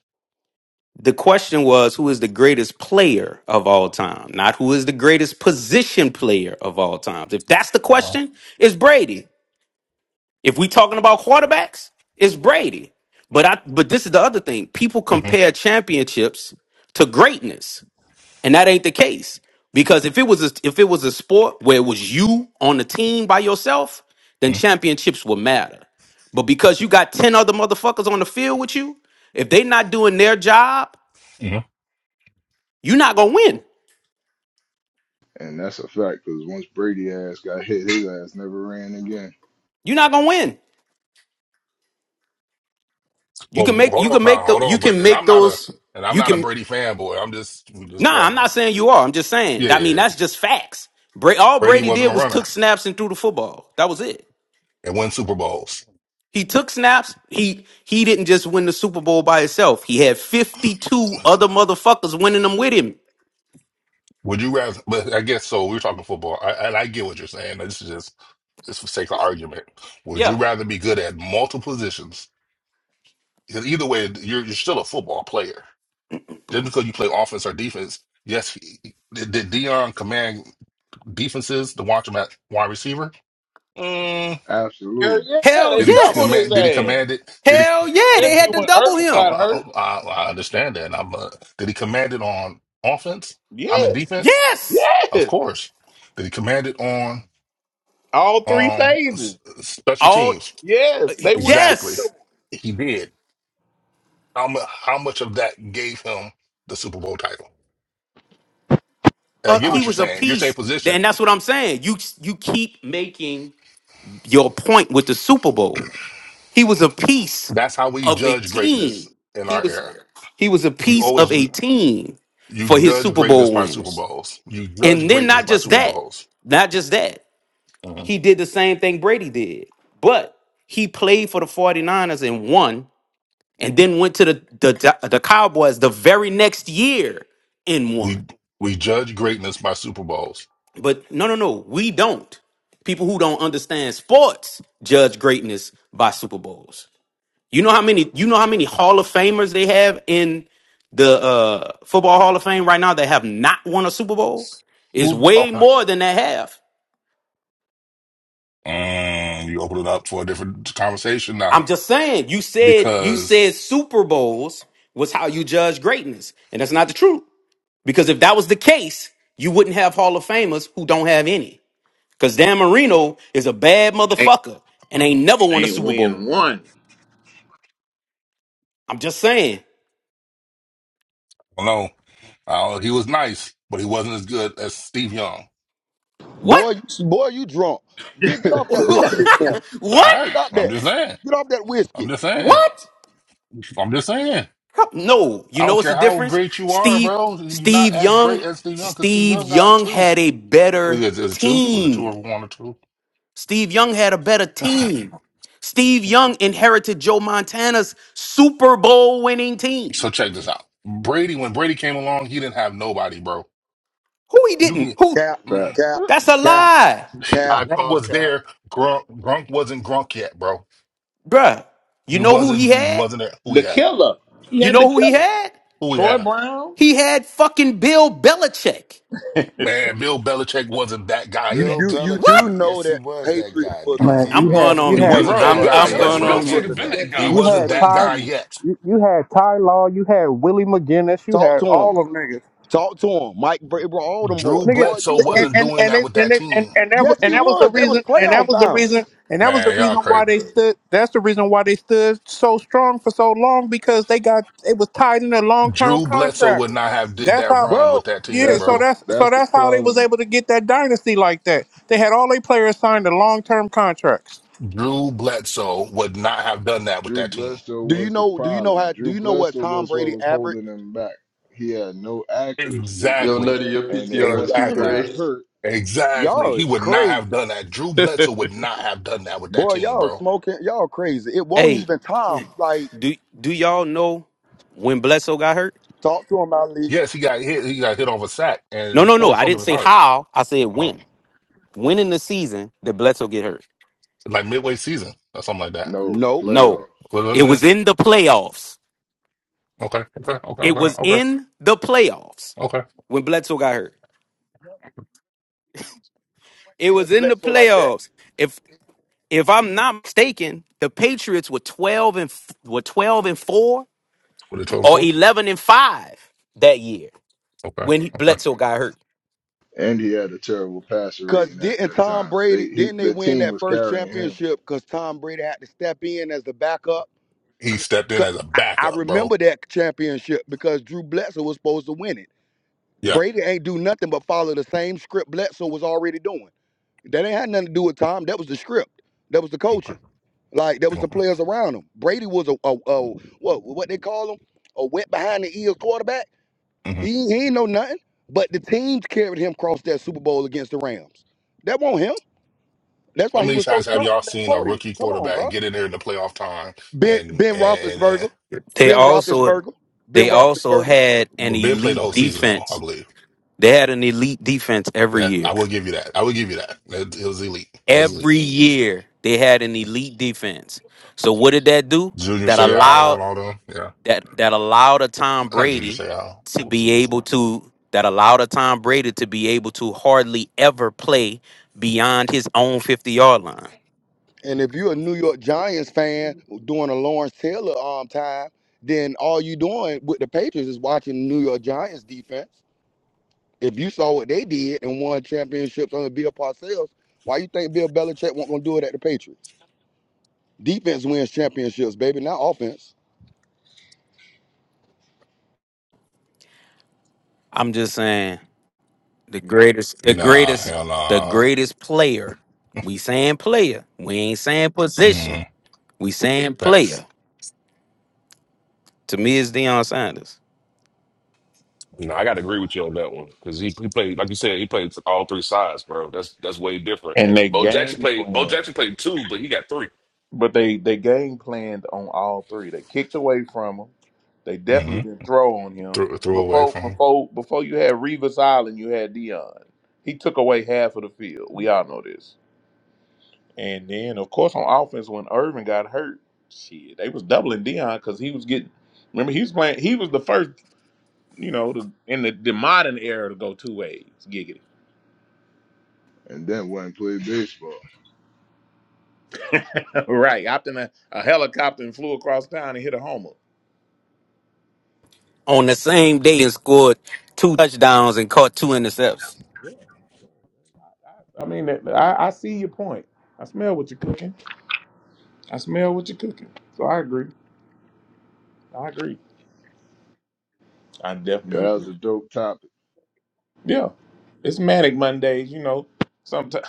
[SPEAKER 10] The question was who is the greatest player of all time, not who is the greatest position player of all time. If that's the
[SPEAKER 15] Uh,
[SPEAKER 10] question, it's Brady. If we talking about quarterbacks, it's Brady. But I but this is the other thing. People
[SPEAKER 15] mhm,
[SPEAKER 10] compare championships to greatness, and that ain't the case. Because if it was a, if it was a sport where it was you on the team by yourself, then
[SPEAKER 15] mhm,
[SPEAKER 10] championships would matter. But because you got 10 other motherfuckers on the field with you, if they not doing their job,
[SPEAKER 15] mhm.
[SPEAKER 10] you're not going to win.
[SPEAKER 6] and that's a fact. Because once Brady ass got hit, his ass never ran again.
[SPEAKER 10] You're not going to win. You
[SPEAKER 15] Well,
[SPEAKER 10] can make
[SPEAKER 15] hold
[SPEAKER 10] you
[SPEAKER 15] on
[SPEAKER 10] can
[SPEAKER 15] now,
[SPEAKER 10] make the,
[SPEAKER 15] hold
[SPEAKER 10] you
[SPEAKER 15] on. Brady.
[SPEAKER 10] can
[SPEAKER 15] And I'm
[SPEAKER 10] make
[SPEAKER 15] not a
[SPEAKER 10] those
[SPEAKER 15] and I'm
[SPEAKER 10] you
[SPEAKER 15] not a
[SPEAKER 10] can
[SPEAKER 15] Brady fanboy. I'm just we just
[SPEAKER 10] Nah, I'm
[SPEAKER 15] talking.
[SPEAKER 10] not saying you are. I'm just saying. I mean,
[SPEAKER 15] Yeah,
[SPEAKER 10] that's just facts. Bra- all
[SPEAKER 15] Brady
[SPEAKER 10] Brady did
[SPEAKER 15] wasn't a
[SPEAKER 10] was took
[SPEAKER 15] runner
[SPEAKER 10] snaps and threw the football. That was it.
[SPEAKER 15] and won Super Bowls.
[SPEAKER 10] He took snaps. He he didn't just win the Super Bowl by himself. He had 52 other motherfuckers winning them with him.
[SPEAKER 15] Would you rather? But I guess so. We're talking football, I, and I get what you're saying. This is just it's for sake of argument. Would you
[SPEAKER 10] Yeah.
[SPEAKER 15] rather be good at multiple positions? 'Cause Either way, you're you're still a football player. Just because you play offense or defense, yes. he- Did, did Dion command defenses to watch him at wide receiver? Mm.
[SPEAKER 2] hell
[SPEAKER 6] Absolutely.
[SPEAKER 2] yeah,
[SPEAKER 10] Hell
[SPEAKER 2] they
[SPEAKER 15] Did he
[SPEAKER 2] doubled
[SPEAKER 10] yes.
[SPEAKER 2] his
[SPEAKER 15] command? Did he
[SPEAKER 2] ass,
[SPEAKER 15] command it? Did
[SPEAKER 10] Hell yeah. They
[SPEAKER 2] especially
[SPEAKER 10] had to
[SPEAKER 15] he?
[SPEAKER 2] when
[SPEAKER 10] double
[SPEAKER 2] Irvin
[SPEAKER 15] I,
[SPEAKER 10] him.
[SPEAKER 2] got
[SPEAKER 15] I,
[SPEAKER 2] hurt.
[SPEAKER 15] I I understand that. and I'm. Uh, did he command it on offense? I mean
[SPEAKER 2] Yes,
[SPEAKER 15] defense,
[SPEAKER 10] Yes.
[SPEAKER 15] of
[SPEAKER 2] yes,
[SPEAKER 15] course. Did he command it on?
[SPEAKER 2] all three
[SPEAKER 15] Um,
[SPEAKER 2] phases.
[SPEAKER 15] s- special
[SPEAKER 10] All
[SPEAKER 15] teams.
[SPEAKER 2] Yes, they would kick to
[SPEAKER 15] Exactly.
[SPEAKER 2] him.
[SPEAKER 10] yes.
[SPEAKER 15] He did. How, mu- how much of that gave him the Super Bowl title? And I
[SPEAKER 10] Uh,
[SPEAKER 15] get
[SPEAKER 10] he
[SPEAKER 2] I
[SPEAKER 15] what you're
[SPEAKER 10] was a
[SPEAKER 15] saying. You're saying
[SPEAKER 10] piece.
[SPEAKER 15] position.
[SPEAKER 10] And that's what I'm saying. You you keep making your point with the Super Bowl. He was a piece
[SPEAKER 15] That's how we
[SPEAKER 10] of a
[SPEAKER 15] judge greatness
[SPEAKER 10] team.
[SPEAKER 15] in
[SPEAKER 10] He
[SPEAKER 15] our
[SPEAKER 10] was
[SPEAKER 15] era.
[SPEAKER 10] he was a
[SPEAKER 15] We
[SPEAKER 10] piece of
[SPEAKER 15] always
[SPEAKER 10] a
[SPEAKER 15] you,
[SPEAKER 10] team
[SPEAKER 15] you
[SPEAKER 10] for his
[SPEAKER 15] judge
[SPEAKER 10] Super
[SPEAKER 15] greatness
[SPEAKER 10] Bowl
[SPEAKER 15] by Super
[SPEAKER 10] wins.
[SPEAKER 15] Bowls. You judge
[SPEAKER 10] And then
[SPEAKER 15] greatness
[SPEAKER 10] not
[SPEAKER 15] by
[SPEAKER 10] just
[SPEAKER 15] Super
[SPEAKER 10] that,
[SPEAKER 15] Bowls.
[SPEAKER 10] not just that.
[SPEAKER 15] Mhm.
[SPEAKER 10] He did the same thing Brady did. But he played for the 49ers and won and then went to the the, the Cowboys the very next year and won.
[SPEAKER 15] We we judge greatness by Super Bowls.
[SPEAKER 10] But no, no, no, we don't. People who don't understand sports judge greatness by Super Bowls. You know how many you know how many Hall of Famers they have in the uh football Hall of Fame right now that have not won a Super Bowl? It's
[SPEAKER 15] Who?
[SPEAKER 10] way
[SPEAKER 15] Okay.
[SPEAKER 10] more than they have.
[SPEAKER 15] Mm, you open it up for a different conversation
[SPEAKER 10] I'm
[SPEAKER 15] now
[SPEAKER 10] just saying, you said you
[SPEAKER 15] because
[SPEAKER 10] said Super Bowls was how you judge greatness, and that's not the truth. Because if that was the case, you wouldn't have Hall of Famers who don't have any. Because Dan Marino is a bad
[SPEAKER 2] ain't,
[SPEAKER 10] motherfucker and ain't never won a
[SPEAKER 2] ain't
[SPEAKER 10] Super
[SPEAKER 2] win
[SPEAKER 10] Bowl.
[SPEAKER 2] one.
[SPEAKER 10] I'm just saying.
[SPEAKER 15] I don't know. Uh, he was nice, but he wasn't as good as Steve Young.
[SPEAKER 10] What?
[SPEAKER 16] Boy, you- boy, you drunk. Get get off that whiskey this morning.
[SPEAKER 15] All
[SPEAKER 10] what?
[SPEAKER 15] right.
[SPEAKER 16] Stop
[SPEAKER 15] I'm
[SPEAKER 16] that.
[SPEAKER 15] just saying.
[SPEAKER 16] Get off that
[SPEAKER 15] I'm
[SPEAKER 16] whiskey.
[SPEAKER 15] just saying.
[SPEAKER 10] What?
[SPEAKER 15] I'm just saying.
[SPEAKER 10] No, you
[SPEAKER 15] I
[SPEAKER 10] know
[SPEAKER 15] don't
[SPEAKER 10] what's the
[SPEAKER 15] care how
[SPEAKER 10] difference?
[SPEAKER 15] great you are,
[SPEAKER 10] Steve,
[SPEAKER 15] bro. You're not
[SPEAKER 10] Steve
[SPEAKER 15] as
[SPEAKER 10] Young,
[SPEAKER 15] great as Steve Young because Steve
[SPEAKER 10] Steve
[SPEAKER 15] Young got
[SPEAKER 10] Young
[SPEAKER 15] two.
[SPEAKER 10] had a
[SPEAKER 15] Is
[SPEAKER 10] better
[SPEAKER 15] it, is it two? Was it two
[SPEAKER 10] team.
[SPEAKER 15] or one or two?
[SPEAKER 10] Steve Young had a better team. Steve Young inherited Joe Montana's Super Bowl winning
[SPEAKER 15] so
[SPEAKER 10] team.
[SPEAKER 15] check this out. Brady, when Brady came along, he didn't have nobody, bro.
[SPEAKER 10] Who he
[SPEAKER 15] You
[SPEAKER 10] didn't?
[SPEAKER 15] can.
[SPEAKER 10] Who?
[SPEAKER 16] Cap,
[SPEAKER 6] fact.
[SPEAKER 15] mm,
[SPEAKER 16] cap,
[SPEAKER 10] That's a
[SPEAKER 16] cap,
[SPEAKER 10] lie,
[SPEAKER 11] I
[SPEAKER 16] cap.
[SPEAKER 15] Grunk
[SPEAKER 11] call
[SPEAKER 15] was
[SPEAKER 11] Cap.
[SPEAKER 15] there. Grunk, Grunk wasn't Grunk yet, bro.
[SPEAKER 10] bruh. You
[SPEAKER 15] He
[SPEAKER 10] know who he
[SPEAKER 15] wasn't. He
[SPEAKER 10] had?
[SPEAKER 15] wasn't there. Who we
[SPEAKER 2] The
[SPEAKER 15] have?
[SPEAKER 2] killer. He
[SPEAKER 10] You
[SPEAKER 2] had the
[SPEAKER 10] know who he
[SPEAKER 2] killer.
[SPEAKER 10] had?
[SPEAKER 15] Who we
[SPEAKER 2] Troy
[SPEAKER 15] have?
[SPEAKER 2] Brown.
[SPEAKER 10] He had fucking Bill Belichick.
[SPEAKER 15] Man, Bill Belichick wasn't that guy
[SPEAKER 16] You
[SPEAKER 11] Bill
[SPEAKER 16] do
[SPEAKER 15] yet.
[SPEAKER 16] you
[SPEAKER 10] What?
[SPEAKER 16] do
[SPEAKER 11] Belichick.
[SPEAKER 16] know
[SPEAKER 11] Yes, he
[SPEAKER 16] that the
[SPEAKER 11] was that
[SPEAKER 16] Patriots
[SPEAKER 11] guy
[SPEAKER 16] was
[SPEAKER 15] Huh.
[SPEAKER 11] because
[SPEAKER 17] Man,
[SPEAKER 11] he
[SPEAKER 17] you
[SPEAKER 10] I'm
[SPEAKER 17] had
[SPEAKER 11] he's
[SPEAKER 10] going
[SPEAKER 11] the
[SPEAKER 10] on
[SPEAKER 17] you
[SPEAKER 15] He
[SPEAKER 11] one
[SPEAKER 16] you
[SPEAKER 11] that
[SPEAKER 10] mute.
[SPEAKER 17] had
[SPEAKER 16] do
[SPEAKER 15] wasn't
[SPEAKER 11] coached
[SPEAKER 16] know
[SPEAKER 9] Bro,
[SPEAKER 15] that
[SPEAKER 10] I'm
[SPEAKER 16] that
[SPEAKER 9] Bill
[SPEAKER 11] Lawrence
[SPEAKER 16] the
[SPEAKER 15] guy
[SPEAKER 10] I'm
[SPEAKER 11] Taylor.
[SPEAKER 15] yet,
[SPEAKER 9] Belichick,
[SPEAKER 10] going
[SPEAKER 11] What you
[SPEAKER 15] bro.
[SPEAKER 10] on
[SPEAKER 16] Patriots
[SPEAKER 9] Belichick
[SPEAKER 10] mute.
[SPEAKER 16] was
[SPEAKER 9] has
[SPEAKER 11] talking
[SPEAKER 16] a
[SPEAKER 9] been
[SPEAKER 11] about?
[SPEAKER 9] that
[SPEAKER 16] ten
[SPEAKER 15] He
[SPEAKER 9] guy.
[SPEAKER 16] win
[SPEAKER 17] you
[SPEAKER 9] What you
[SPEAKER 15] wasn't
[SPEAKER 17] had
[SPEAKER 16] team.
[SPEAKER 15] that
[SPEAKER 17] Ty,
[SPEAKER 15] guy
[SPEAKER 9] mean?
[SPEAKER 15] yet.
[SPEAKER 17] you, you had Ty Law, you had Willie McGinnis, you
[SPEAKER 16] Talk
[SPEAKER 17] had
[SPEAKER 16] to him.
[SPEAKER 17] all of niggas,
[SPEAKER 16] Talk to him. Mike Brady, bro, all them
[SPEAKER 15] Drew
[SPEAKER 16] boys.
[SPEAKER 17] nigga,
[SPEAKER 16] Boy, you
[SPEAKER 15] Bledsoe
[SPEAKER 17] and
[SPEAKER 15] wasn't
[SPEAKER 16] crazy.
[SPEAKER 17] and
[SPEAKER 15] doing
[SPEAKER 17] and
[SPEAKER 15] that
[SPEAKER 17] they,
[SPEAKER 15] with
[SPEAKER 17] and,
[SPEAKER 15] that
[SPEAKER 17] they, and
[SPEAKER 15] team.
[SPEAKER 17] and that was
[SPEAKER 16] Yes,
[SPEAKER 17] and
[SPEAKER 16] he
[SPEAKER 17] that was the
[SPEAKER 16] was. That was
[SPEAKER 17] reason, and that
[SPEAKER 16] playoff
[SPEAKER 17] was the
[SPEAKER 16] bound,
[SPEAKER 17] reason, and that was the
[SPEAKER 15] Man, y'all
[SPEAKER 17] reason why
[SPEAKER 15] crazy.
[SPEAKER 17] they stood. That's the reason why they stood so strong for so long because they got it was tied in a long term
[SPEAKER 15] Drew Bledsoe
[SPEAKER 17] contract.
[SPEAKER 15] would not have did
[SPEAKER 17] That's
[SPEAKER 15] that
[SPEAKER 17] how.
[SPEAKER 15] run
[SPEAKER 16] bro.
[SPEAKER 15] with that team,
[SPEAKER 17] Yeah,
[SPEAKER 6] That's
[SPEAKER 17] so
[SPEAKER 6] the
[SPEAKER 15] bro.
[SPEAKER 17] that's so
[SPEAKER 6] that's the
[SPEAKER 17] that's how they was
[SPEAKER 6] problem
[SPEAKER 17] able to get that dynasty like that. They had all their players signed to long term contracts.
[SPEAKER 15] Drew Bledsoe would not have done that with
[SPEAKER 6] Drew
[SPEAKER 15] that team.
[SPEAKER 6] Bledsoe
[SPEAKER 16] Do you
[SPEAKER 6] was the
[SPEAKER 16] know? Do you know
[SPEAKER 6] problem.
[SPEAKER 16] how? Do
[SPEAKER 6] Drew
[SPEAKER 16] you know what
[SPEAKER 6] Bledsoe
[SPEAKER 16] Tom
[SPEAKER 6] was what
[SPEAKER 16] Brady
[SPEAKER 6] was
[SPEAKER 16] averaged?
[SPEAKER 6] holding him back. He had no accuracy.
[SPEAKER 14] Yo,
[SPEAKER 15] Exactly.
[SPEAKER 14] Nutty, your
[SPEAKER 6] And then
[SPEAKER 14] PTR is
[SPEAKER 6] once he
[SPEAKER 15] Exactly.
[SPEAKER 6] got
[SPEAKER 14] crazy.
[SPEAKER 6] hurt,
[SPEAKER 15] Exactly.
[SPEAKER 16] Y'all
[SPEAKER 15] He
[SPEAKER 16] is
[SPEAKER 15] would not have
[SPEAKER 16] crazy,
[SPEAKER 15] done that. Drew Bledsoe would not have done that with that
[SPEAKER 16] boy.
[SPEAKER 15] team,
[SPEAKER 16] Y'all
[SPEAKER 15] bro.
[SPEAKER 16] smoking. Y'all crazy. It won't
[SPEAKER 10] Hey.
[SPEAKER 16] even Tom like.
[SPEAKER 10] Do do y'all know when Bledsoe got hurt?
[SPEAKER 16] Talk to him, Ali.
[SPEAKER 15] Yes, he got hit. He got hit off a sack and
[SPEAKER 10] No,
[SPEAKER 15] it
[SPEAKER 10] no, no.
[SPEAKER 15] tore
[SPEAKER 10] I
[SPEAKER 15] something in
[SPEAKER 10] didn't
[SPEAKER 15] his
[SPEAKER 10] say
[SPEAKER 15] heart.
[SPEAKER 10] how. I said
[SPEAKER 15] Uh-huh.
[SPEAKER 10] when. When in the season did Bledsoe get hurt?
[SPEAKER 15] Like midway season or something like that.
[SPEAKER 6] no
[SPEAKER 16] Nope.
[SPEAKER 10] No.
[SPEAKER 6] playoff.
[SPEAKER 10] It
[SPEAKER 15] Wasn't
[SPEAKER 10] was
[SPEAKER 15] it?
[SPEAKER 10] in the playoffs.
[SPEAKER 15] Okay. Okay. Okay.
[SPEAKER 10] It
[SPEAKER 15] Okay.
[SPEAKER 10] was
[SPEAKER 15] Okay.
[SPEAKER 10] in the playoffs
[SPEAKER 15] Okay.
[SPEAKER 10] when Bledsoe got hurt. It was in the
[SPEAKER 16] Bledsoe like that.
[SPEAKER 10] playoffs. If if I'm not mistaken, the Patriots were 12 and f- were 12 and 4
[SPEAKER 15] What they told him
[SPEAKER 10] or
[SPEAKER 15] for?
[SPEAKER 10] 11 and 5 that year
[SPEAKER 15] Okay.
[SPEAKER 10] when
[SPEAKER 15] Okay.
[SPEAKER 10] Bledsoe got hurt.
[SPEAKER 6] And he had a terrible passer
[SPEAKER 16] Cause
[SPEAKER 6] rating at
[SPEAKER 16] didn't
[SPEAKER 6] that
[SPEAKER 16] Tom
[SPEAKER 6] time.
[SPEAKER 16] Brady
[SPEAKER 6] They he
[SPEAKER 16] didn't they
[SPEAKER 6] the
[SPEAKER 16] win
[SPEAKER 6] team
[SPEAKER 16] that
[SPEAKER 6] was
[SPEAKER 16] first
[SPEAKER 6] carrying him
[SPEAKER 16] championship? Cause Tom Brady had to step in as the backup.
[SPEAKER 15] He stepped in
[SPEAKER 16] 'Cause
[SPEAKER 15] as a
[SPEAKER 16] I, I
[SPEAKER 15] backup, bro.
[SPEAKER 16] remember that championship because Drew Bledsoe was supposed to win it.
[SPEAKER 15] Yeah.
[SPEAKER 16] Brady ain't do nothing but follow the same script Bledsoe was already doing. That ain't had nothing to do with Tom. That was the script. That was the
[SPEAKER 15] Okay.
[SPEAKER 16] coaching. Like that was the
[SPEAKER 15] Okay.
[SPEAKER 16] players around him. Brady was a, a, a what what they call him a wet behind the ears quarterback.
[SPEAKER 15] hmm
[SPEAKER 16] He, he ain't know nothing. But the teams carried him across that Super Bowl against the Rams. That won't him. That's
[SPEAKER 15] How
[SPEAKER 16] why he
[SPEAKER 15] many
[SPEAKER 16] was so
[SPEAKER 15] times have
[SPEAKER 16] shocked
[SPEAKER 15] y'all
[SPEAKER 16] on that
[SPEAKER 15] seen a
[SPEAKER 16] podium.
[SPEAKER 15] rookie
[SPEAKER 16] Come on,
[SPEAKER 15] quarterback
[SPEAKER 16] bro.
[SPEAKER 15] get in there in the playoff time
[SPEAKER 16] Ben
[SPEAKER 15] and
[SPEAKER 16] Ben
[SPEAKER 15] and,
[SPEAKER 16] Roethlisberger,
[SPEAKER 15] and,
[SPEAKER 10] They
[SPEAKER 16] Ben
[SPEAKER 10] also
[SPEAKER 16] Roethlisberger, Ben
[SPEAKER 10] they also
[SPEAKER 16] Roethlisberger.
[SPEAKER 10] had an
[SPEAKER 15] but Ben played the
[SPEAKER 10] elite
[SPEAKER 15] whole season though,
[SPEAKER 10] defense
[SPEAKER 15] I believe.
[SPEAKER 10] They had an elite defense every
[SPEAKER 15] Yeah, I
[SPEAKER 10] year.
[SPEAKER 15] will give you that. I will give you that. It, it was elite. It was elite.
[SPEAKER 10] Every year they had an elite defense. So what did that do?
[SPEAKER 15] Junior
[SPEAKER 10] That
[SPEAKER 15] Seau
[SPEAKER 10] allowed
[SPEAKER 15] and all them. Yeah.
[SPEAKER 10] that that allowed a Tom
[SPEAKER 15] Not Junior
[SPEAKER 10] Brady
[SPEAKER 15] Seau.
[SPEAKER 10] to
[SPEAKER 15] What was the
[SPEAKER 10] be
[SPEAKER 15] other
[SPEAKER 10] able
[SPEAKER 15] one?
[SPEAKER 10] to that allowed a Tom Brady to be able to hardly ever play beyond his own 50 yard line.
[SPEAKER 16] And if you're a New York Giants fan doing a Lawrence Taylor um time, then all you doing with the Patriots is watching the New York Giants defense. If you saw what they did and won championships under Bill Parcells, why you think Bill Belichick won't gonna do it at the Patriots? Defense wins championships, baby, not offense.
[SPEAKER 10] I'm just saying the greatest the
[SPEAKER 15] Nah,
[SPEAKER 10] greatest
[SPEAKER 15] hell
[SPEAKER 10] the
[SPEAKER 15] nah.
[SPEAKER 10] greatest player. We saying player. We ain't saying position.
[SPEAKER 15] Mm,
[SPEAKER 10] We saying
[SPEAKER 15] facts.
[SPEAKER 10] player. To me it's Deion Sanders.
[SPEAKER 9] No, I got to agree with you on that one because he, he played, like you said, he played all three sides, bro. That's that's way different.
[SPEAKER 2] And they
[SPEAKER 9] Bo Jackson
[SPEAKER 2] game
[SPEAKER 9] played. Bo
[SPEAKER 2] planned,
[SPEAKER 9] Jackson played two, but he got three.
[SPEAKER 2] but they they game planned on all three. They kicked away from him. They
[SPEAKER 15] Mm-hmm.
[SPEAKER 2] definitely didn't throw on him
[SPEAKER 15] Threw, threw away
[SPEAKER 2] before
[SPEAKER 15] from him.
[SPEAKER 2] before before you had Revis Island. You had Dion. He took away half of the field. We all know this. And then of course on offense when Irvin got hurt, shit, they was doubling Dion because he was getting. Remember he was playing. He was the first. You know, the, in the, the modern era to go two ways, giggity.
[SPEAKER 6] and then went and played baseball.
[SPEAKER 2] right, hopped in a, a helicopter and flew across town and hit a homer.
[SPEAKER 10] on the same day and scored two touchdowns and caught two intercepts.
[SPEAKER 2] Yeah. I mean, I, I see your point. I smell what you're cooking. I smell what you're cooking. So I agree. I agree. I
[SPEAKER 6] Yeah,
[SPEAKER 2] definitely
[SPEAKER 6] that was
[SPEAKER 2] agree.
[SPEAKER 6] a dope topic.
[SPEAKER 2] Yeah. It's Manic Mondays, you know. Sometimes.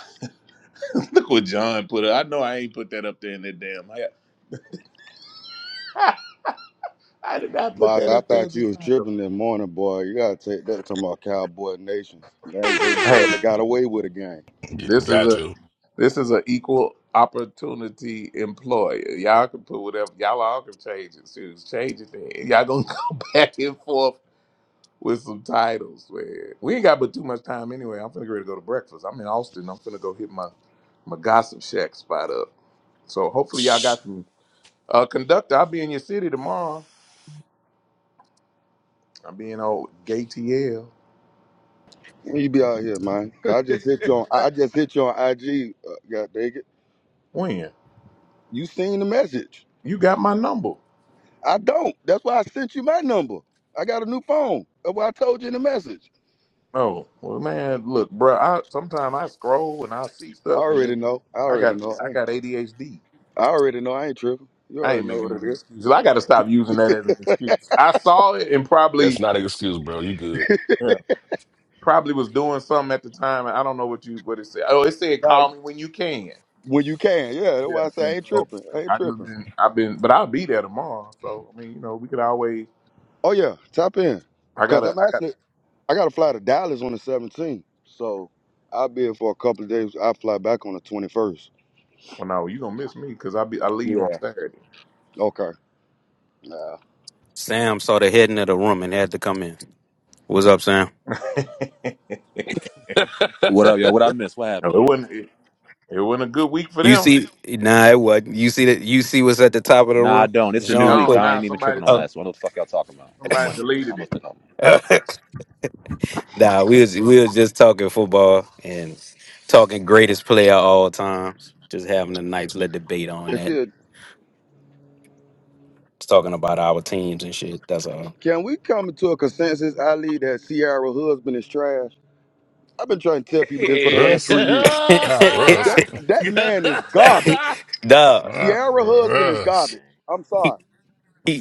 [SPEAKER 2] Look what John put up. I know I ain't put that up there in that damn. I, I did not put
[SPEAKER 16] Boss,
[SPEAKER 2] that
[SPEAKER 16] I
[SPEAKER 2] up there
[SPEAKER 16] thought
[SPEAKER 2] as a
[SPEAKER 16] you was
[SPEAKER 2] title.
[SPEAKER 16] tripping that morning, boy. You gotta take that talking about Cowboy Nation. They, they
[SPEAKER 2] Hey,
[SPEAKER 16] barely got away with a game.
[SPEAKER 2] this is
[SPEAKER 15] Got
[SPEAKER 2] a
[SPEAKER 15] to.
[SPEAKER 2] this is an equal opportunity employer. Y'all can put whatever y'all all can change it. Choose change it. Then. Y'all gonna go back and forth with some titles, man. We ain't got but too much time anyway. I'm finna get ready to go to breakfast. I'm in Austin. I'm finna go hit my my gossip shack spot up. So hopefully y'all
[SPEAKER 9] Shh,
[SPEAKER 2] got some uh conductor. I'll be in your city tomorrow. I'll be in old GTL.
[SPEAKER 16] When You be out here, man. 'Cause I just hit you on. I just hit you on IG. Uh, God dang it!
[SPEAKER 2] When?
[SPEAKER 16] You seen the message?
[SPEAKER 2] You got my number.
[SPEAKER 16] I don't. That's why I sent you my number. I got a new phone. That's why I told you in the message.
[SPEAKER 2] Oh, well man, look, bro, I sometimes I scroll and I see
[SPEAKER 16] I
[SPEAKER 2] stuff and
[SPEAKER 16] already
[SPEAKER 2] then
[SPEAKER 16] know. I
[SPEAKER 2] I
[SPEAKER 16] already
[SPEAKER 2] got
[SPEAKER 16] know. I,
[SPEAKER 2] I got
[SPEAKER 16] ain't,
[SPEAKER 2] ADHD.
[SPEAKER 16] I already know. I ain't tripping. You
[SPEAKER 2] I ain't
[SPEAKER 16] already know
[SPEAKER 2] making
[SPEAKER 16] what it
[SPEAKER 2] no
[SPEAKER 16] is.
[SPEAKER 2] excuses. I gotta stop using that as an excuse. I saw it and
[SPEAKER 9] That's
[SPEAKER 2] probably
[SPEAKER 9] not an excuse, bro. You good?
[SPEAKER 2] yeah, probably was doing something at the time. and I don't know what you what it said. Oh, it said
[SPEAKER 16] Now,
[SPEAKER 2] call me when you can.
[SPEAKER 16] when you can, yeah. That's why I
[SPEAKER 2] Yeah,
[SPEAKER 16] say I
[SPEAKER 2] and
[SPEAKER 16] ain't
[SPEAKER 2] so
[SPEAKER 16] tripping. I ain't
[SPEAKER 2] I just
[SPEAKER 16] tripping.
[SPEAKER 2] been I've been, but I'll be there tomorrow. So I mean, you know, we could always.
[SPEAKER 16] Oh yeah, tap in.
[SPEAKER 2] I
[SPEAKER 16] Cause
[SPEAKER 2] gotta.
[SPEAKER 16] I'm
[SPEAKER 2] I got.
[SPEAKER 16] actually I got to fly to Dallas on the 17th, so I'll be here for a couple of days. I fly back on the 21st.
[SPEAKER 2] Well, no, you gonna miss me because I be I leave
[SPEAKER 16] Yeah.
[SPEAKER 2] on Saturday.
[SPEAKER 16] Okay. Nah.
[SPEAKER 10] Sam saw the heading of the room and had to come in. What's up, Sam?
[SPEAKER 2] it
[SPEAKER 7] buddy.
[SPEAKER 18] What up, y'all? What I miss? What happened?
[SPEAKER 2] wasn't. It, it wasn't a good week for
[SPEAKER 10] You
[SPEAKER 2] them.
[SPEAKER 10] see? Nah, it wasn't. You see that? You see what's at the top of the
[SPEAKER 18] Nah, I
[SPEAKER 10] room?
[SPEAKER 18] don't. It's a
[SPEAKER 2] It's
[SPEAKER 18] new
[SPEAKER 10] Jean
[SPEAKER 18] week.
[SPEAKER 2] gone
[SPEAKER 10] put.
[SPEAKER 18] I
[SPEAKER 2] now.
[SPEAKER 18] ain't even
[SPEAKER 2] Somebody
[SPEAKER 18] tripping on
[SPEAKER 10] up.
[SPEAKER 18] last one. What the fuck y'all talking about? It's
[SPEAKER 2] somebody
[SPEAKER 18] Monday. I don't
[SPEAKER 2] deleted
[SPEAKER 18] know what
[SPEAKER 2] it.
[SPEAKER 18] they're talking about.
[SPEAKER 10] nah, we was we was just talking football and talking greatest player of all time. Just having a nice little debate on
[SPEAKER 16] It's
[SPEAKER 10] that.
[SPEAKER 16] here.
[SPEAKER 10] Just talking about our teams and shit. That's all.
[SPEAKER 16] Can we come to a consensus, Ali, that Sierra husband is trash? I've been trying to tell people this for the
[SPEAKER 9] hey,
[SPEAKER 16] last
[SPEAKER 15] Russ?
[SPEAKER 16] three years.
[SPEAKER 15] Not Russ.
[SPEAKER 16] That that man is garbage.
[SPEAKER 10] Nah.
[SPEAKER 15] Not
[SPEAKER 16] Sierra husband is
[SPEAKER 7] Oh,
[SPEAKER 15] Russ.
[SPEAKER 7] okay.
[SPEAKER 16] garbage. I'm sorry.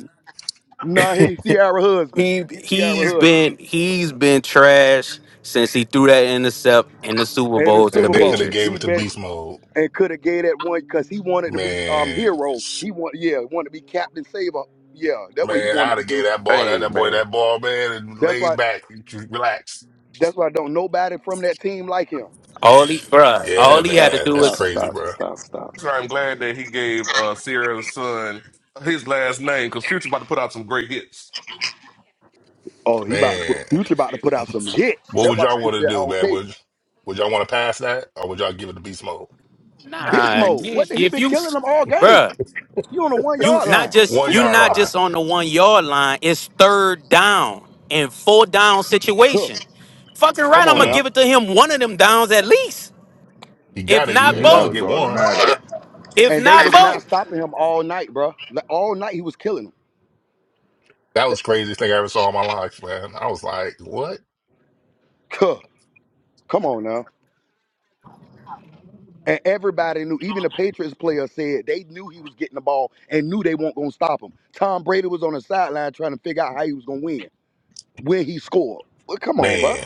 [SPEAKER 16] Nah, he Sierra husband.
[SPEAKER 10] He
[SPEAKER 16] He Sierra
[SPEAKER 10] he's
[SPEAKER 16] husband.
[SPEAKER 10] been he's been trash since he threw that intercept in the Super
[SPEAKER 16] And the
[SPEAKER 10] Bowl to the
[SPEAKER 15] And
[SPEAKER 16] Super
[SPEAKER 15] they could
[SPEAKER 16] Bowl.
[SPEAKER 15] have
[SPEAKER 10] Patriots.
[SPEAKER 15] gave
[SPEAKER 16] He
[SPEAKER 15] it to
[SPEAKER 16] bet.
[SPEAKER 15] beast mode.
[SPEAKER 16] and could have gave that one because he wanted to be um
[SPEAKER 15] Man,
[SPEAKER 16] hero.
[SPEAKER 15] sh-
[SPEAKER 16] He want yeah, he wanted to be Captain Saber. Yeah, that's what he
[SPEAKER 15] man,
[SPEAKER 16] wanted
[SPEAKER 15] I'd
[SPEAKER 16] to
[SPEAKER 15] have gave
[SPEAKER 16] do.
[SPEAKER 15] that boy that,
[SPEAKER 9] hey,
[SPEAKER 15] that boy
[SPEAKER 9] man.
[SPEAKER 15] that ball, man, and
[SPEAKER 16] That's
[SPEAKER 15] laid
[SPEAKER 16] why
[SPEAKER 15] back, just relax.
[SPEAKER 16] that's why don't nobody from that team like him.
[SPEAKER 10] All he bruh,
[SPEAKER 15] Yeah,
[SPEAKER 4] Okay,
[SPEAKER 10] all he had to
[SPEAKER 4] stop,
[SPEAKER 15] man,
[SPEAKER 10] do
[SPEAKER 15] that's
[SPEAKER 4] stop,
[SPEAKER 10] was
[SPEAKER 15] crazy,
[SPEAKER 4] stop,
[SPEAKER 15] bro.
[SPEAKER 4] stop, stop.
[SPEAKER 9] So I'm glad that he gave uh, Sierra's son his last name because Future about to put out some great hits.
[SPEAKER 16] Oh, he about to put
[SPEAKER 15] Man,
[SPEAKER 16] future
[SPEAKER 9] It'd
[SPEAKER 16] about to
[SPEAKER 9] be
[SPEAKER 16] put out some hits.
[SPEAKER 9] it's
[SPEAKER 15] what
[SPEAKER 16] That's
[SPEAKER 9] like
[SPEAKER 15] would
[SPEAKER 9] a
[SPEAKER 16] why
[SPEAKER 15] y'all
[SPEAKER 16] people
[SPEAKER 15] want to
[SPEAKER 16] say
[SPEAKER 9] treehouse.
[SPEAKER 16] I
[SPEAKER 15] do,
[SPEAKER 16] don't
[SPEAKER 15] man?
[SPEAKER 16] care.
[SPEAKER 15] Would would y'all want to pass that, or would y'all give it to beast mode?
[SPEAKER 16] Beast
[SPEAKER 10] nah.
[SPEAKER 16] mode.
[SPEAKER 10] You,
[SPEAKER 16] What the, he
[SPEAKER 10] if
[SPEAKER 16] been
[SPEAKER 10] you
[SPEAKER 16] killing them all game.
[SPEAKER 10] bruh,
[SPEAKER 16] You on the one
[SPEAKER 10] you
[SPEAKER 16] yard
[SPEAKER 10] not
[SPEAKER 16] line.
[SPEAKER 10] just
[SPEAKER 15] One
[SPEAKER 16] Who
[SPEAKER 10] you
[SPEAKER 16] can
[SPEAKER 15] yard
[SPEAKER 10] not
[SPEAKER 16] stop him?
[SPEAKER 15] line.
[SPEAKER 10] just on the one yard line. It's third down and four down
[SPEAKER 16] Huh,
[SPEAKER 10] situation. Fucking
[SPEAKER 16] Come
[SPEAKER 10] right, I'm
[SPEAKER 16] on
[SPEAKER 10] gonna
[SPEAKER 15] Mm,
[SPEAKER 16] now.
[SPEAKER 10] give it to him one of them downs at least,
[SPEAKER 15] he
[SPEAKER 10] if
[SPEAKER 15] got it. He,
[SPEAKER 10] not
[SPEAKER 6] Yeah,
[SPEAKER 15] you're
[SPEAKER 6] that
[SPEAKER 15] gonna
[SPEAKER 6] was
[SPEAKER 10] both.
[SPEAKER 15] get one.
[SPEAKER 6] automatic.
[SPEAKER 10] If
[SPEAKER 16] And they
[SPEAKER 10] not
[SPEAKER 16] was not
[SPEAKER 10] both,
[SPEAKER 16] stopping him all night, bro. All night he was killing them.
[SPEAKER 15] That was the craziest thing I ever saw in my life, man. I was like, what,
[SPEAKER 16] Huh, Come on now. And everybody knew, even the Patriots player said they knew he was getting the ball and knew they weren't going to stop him. Tom Brady was on the sideline trying to figure out how he was going to win when he scored. Well, come on, bro.
[SPEAKER 15] man?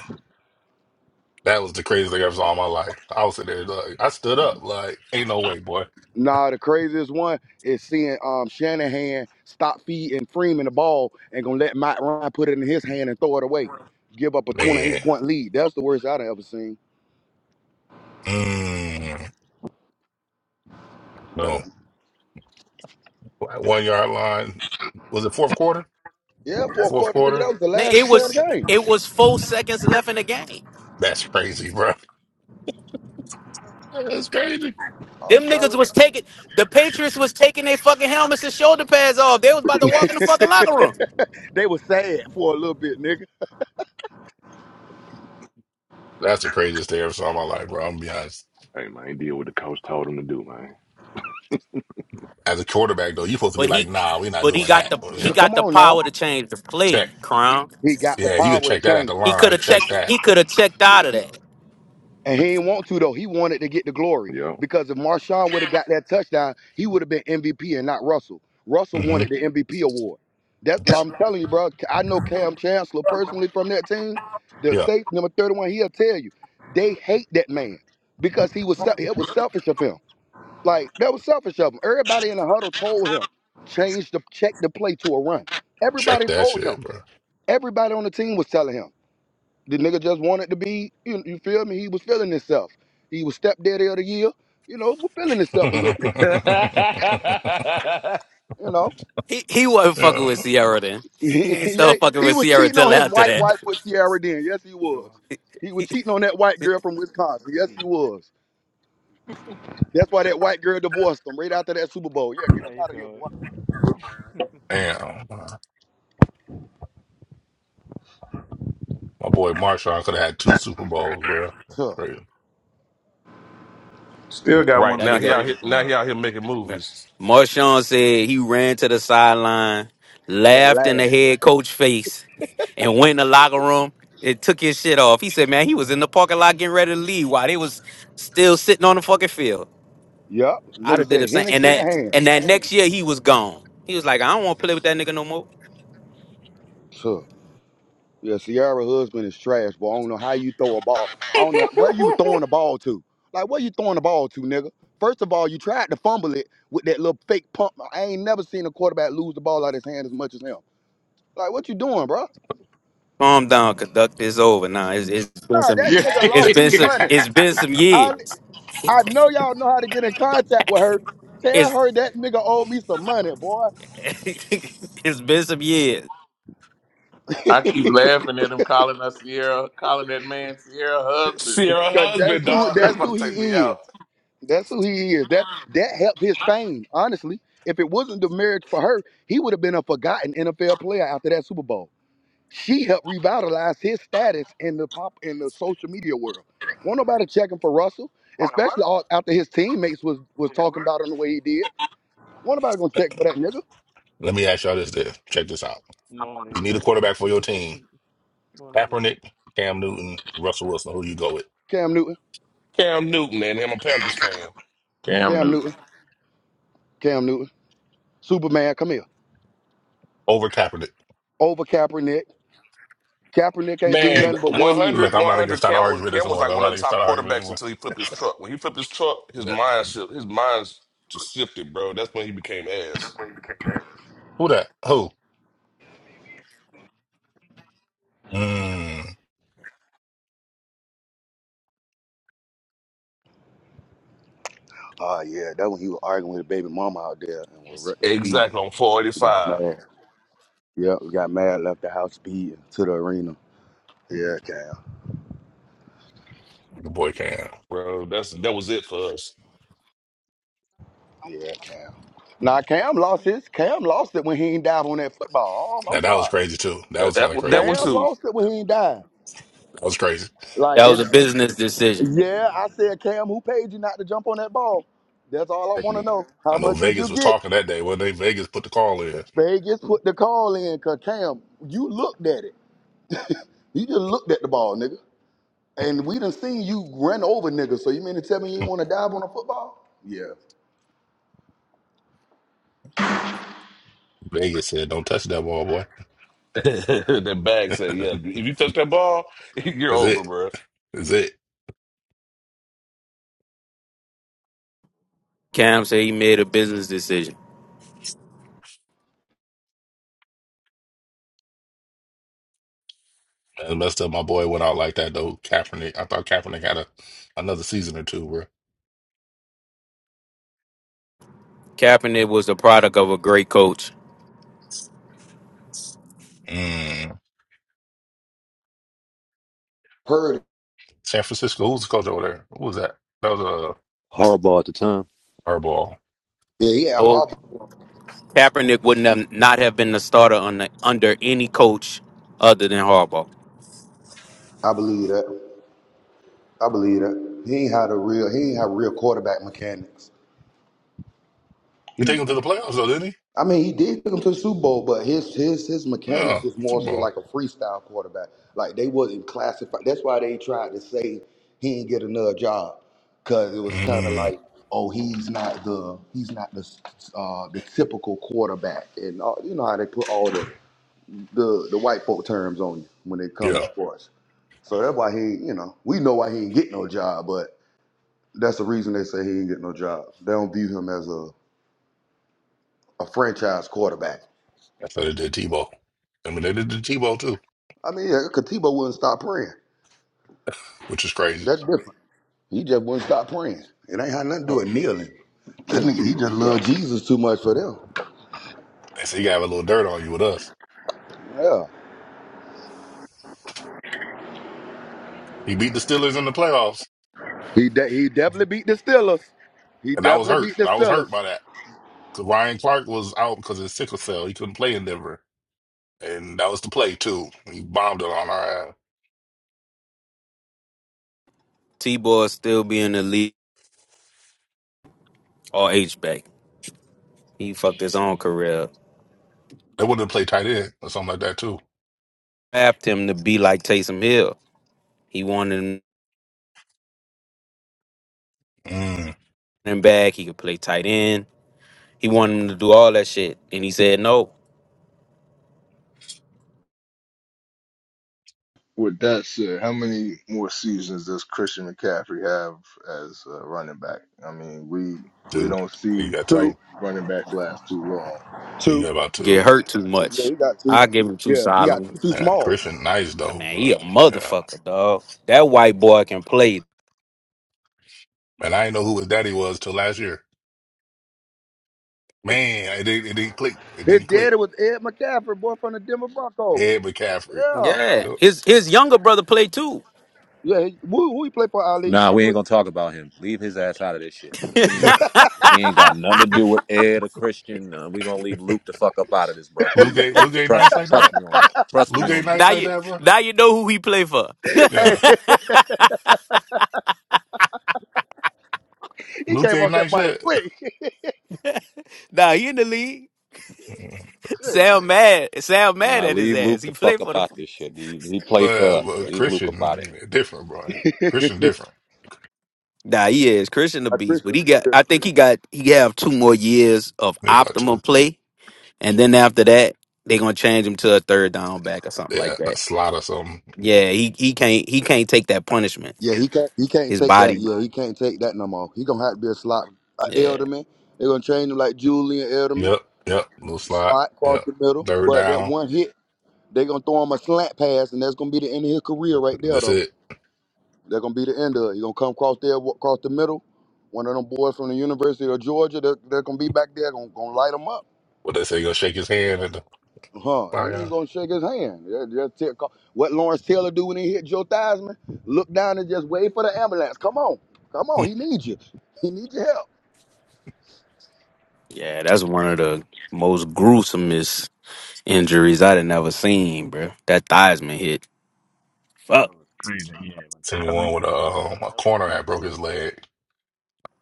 [SPEAKER 15] That was the craziest thing I ever saw in my life. I was sitting there, like, I stood up, like, ain't no way, boy.
[SPEAKER 16] Nah, the craziest one is seeing um, Shanahan stop feeding Freeman the ball and going to let Mike Ryan put it in his hand and throw it away. Give up a 28
[SPEAKER 15] Man,
[SPEAKER 16] point lead. That's the worst I've ever seen.
[SPEAKER 15] mm, no.
[SPEAKER 16] Uh,
[SPEAKER 15] One yard line. Was it fourth quarter?
[SPEAKER 16] yeah, four
[SPEAKER 15] Fourth
[SPEAKER 16] quarter, nigga.
[SPEAKER 15] quarter?
[SPEAKER 16] That was the last
[SPEAKER 10] it
[SPEAKER 16] play of
[SPEAKER 10] was
[SPEAKER 16] the game.
[SPEAKER 10] it was four seconds left in the game.
[SPEAKER 15] That's crazy, bro. That's crazy.
[SPEAKER 16] I'm
[SPEAKER 10] Them niggas
[SPEAKER 16] telling you.
[SPEAKER 10] was taking the Patriots was taking their fucking helmets and shoulder pads off. They was about to walk in the fucking locker room.
[SPEAKER 16] they were sad for a little bit, nigga.
[SPEAKER 15] That's the craziest thing I ever saw in my life, bro. I'm gonna be honest.
[SPEAKER 1] hey man, he did what the coach told him to do, man.
[SPEAKER 15] As a quarterback, though, you're supposed to be
[SPEAKER 10] But
[SPEAKER 15] like,
[SPEAKER 10] he
[SPEAKER 15] nah, we're not
[SPEAKER 10] but he
[SPEAKER 15] doing
[SPEAKER 10] got
[SPEAKER 15] that.
[SPEAKER 10] the
[SPEAKER 15] Or, you
[SPEAKER 10] he
[SPEAKER 16] So
[SPEAKER 15] know,
[SPEAKER 10] got
[SPEAKER 16] come
[SPEAKER 10] the
[SPEAKER 16] on now.
[SPEAKER 10] power to change the
[SPEAKER 15] check.
[SPEAKER 10] play, Crown.
[SPEAKER 16] He got the
[SPEAKER 15] Yeah, you could
[SPEAKER 16] power to
[SPEAKER 15] check that at the
[SPEAKER 16] change it.
[SPEAKER 10] He could
[SPEAKER 15] line.
[SPEAKER 10] have
[SPEAKER 15] Check
[SPEAKER 10] checked
[SPEAKER 15] that.
[SPEAKER 10] he could have checked out of that.
[SPEAKER 16] And he didn't want to though. He wanted to get the glory.
[SPEAKER 1] Yep.
[SPEAKER 16] Because if Marshawn would have got that touchdown, he would have been MVP and not Russell. Russell
[SPEAKER 15] hmm
[SPEAKER 16] wanted the MVP award. That's I'm telling you, bro. I know Cam Chancellor personally from that team. The
[SPEAKER 15] Yeah,
[SPEAKER 16] safe number 31, he'll tell you. They hate that man because he was se- it was selfish of him. Like that was selfish of him. Everybody in the huddle told him, change the check the play to a run.
[SPEAKER 15] check
[SPEAKER 16] Everybody
[SPEAKER 15] that
[SPEAKER 16] told him.
[SPEAKER 15] shit, bro.
[SPEAKER 16] Everybody on the team was telling him. The nigga just wanted to be, you, you feel me? He was feeling himself. He was stepdaddy of the year, you know, was feeling himself a little bit, you know.
[SPEAKER 10] He he wasn't fucking with
[SPEAKER 15] yeah.
[SPEAKER 10] Sierra then. He ain't
[SPEAKER 16] yeah,
[SPEAKER 10] still fucking
[SPEAKER 16] he
[SPEAKER 10] with
[SPEAKER 16] was
[SPEAKER 10] Sierra
[SPEAKER 16] cheating on
[SPEAKER 10] till
[SPEAKER 16] his
[SPEAKER 10] after
[SPEAKER 16] white
[SPEAKER 10] that.
[SPEAKER 16] wife with Sierra then. Yes, he
[SPEAKER 7] Do
[SPEAKER 16] was.
[SPEAKER 7] I
[SPEAKER 16] He was cheating on that white girl from Wisconsin. Yes, he
[SPEAKER 7] see?
[SPEAKER 16] was. That's why that white girl divorced him right after that Super Bowl. Yeah, get
[SPEAKER 7] How
[SPEAKER 16] up
[SPEAKER 7] you
[SPEAKER 16] out of here,
[SPEAKER 7] doing?
[SPEAKER 16] boy.
[SPEAKER 15] Damn. My boy Marshawn could have had two Super Bowls, bro.
[SPEAKER 16] Tuh.
[SPEAKER 15] Crazy.
[SPEAKER 2] Still got one
[SPEAKER 9] Right
[SPEAKER 2] of
[SPEAKER 10] That
[SPEAKER 2] the
[SPEAKER 9] now he
[SPEAKER 10] nigga.
[SPEAKER 9] out here
[SPEAKER 2] greatest
[SPEAKER 9] now
[SPEAKER 2] around.
[SPEAKER 9] he out here making movies.
[SPEAKER 10] Marshawn said he ran to the sideline,
[SPEAKER 16] And
[SPEAKER 10] laughed in
[SPEAKER 16] laugh.
[SPEAKER 10] the head coach face, and went in the locker room and took his shit off. He said, man, he was in the parking lot getting ready to leave while they was still sitting on the fucking field.
[SPEAKER 16] Yep.
[SPEAKER 10] I'd
[SPEAKER 16] Nigga
[SPEAKER 10] have did the
[SPEAKER 16] said
[SPEAKER 10] same. And
[SPEAKER 16] Hennessy in
[SPEAKER 10] that
[SPEAKER 16] hand.
[SPEAKER 10] and that next year he was gone. He was like, I don't want to play with that nigga no more.
[SPEAKER 16] Tuh. Yeah, Sierra husband is trash, but I don't know how you throw a ball. I don't know where you throwing the ball to. Like where you throwing the ball to, nigga? First of all, you tried to fumble it with that little fake pump. I ain't never seen a quarterback lose the ball out of his hand as much as him. Like what you doing, bro?
[SPEAKER 10] Calm down, conductor. It's over. Nah, it's, it's been
[SPEAKER 16] Nah,
[SPEAKER 10] some
[SPEAKER 16] that
[SPEAKER 2] Yeah.
[SPEAKER 16] nigga
[SPEAKER 10] it's
[SPEAKER 16] lost
[SPEAKER 10] been
[SPEAKER 16] me
[SPEAKER 10] some
[SPEAKER 16] money.
[SPEAKER 10] it's been some years.
[SPEAKER 16] I I know y'all know how to get in contact with her. Tell
[SPEAKER 10] It's
[SPEAKER 16] her that nigga owed me some money, boy.
[SPEAKER 10] it's been some years.
[SPEAKER 2] I keep laughing at him calling us Sierra, calling that man Sierra husband.
[SPEAKER 9] Sierra
[SPEAKER 16] Cause
[SPEAKER 9] husband,
[SPEAKER 16] that's who
[SPEAKER 9] dog. That's
[SPEAKER 16] that's who
[SPEAKER 9] about to take me
[SPEAKER 16] he is.
[SPEAKER 9] out.
[SPEAKER 16] That's who he is. That that helped his fame, honestly. If it wasn't the marriage for her, he would have been a forgotten NFL player after that Super Bowl. She helped revitalize his status in the pop in the social media world. Won't nobody checking for Russell,
[SPEAKER 7] On
[SPEAKER 16] especially
[SPEAKER 7] work?
[SPEAKER 16] all, after his teammates was
[SPEAKER 7] what?
[SPEAKER 16] was
[SPEAKER 7] You didn't
[SPEAKER 16] talking
[SPEAKER 7] work?
[SPEAKER 16] about him the way he did. Won't nobody gonna check for that nigga?
[SPEAKER 15] Let me ask y'all this then. Check this out.
[SPEAKER 7] Morning,
[SPEAKER 15] You need a
[SPEAKER 7] though.
[SPEAKER 15] quarterback for your team.
[SPEAKER 7] Morning, bro.
[SPEAKER 15] Kaepernick, Cam Newton, Russell Wilson. Who do you go with?
[SPEAKER 16] Cam Newton,
[SPEAKER 9] Cam Newton and him a Panthers fan.
[SPEAKER 2] Cam
[SPEAKER 16] Cam
[SPEAKER 2] Newton.
[SPEAKER 16] Newton, Cam Newton, Superman, come here.
[SPEAKER 15] Over Kaepernick.
[SPEAKER 16] Over Kaepernick. Kaepernick ain't do
[SPEAKER 9] Man,
[SPEAKER 16] nothing but one
[SPEAKER 9] one
[SPEAKER 16] year.
[SPEAKER 9] hundred
[SPEAKER 15] Look, I'm
[SPEAKER 9] one
[SPEAKER 15] not even gonna
[SPEAKER 9] hundred.
[SPEAKER 15] start an
[SPEAKER 9] Cam was
[SPEAKER 15] argument this
[SPEAKER 9] Cam was
[SPEAKER 15] morning.
[SPEAKER 9] like
[SPEAKER 15] I'm
[SPEAKER 9] one
[SPEAKER 15] not
[SPEAKER 9] of
[SPEAKER 15] even
[SPEAKER 9] the
[SPEAKER 15] gonna start
[SPEAKER 9] top
[SPEAKER 15] an argument this
[SPEAKER 9] quarterbacks
[SPEAKER 15] morning.
[SPEAKER 9] until he flipped his truck. When he flipped his truck, his
[SPEAKER 15] Yeah.
[SPEAKER 9] mind shift his mind just shifted, bro. That's when he became ass.
[SPEAKER 15] Who that? Who? Mmm.
[SPEAKER 16] Oh yeah, that when he was arguing with the baby mama out there and was re- speeding.
[SPEAKER 9] Exactly on
[SPEAKER 16] Got
[SPEAKER 9] 485.
[SPEAKER 16] mad. Yep, got mad, left the house speed to the arena. Yeah, Cam.
[SPEAKER 15] Your boy Cam.
[SPEAKER 9] Bro, that's that was it for us.
[SPEAKER 16] Yeah, Cam. Now Cam lost
[SPEAKER 7] That
[SPEAKER 16] his. Cam lost it when he ain't dive on that football. Um, I'm
[SPEAKER 15] Now that was
[SPEAKER 16] sorry.
[SPEAKER 15] crazy too. That
[SPEAKER 9] Yeah,
[SPEAKER 15] was
[SPEAKER 9] that
[SPEAKER 15] kind of
[SPEAKER 9] one that
[SPEAKER 15] crazy
[SPEAKER 9] one
[SPEAKER 16] Cam
[SPEAKER 15] too.
[SPEAKER 9] too.
[SPEAKER 16] lost it when he ain't dive.
[SPEAKER 15] That was crazy.
[SPEAKER 16] Like
[SPEAKER 10] That was a
[SPEAKER 16] it's
[SPEAKER 10] business decision.
[SPEAKER 16] yeah, I said, Cam, who paid you not to jump on that ball? That's all I want to know. How
[SPEAKER 15] I know
[SPEAKER 16] much did you
[SPEAKER 15] Vegas was
[SPEAKER 16] get?
[SPEAKER 15] talking that day. Well, they Vegas put the call in.
[SPEAKER 16] Vegas put the call in, cause Cam, you looked at it. You just looked at the ball, nigga. And we done seen you run over niggas. So you mean to tell me you ain't want to dive on a football? Yeah.
[SPEAKER 15] Vegas said, "Don't touch that ball, boy."
[SPEAKER 9] that bag said, "Yeah, if you touch that ball, you're
[SPEAKER 15] That's
[SPEAKER 9] over,
[SPEAKER 15] it.
[SPEAKER 9] bro."
[SPEAKER 15] That's it.
[SPEAKER 10] Cam said he made a business decision.
[SPEAKER 15] That's messed up. My boy went out like that though. Kaepernick. I thought Kaepernick had a another season or two, bro.
[SPEAKER 10] Kaepernick was the product of a great coach.
[SPEAKER 15] Mm.
[SPEAKER 16] Heard. it.
[SPEAKER 15] San Francisco. Who's the coach over there? Who was that? That was a uh,
[SPEAKER 18] Horrible at the time.
[SPEAKER 15] hardball.
[SPEAKER 16] Yeah, yeah,
[SPEAKER 10] Oh,
[SPEAKER 16] Harbaugh.
[SPEAKER 10] Kaepernick wouldn't have not have been the starter on the, under any coach other than Harbaugh.
[SPEAKER 16] I believe that. I believe that. He ain't had a real he ain't had real quarterback mechanics.
[SPEAKER 15] He
[SPEAKER 16] He
[SPEAKER 15] take him to the playoffs though, didn't he?
[SPEAKER 16] I mean he did take him to the Super Bowl, but his his his mechanics
[SPEAKER 15] Yeah,
[SPEAKER 16] was more so
[SPEAKER 15] football.
[SPEAKER 16] like a freestyle quarterback. Like they wasn't classified. That's why they tried to say he ain't get another job. Cause it was kind of
[SPEAKER 15] Mm.
[SPEAKER 16] like, oh, he's not the he's not the uh, the typical quarterback, and all, you know how they put all the the the white folk terms on you when it comes
[SPEAKER 15] Yeah,
[SPEAKER 16] to sports. So that's why he, you know, we know why he ain't get no job, but. That's the reason they say he ain't get no job. They don't view him as a, a franchise quarterback.
[SPEAKER 15] that's how they did Tebow. I mean, they did the Tebow too,
[SPEAKER 16] I mean, yeah, Katiba wouldn't stop praying.
[SPEAKER 15] which is crazy.
[SPEAKER 16] That's different. He just wouldn't stop praying. It ain't had nothing to do
[SPEAKER 6] Oh,
[SPEAKER 16] with kneeling. That
[SPEAKER 6] Tim
[SPEAKER 16] nigga, he
[SPEAKER 6] Tebow
[SPEAKER 16] just
[SPEAKER 6] sucked.
[SPEAKER 16] loved Jesus too much for them.
[SPEAKER 15] They said you gotta have a little dirt on you with us.
[SPEAKER 16] Yeah.
[SPEAKER 15] He beat the Steelers in the playoffs,
[SPEAKER 16] He de- he definitely beat the Steelers. He
[SPEAKER 15] and I was
[SPEAKER 16] definitely
[SPEAKER 15] hurt.
[SPEAKER 16] beat the
[SPEAKER 15] I was
[SPEAKER 16] Steelers.
[SPEAKER 15] hurt by that because Ryan Clark was out because of his sickle cell. He couldn't play in Denver, and that was the play too. He bombed it on our ass.
[SPEAKER 10] T-Boy still be in the league or H back. He fucked his own career. up.
[SPEAKER 15] They wanted to play tight end or something like that too.
[SPEAKER 10] Tapped him to be like Taysom Hill. He wanted him
[SPEAKER 15] Mm.
[SPEAKER 10] running back. He could play tight end. He wanted him to do all that shit, and he said no.
[SPEAKER 6] With that said, how many more seasons does Christian McCaffrey have as a running back? I mean, we we
[SPEAKER 15] Two. I think
[SPEAKER 6] don't
[SPEAKER 15] you
[SPEAKER 6] see
[SPEAKER 15] got
[SPEAKER 16] Two,
[SPEAKER 15] two.
[SPEAKER 6] white running backs last too long.
[SPEAKER 15] Yeah, you
[SPEAKER 16] two.
[SPEAKER 15] got about two.
[SPEAKER 10] Get hurt too
[SPEAKER 16] Yeah,
[SPEAKER 10] much.
[SPEAKER 16] he got two.
[SPEAKER 10] I give him two
[SPEAKER 16] Yeah, he got two
[SPEAKER 10] solid.
[SPEAKER 16] too
[SPEAKER 15] Yeah,
[SPEAKER 16] small.
[SPEAKER 15] Christian, nice
[SPEAKER 10] I
[SPEAKER 15] though,
[SPEAKER 10] mean, he a
[SPEAKER 15] but yeah.
[SPEAKER 10] motherfucker, dog. That white boy can play.
[SPEAKER 15] And I didn't know who his daddy was till last year. Man, it didn't, it didn't click. It
[SPEAKER 16] His
[SPEAKER 15] didn't click.
[SPEAKER 16] daddy was Ed McCaffrey, boy from the Denver Broncos.
[SPEAKER 15] Ed McCaffrey.
[SPEAKER 16] Yeah.
[SPEAKER 10] Yeah,
[SPEAKER 15] Yep.
[SPEAKER 10] his his younger brother played too.
[SPEAKER 16] Yeah, he, who, who he played for, Ali?
[SPEAKER 18] Nah,
[SPEAKER 16] I
[SPEAKER 18] we ain't
[SPEAKER 16] know.
[SPEAKER 18] gonna talk about him. Leave his ass out of this shit. He ain't, he ain't got nothing to do with Ed or Christian. Uh, we gonna leave Luke the fuck up out of this, bro.
[SPEAKER 15] Luke
[SPEAKER 18] Please,
[SPEAKER 15] ain't
[SPEAKER 18] please.
[SPEAKER 15] Luke ain't
[SPEAKER 18] Trust
[SPEAKER 15] nice like
[SPEAKER 18] trust
[SPEAKER 15] that.
[SPEAKER 18] me on that. Trust me
[SPEAKER 15] Luke ain't
[SPEAKER 18] on that.
[SPEAKER 15] nice
[SPEAKER 10] Now
[SPEAKER 15] like
[SPEAKER 10] you
[SPEAKER 15] that, bro.
[SPEAKER 10] now you know who he play for.
[SPEAKER 15] Yeah,
[SPEAKER 16] Hey, He
[SPEAKER 15] Luke
[SPEAKER 16] came
[SPEAKER 15] ain't
[SPEAKER 16] off that
[SPEAKER 15] nice
[SPEAKER 16] mic
[SPEAKER 15] yet.
[SPEAKER 16] quick.
[SPEAKER 10] Now he in the league.
[SPEAKER 15] Yeah.
[SPEAKER 16] Good.
[SPEAKER 10] Sam mad. Sam mad
[SPEAKER 18] Nah,
[SPEAKER 10] at his
[SPEAKER 18] leave Luke
[SPEAKER 10] ass. He
[SPEAKER 18] the fuck
[SPEAKER 10] play for
[SPEAKER 18] up
[SPEAKER 10] the
[SPEAKER 18] out this shit. He, he played for
[SPEAKER 15] Well,
[SPEAKER 18] us.
[SPEAKER 15] but
[SPEAKER 18] Leave Luke up out of
[SPEAKER 15] Christian
[SPEAKER 18] it.
[SPEAKER 15] different, bro. Christian different.
[SPEAKER 10] Nah, he is Christian the
[SPEAKER 16] A
[SPEAKER 10] Beast. But
[SPEAKER 16] Christian
[SPEAKER 10] he got
[SPEAKER 16] brother.
[SPEAKER 10] I think he got he have two more years of
[SPEAKER 15] There you go too.
[SPEAKER 10] optimal play. And then after that, they gonna change him to a third down back or something
[SPEAKER 15] Yeah,
[SPEAKER 10] like
[SPEAKER 15] a
[SPEAKER 10] that.
[SPEAKER 15] slot or something.
[SPEAKER 10] Yeah, he, he can't he can't take that punishment.
[SPEAKER 16] Yeah, he can't. He can't
[SPEAKER 10] His
[SPEAKER 16] take that.
[SPEAKER 10] body
[SPEAKER 16] Yeah, he can't take that no more. He gonna have to be a slot a
[SPEAKER 10] Yeah.
[SPEAKER 16] elderman. They're gonna train him like Julian Elderman,
[SPEAKER 15] Yep, yep. Little slot.
[SPEAKER 16] slot across
[SPEAKER 15] Yep.
[SPEAKER 16] the middle.
[SPEAKER 15] Third
[SPEAKER 16] But that
[SPEAKER 15] down.
[SPEAKER 16] one hit, they gonna throw him a slant pass, and that's gonna be the end of his career right there.
[SPEAKER 15] That's
[SPEAKER 16] Though
[SPEAKER 15] it.
[SPEAKER 16] that's gonna be the end of it. He gonna come across there, wa- across the middle. One of them boys from the University of Georgia, they're, they're gonna be back there, gonna, gonna light him up.
[SPEAKER 15] What they say? Gonna shake his hand at the
[SPEAKER 16] Huh? I Ain't even
[SPEAKER 15] fire.
[SPEAKER 16] gonna shake his hand. Just, just take- call- what Lawrence Taylor do when he hit Joe Theismann? Look down and just wait for the ambulance. Come on, come on. He needs you. He needs your help.
[SPEAKER 10] Yeah, that's one of the most gruesomest injuries I'd have ever seen, bro. That Theismann hit. Fuck.
[SPEAKER 7] was crazy. Yeah, when
[SPEAKER 15] Seen me
[SPEAKER 7] Cosman
[SPEAKER 15] one with
[SPEAKER 7] got
[SPEAKER 15] a,
[SPEAKER 7] taken
[SPEAKER 15] um,
[SPEAKER 7] out,
[SPEAKER 15] a
[SPEAKER 7] that was
[SPEAKER 15] corner that
[SPEAKER 7] crazy.
[SPEAKER 15] broke his leg.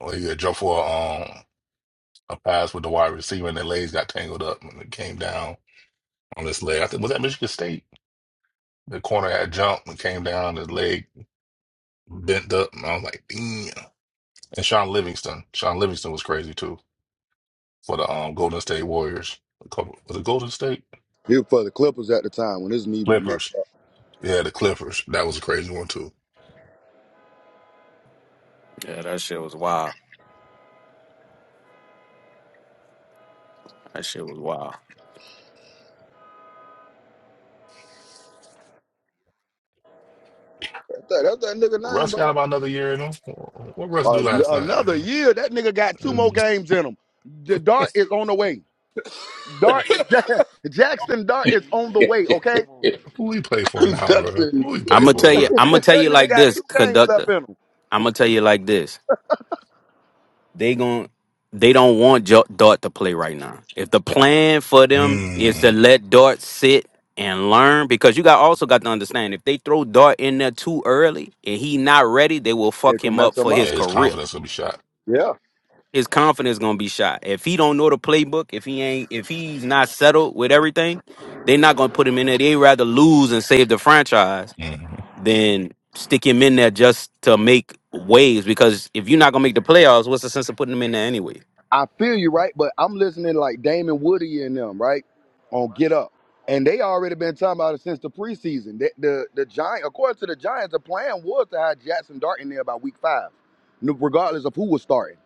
[SPEAKER 15] Well, he had jumped for a, um, a pass with the wide receiver, and their legs got tangled up, and it came down on his leg. I think was that Michigan State. The corner had jumped and came down, his leg bent up, and I was like, "Damn!" And Sean Livingston, Sean Livingston was crazy too for the um, Golden State Warriors. A couple, was it Golden State
[SPEAKER 16] He was for the Clippers at the time when his knee messed
[SPEAKER 15] Clippers?
[SPEAKER 16] up.
[SPEAKER 15] Yeah, the Clippers. That was a crazy one too.
[SPEAKER 10] Yeah, that shit was wild. That shit was wild.
[SPEAKER 16] That's that, that's that nigga name,
[SPEAKER 15] Russ got
[SPEAKER 16] bro.
[SPEAKER 15] about another year in him. What Russ do
[SPEAKER 16] Uh,
[SPEAKER 15] last
[SPEAKER 16] another year. That nigga got two more
[SPEAKER 15] night?
[SPEAKER 16] games in him. The Dart is on the way. Dart Jackson Dart is
[SPEAKER 7] He
[SPEAKER 16] on
[SPEAKER 7] said
[SPEAKER 16] the
[SPEAKER 7] he
[SPEAKER 16] way.
[SPEAKER 7] got
[SPEAKER 16] Okay,
[SPEAKER 7] two more games.
[SPEAKER 15] Who we play for now, bro?
[SPEAKER 2] Conductor is
[SPEAKER 15] Who we
[SPEAKER 10] I'm
[SPEAKER 15] play
[SPEAKER 10] gonna
[SPEAKER 2] killing
[SPEAKER 15] for,
[SPEAKER 10] tell
[SPEAKER 2] me.
[SPEAKER 10] you.
[SPEAKER 15] bro?
[SPEAKER 10] I'm gonna
[SPEAKER 16] that
[SPEAKER 10] tell you
[SPEAKER 16] nigga
[SPEAKER 10] like
[SPEAKER 16] got
[SPEAKER 10] this,
[SPEAKER 16] two games
[SPEAKER 10] conductor.
[SPEAKER 16] left in him.
[SPEAKER 10] I'm gonna tell you like this. They gon' They don't want Jo- Dart to play right now. If the plan for them is to
[SPEAKER 15] Mm.
[SPEAKER 10] let Dart sit and learn, because you got also got to understand, if they throw Dart in there too early and he not ready, they will
[SPEAKER 16] It
[SPEAKER 10] fuck
[SPEAKER 16] gonna
[SPEAKER 10] him
[SPEAKER 16] mess
[SPEAKER 10] up
[SPEAKER 16] him
[SPEAKER 10] for
[SPEAKER 16] up.
[SPEAKER 10] his
[SPEAKER 15] Yeah, his
[SPEAKER 10] career.
[SPEAKER 15] confidence will be shot.
[SPEAKER 16] Yeah.
[SPEAKER 10] His confidence gonna be shot. If he don't know the playbook, if he ain't, if he's not settled with everything, they are not gonna put him in there. They rather lose and save the franchise
[SPEAKER 15] hmm
[SPEAKER 10] than stick him in there just to make waves. Because if you're not gonna make the playoffs, what's the sense of putting him in there anyway?
[SPEAKER 16] I feel you, right? But I'm listening to like Damon Woody and them, right? On Get Up. And they already been talking about it since the preseason. The the, the Giant, according to the Giants, the plan was to have Jackson Dart in there by week five, no- regardless of who was starting.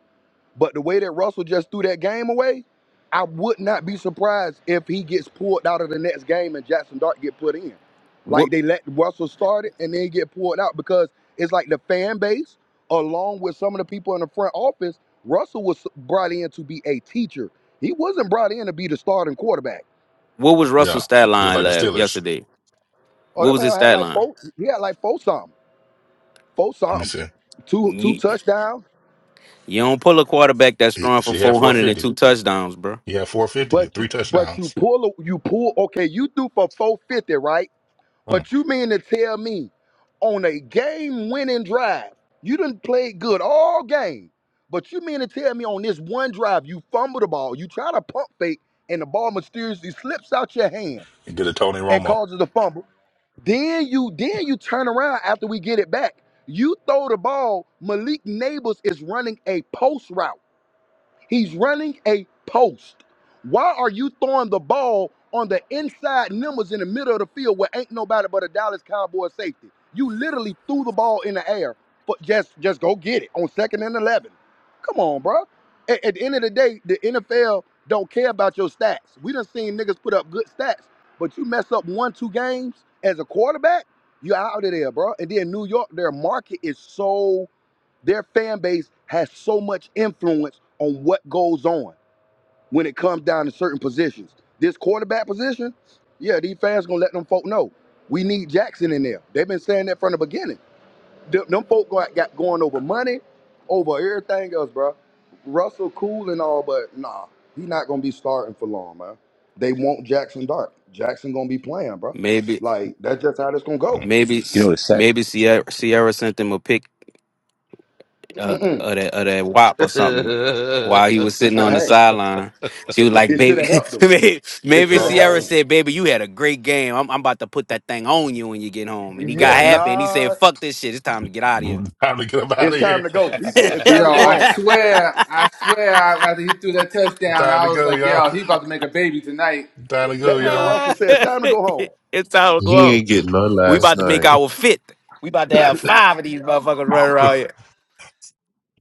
[SPEAKER 16] But the way that Russell just threw that game away, I would not be surprised if he gets pulled out of the next game and Jackson Dart get put in. Like
[SPEAKER 10] What
[SPEAKER 16] they let Russell start it and then get pulled out because it's like the fan base, along with some of the people in the front office, Russell was brought in to be a teacher. He wasn't brought in to be the starting quarterback.
[SPEAKER 10] What was Russell's
[SPEAKER 15] Yeah,
[SPEAKER 10] stat
[SPEAKER 15] just
[SPEAKER 10] line
[SPEAKER 15] like the
[SPEAKER 10] last
[SPEAKER 15] Steelers.
[SPEAKER 10] yesterday?
[SPEAKER 16] Oh,
[SPEAKER 10] What
[SPEAKER 16] that
[SPEAKER 10] was
[SPEAKER 16] man
[SPEAKER 10] his
[SPEAKER 16] had
[SPEAKER 10] stat
[SPEAKER 16] like
[SPEAKER 10] line?
[SPEAKER 16] four. He had like four something, four
[SPEAKER 15] Let me
[SPEAKER 16] something,
[SPEAKER 15] see.
[SPEAKER 16] two two
[SPEAKER 10] You,
[SPEAKER 16] touchdowns.
[SPEAKER 10] you don't pull a quarterback that's
[SPEAKER 15] He,
[SPEAKER 10] throwing for
[SPEAKER 15] she had
[SPEAKER 10] 400 and
[SPEAKER 15] 450.
[SPEAKER 10] two touchdowns, bro.
[SPEAKER 15] He had 450.
[SPEAKER 16] But you
[SPEAKER 15] Three
[SPEAKER 16] but you
[SPEAKER 15] touchdowns.
[SPEAKER 16] pull a- you pull. Okay, you threw for four fifty, right?
[SPEAKER 15] Mm.
[SPEAKER 16] But you mean to tell me on a game winning drive, you didn't play good all game, but you mean to tell me on this one drive, you fumble the ball, you try to pump fake, and the ball mysteriously slips out your hand
[SPEAKER 15] He did a Tony
[SPEAKER 16] and
[SPEAKER 15] Romo.
[SPEAKER 16] causes a fumble. Then you then you turn around after we get it back. You throw the ball, Malik Neighbors is running a post route. He's running a post. Why are you throwing the ball on the inside numbers in the middle of the field where ain't nobody but a Dallas Cowboy safety? You literally threw the ball in the air, but just just go get it on second and eleven. Come on, bro. At, at the end of the day, the NFL don't care about your stats. We done seen niggas put up good stats, but you mess up one two games as a quarterback, you're out of there, bro. And then New York, their market is so their fan base has so much influence on what goes on when it comes down to certain positions. This quarterback position, yeah, these fans gonna let them folk know we need Jackson in there. They've been saying that from the beginning. Them, them folk got, got going over money, over everything else, bro. Russell cool and all, but nah, he not gonna be starting for long, man. They want Jackson Dart. Jackson gonna be playing, bro.
[SPEAKER 10] Maybe,
[SPEAKER 16] Like that's just how this gonna go.
[SPEAKER 15] Mm.
[SPEAKER 10] maybe,
[SPEAKER 18] You know what?
[SPEAKER 10] maybe Sierra, Sierra sent him a pick uh,
[SPEAKER 16] Mm-mm.
[SPEAKER 10] of that of that WAP or something while he was sitting on the
[SPEAKER 16] Hey,
[SPEAKER 10] sideline. She was like,
[SPEAKER 16] it should
[SPEAKER 10] "Baby,
[SPEAKER 16] have helped them.
[SPEAKER 10] maybe
[SPEAKER 16] It
[SPEAKER 10] maybe
[SPEAKER 16] should have helped them.
[SPEAKER 10] Sierra
[SPEAKER 15] Oh,
[SPEAKER 10] said, 'Baby, you had a great game. I'm, I'm about to put that thing on you when you get home." And he got
[SPEAKER 16] Yeah,
[SPEAKER 15] man.
[SPEAKER 10] happy and he said,
[SPEAKER 16] nah.
[SPEAKER 10] "Fuck this shit. It's time to get out of here.
[SPEAKER 15] Mm. Time to get up out
[SPEAKER 16] It's
[SPEAKER 15] of
[SPEAKER 16] time
[SPEAKER 15] here.
[SPEAKER 16] to go. He said it's time to
[SPEAKER 19] Yo,
[SPEAKER 16] go
[SPEAKER 19] I
[SPEAKER 16] home.
[SPEAKER 19] swear, I swear, I- after he threw that touchdown,
[SPEAKER 15] Time
[SPEAKER 19] I
[SPEAKER 15] to
[SPEAKER 19] was
[SPEAKER 15] go,
[SPEAKER 19] like,
[SPEAKER 15] y'all.
[SPEAKER 19] yo, he about to make a baby tonight.
[SPEAKER 15] Time to go,
[SPEAKER 16] That nigga
[SPEAKER 15] y'all.
[SPEAKER 16] Russell said it's time to go home.
[SPEAKER 10] it's time to go
[SPEAKER 13] he
[SPEAKER 10] out.
[SPEAKER 13] ain't getting none
[SPEAKER 10] We
[SPEAKER 13] last
[SPEAKER 10] about to make
[SPEAKER 13] night.
[SPEAKER 10] our fifth. We about to have five of these motherfuckers running around here."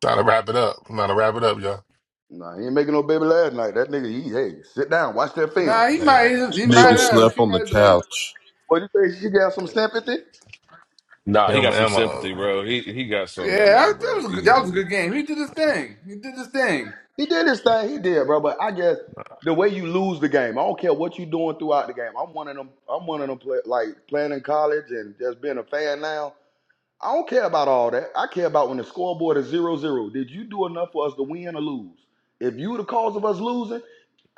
[SPEAKER 15] Time to wrap it up. Time to wrap it up, y'all.
[SPEAKER 16] Nah, he ain't making no baby last night. That nigga, he hey, sit down, watch that film.
[SPEAKER 19] Nah, he might,
[SPEAKER 15] Man,
[SPEAKER 19] he might
[SPEAKER 13] Nigga
[SPEAKER 14] So
[SPEAKER 19] have.
[SPEAKER 13] slept
[SPEAKER 19] He
[SPEAKER 13] on
[SPEAKER 19] might
[SPEAKER 13] the
[SPEAKER 19] have been like,
[SPEAKER 13] couch.
[SPEAKER 16] But you say she got some sympathy?
[SPEAKER 9] nah, he
[SPEAKER 15] him,
[SPEAKER 9] got some sympathy,
[SPEAKER 15] Emma.
[SPEAKER 9] bro. He he got some
[SPEAKER 19] yeah,
[SPEAKER 9] that night,
[SPEAKER 19] that that
[SPEAKER 9] bro.
[SPEAKER 19] was a good, that was a
[SPEAKER 9] Easily.
[SPEAKER 19] good game. He did his thing. He did his thing.
[SPEAKER 16] He did his thing, he did, bro. But I guess the way you lose the game, I don't care what you doing throughout the game. I'm one of them. I'm one of them play, like playing in college and just being a fan now. I don't care about all that. I care about when the scoreboard is zero zero. Did you do enough for us to win or lose? If you the cause of us losing,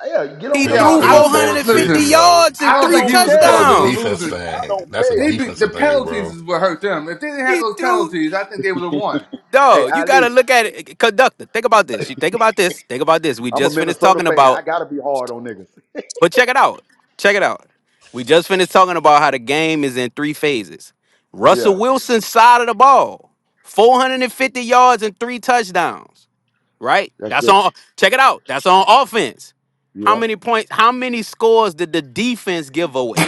[SPEAKER 16] yeah, get
[SPEAKER 10] He
[SPEAKER 16] on
[SPEAKER 19] Yo,
[SPEAKER 16] up
[SPEAKER 15] He
[SPEAKER 16] out
[SPEAKER 10] threw
[SPEAKER 16] of
[SPEAKER 19] I
[SPEAKER 15] threw
[SPEAKER 16] here.
[SPEAKER 19] don't
[SPEAKER 10] 450
[SPEAKER 15] 450,
[SPEAKER 19] listen.
[SPEAKER 15] though.
[SPEAKER 10] yards
[SPEAKER 19] I
[SPEAKER 10] and
[SPEAKER 16] I
[SPEAKER 19] don't
[SPEAKER 10] three
[SPEAKER 19] think he
[SPEAKER 16] don't
[SPEAKER 19] was the
[SPEAKER 16] care.
[SPEAKER 15] That's a
[SPEAKER 19] cause of the
[SPEAKER 16] I
[SPEAKER 10] touchdowns.
[SPEAKER 15] defense
[SPEAKER 19] losing.
[SPEAKER 15] thing.
[SPEAKER 16] don't
[SPEAKER 15] That's a
[SPEAKER 19] They be, the
[SPEAKER 15] defensive thing,
[SPEAKER 19] penalties
[SPEAKER 15] bro.
[SPEAKER 19] is what hurt them. If they didn't have
[SPEAKER 10] He
[SPEAKER 19] those
[SPEAKER 10] threw.
[SPEAKER 19] penalties, I think they would have
[SPEAKER 16] care.
[SPEAKER 19] won.
[SPEAKER 16] Hey,
[SPEAKER 10] No, you gotta
[SPEAKER 16] Ali,
[SPEAKER 10] look at it. eh, Conductor, think about this. You think about this. Think about this. We
[SPEAKER 16] I'm a
[SPEAKER 10] just finished
[SPEAKER 16] Minnesota
[SPEAKER 10] talking
[SPEAKER 16] fan. I
[SPEAKER 10] about,
[SPEAKER 16] gotta be hard on niggas.
[SPEAKER 10] but check it out. Check it out. We just finished talking about how the game is in three phases. Russell
[SPEAKER 16] Yeah,
[SPEAKER 10] Wilson's side of the ball, 450 yards and three touchdowns. Right?
[SPEAKER 16] that's
[SPEAKER 10] That's
[SPEAKER 16] good.
[SPEAKER 10] on. Check it out. That's on offense. How
[SPEAKER 16] Yeah,
[SPEAKER 10] many points? How many scores did the defense give away?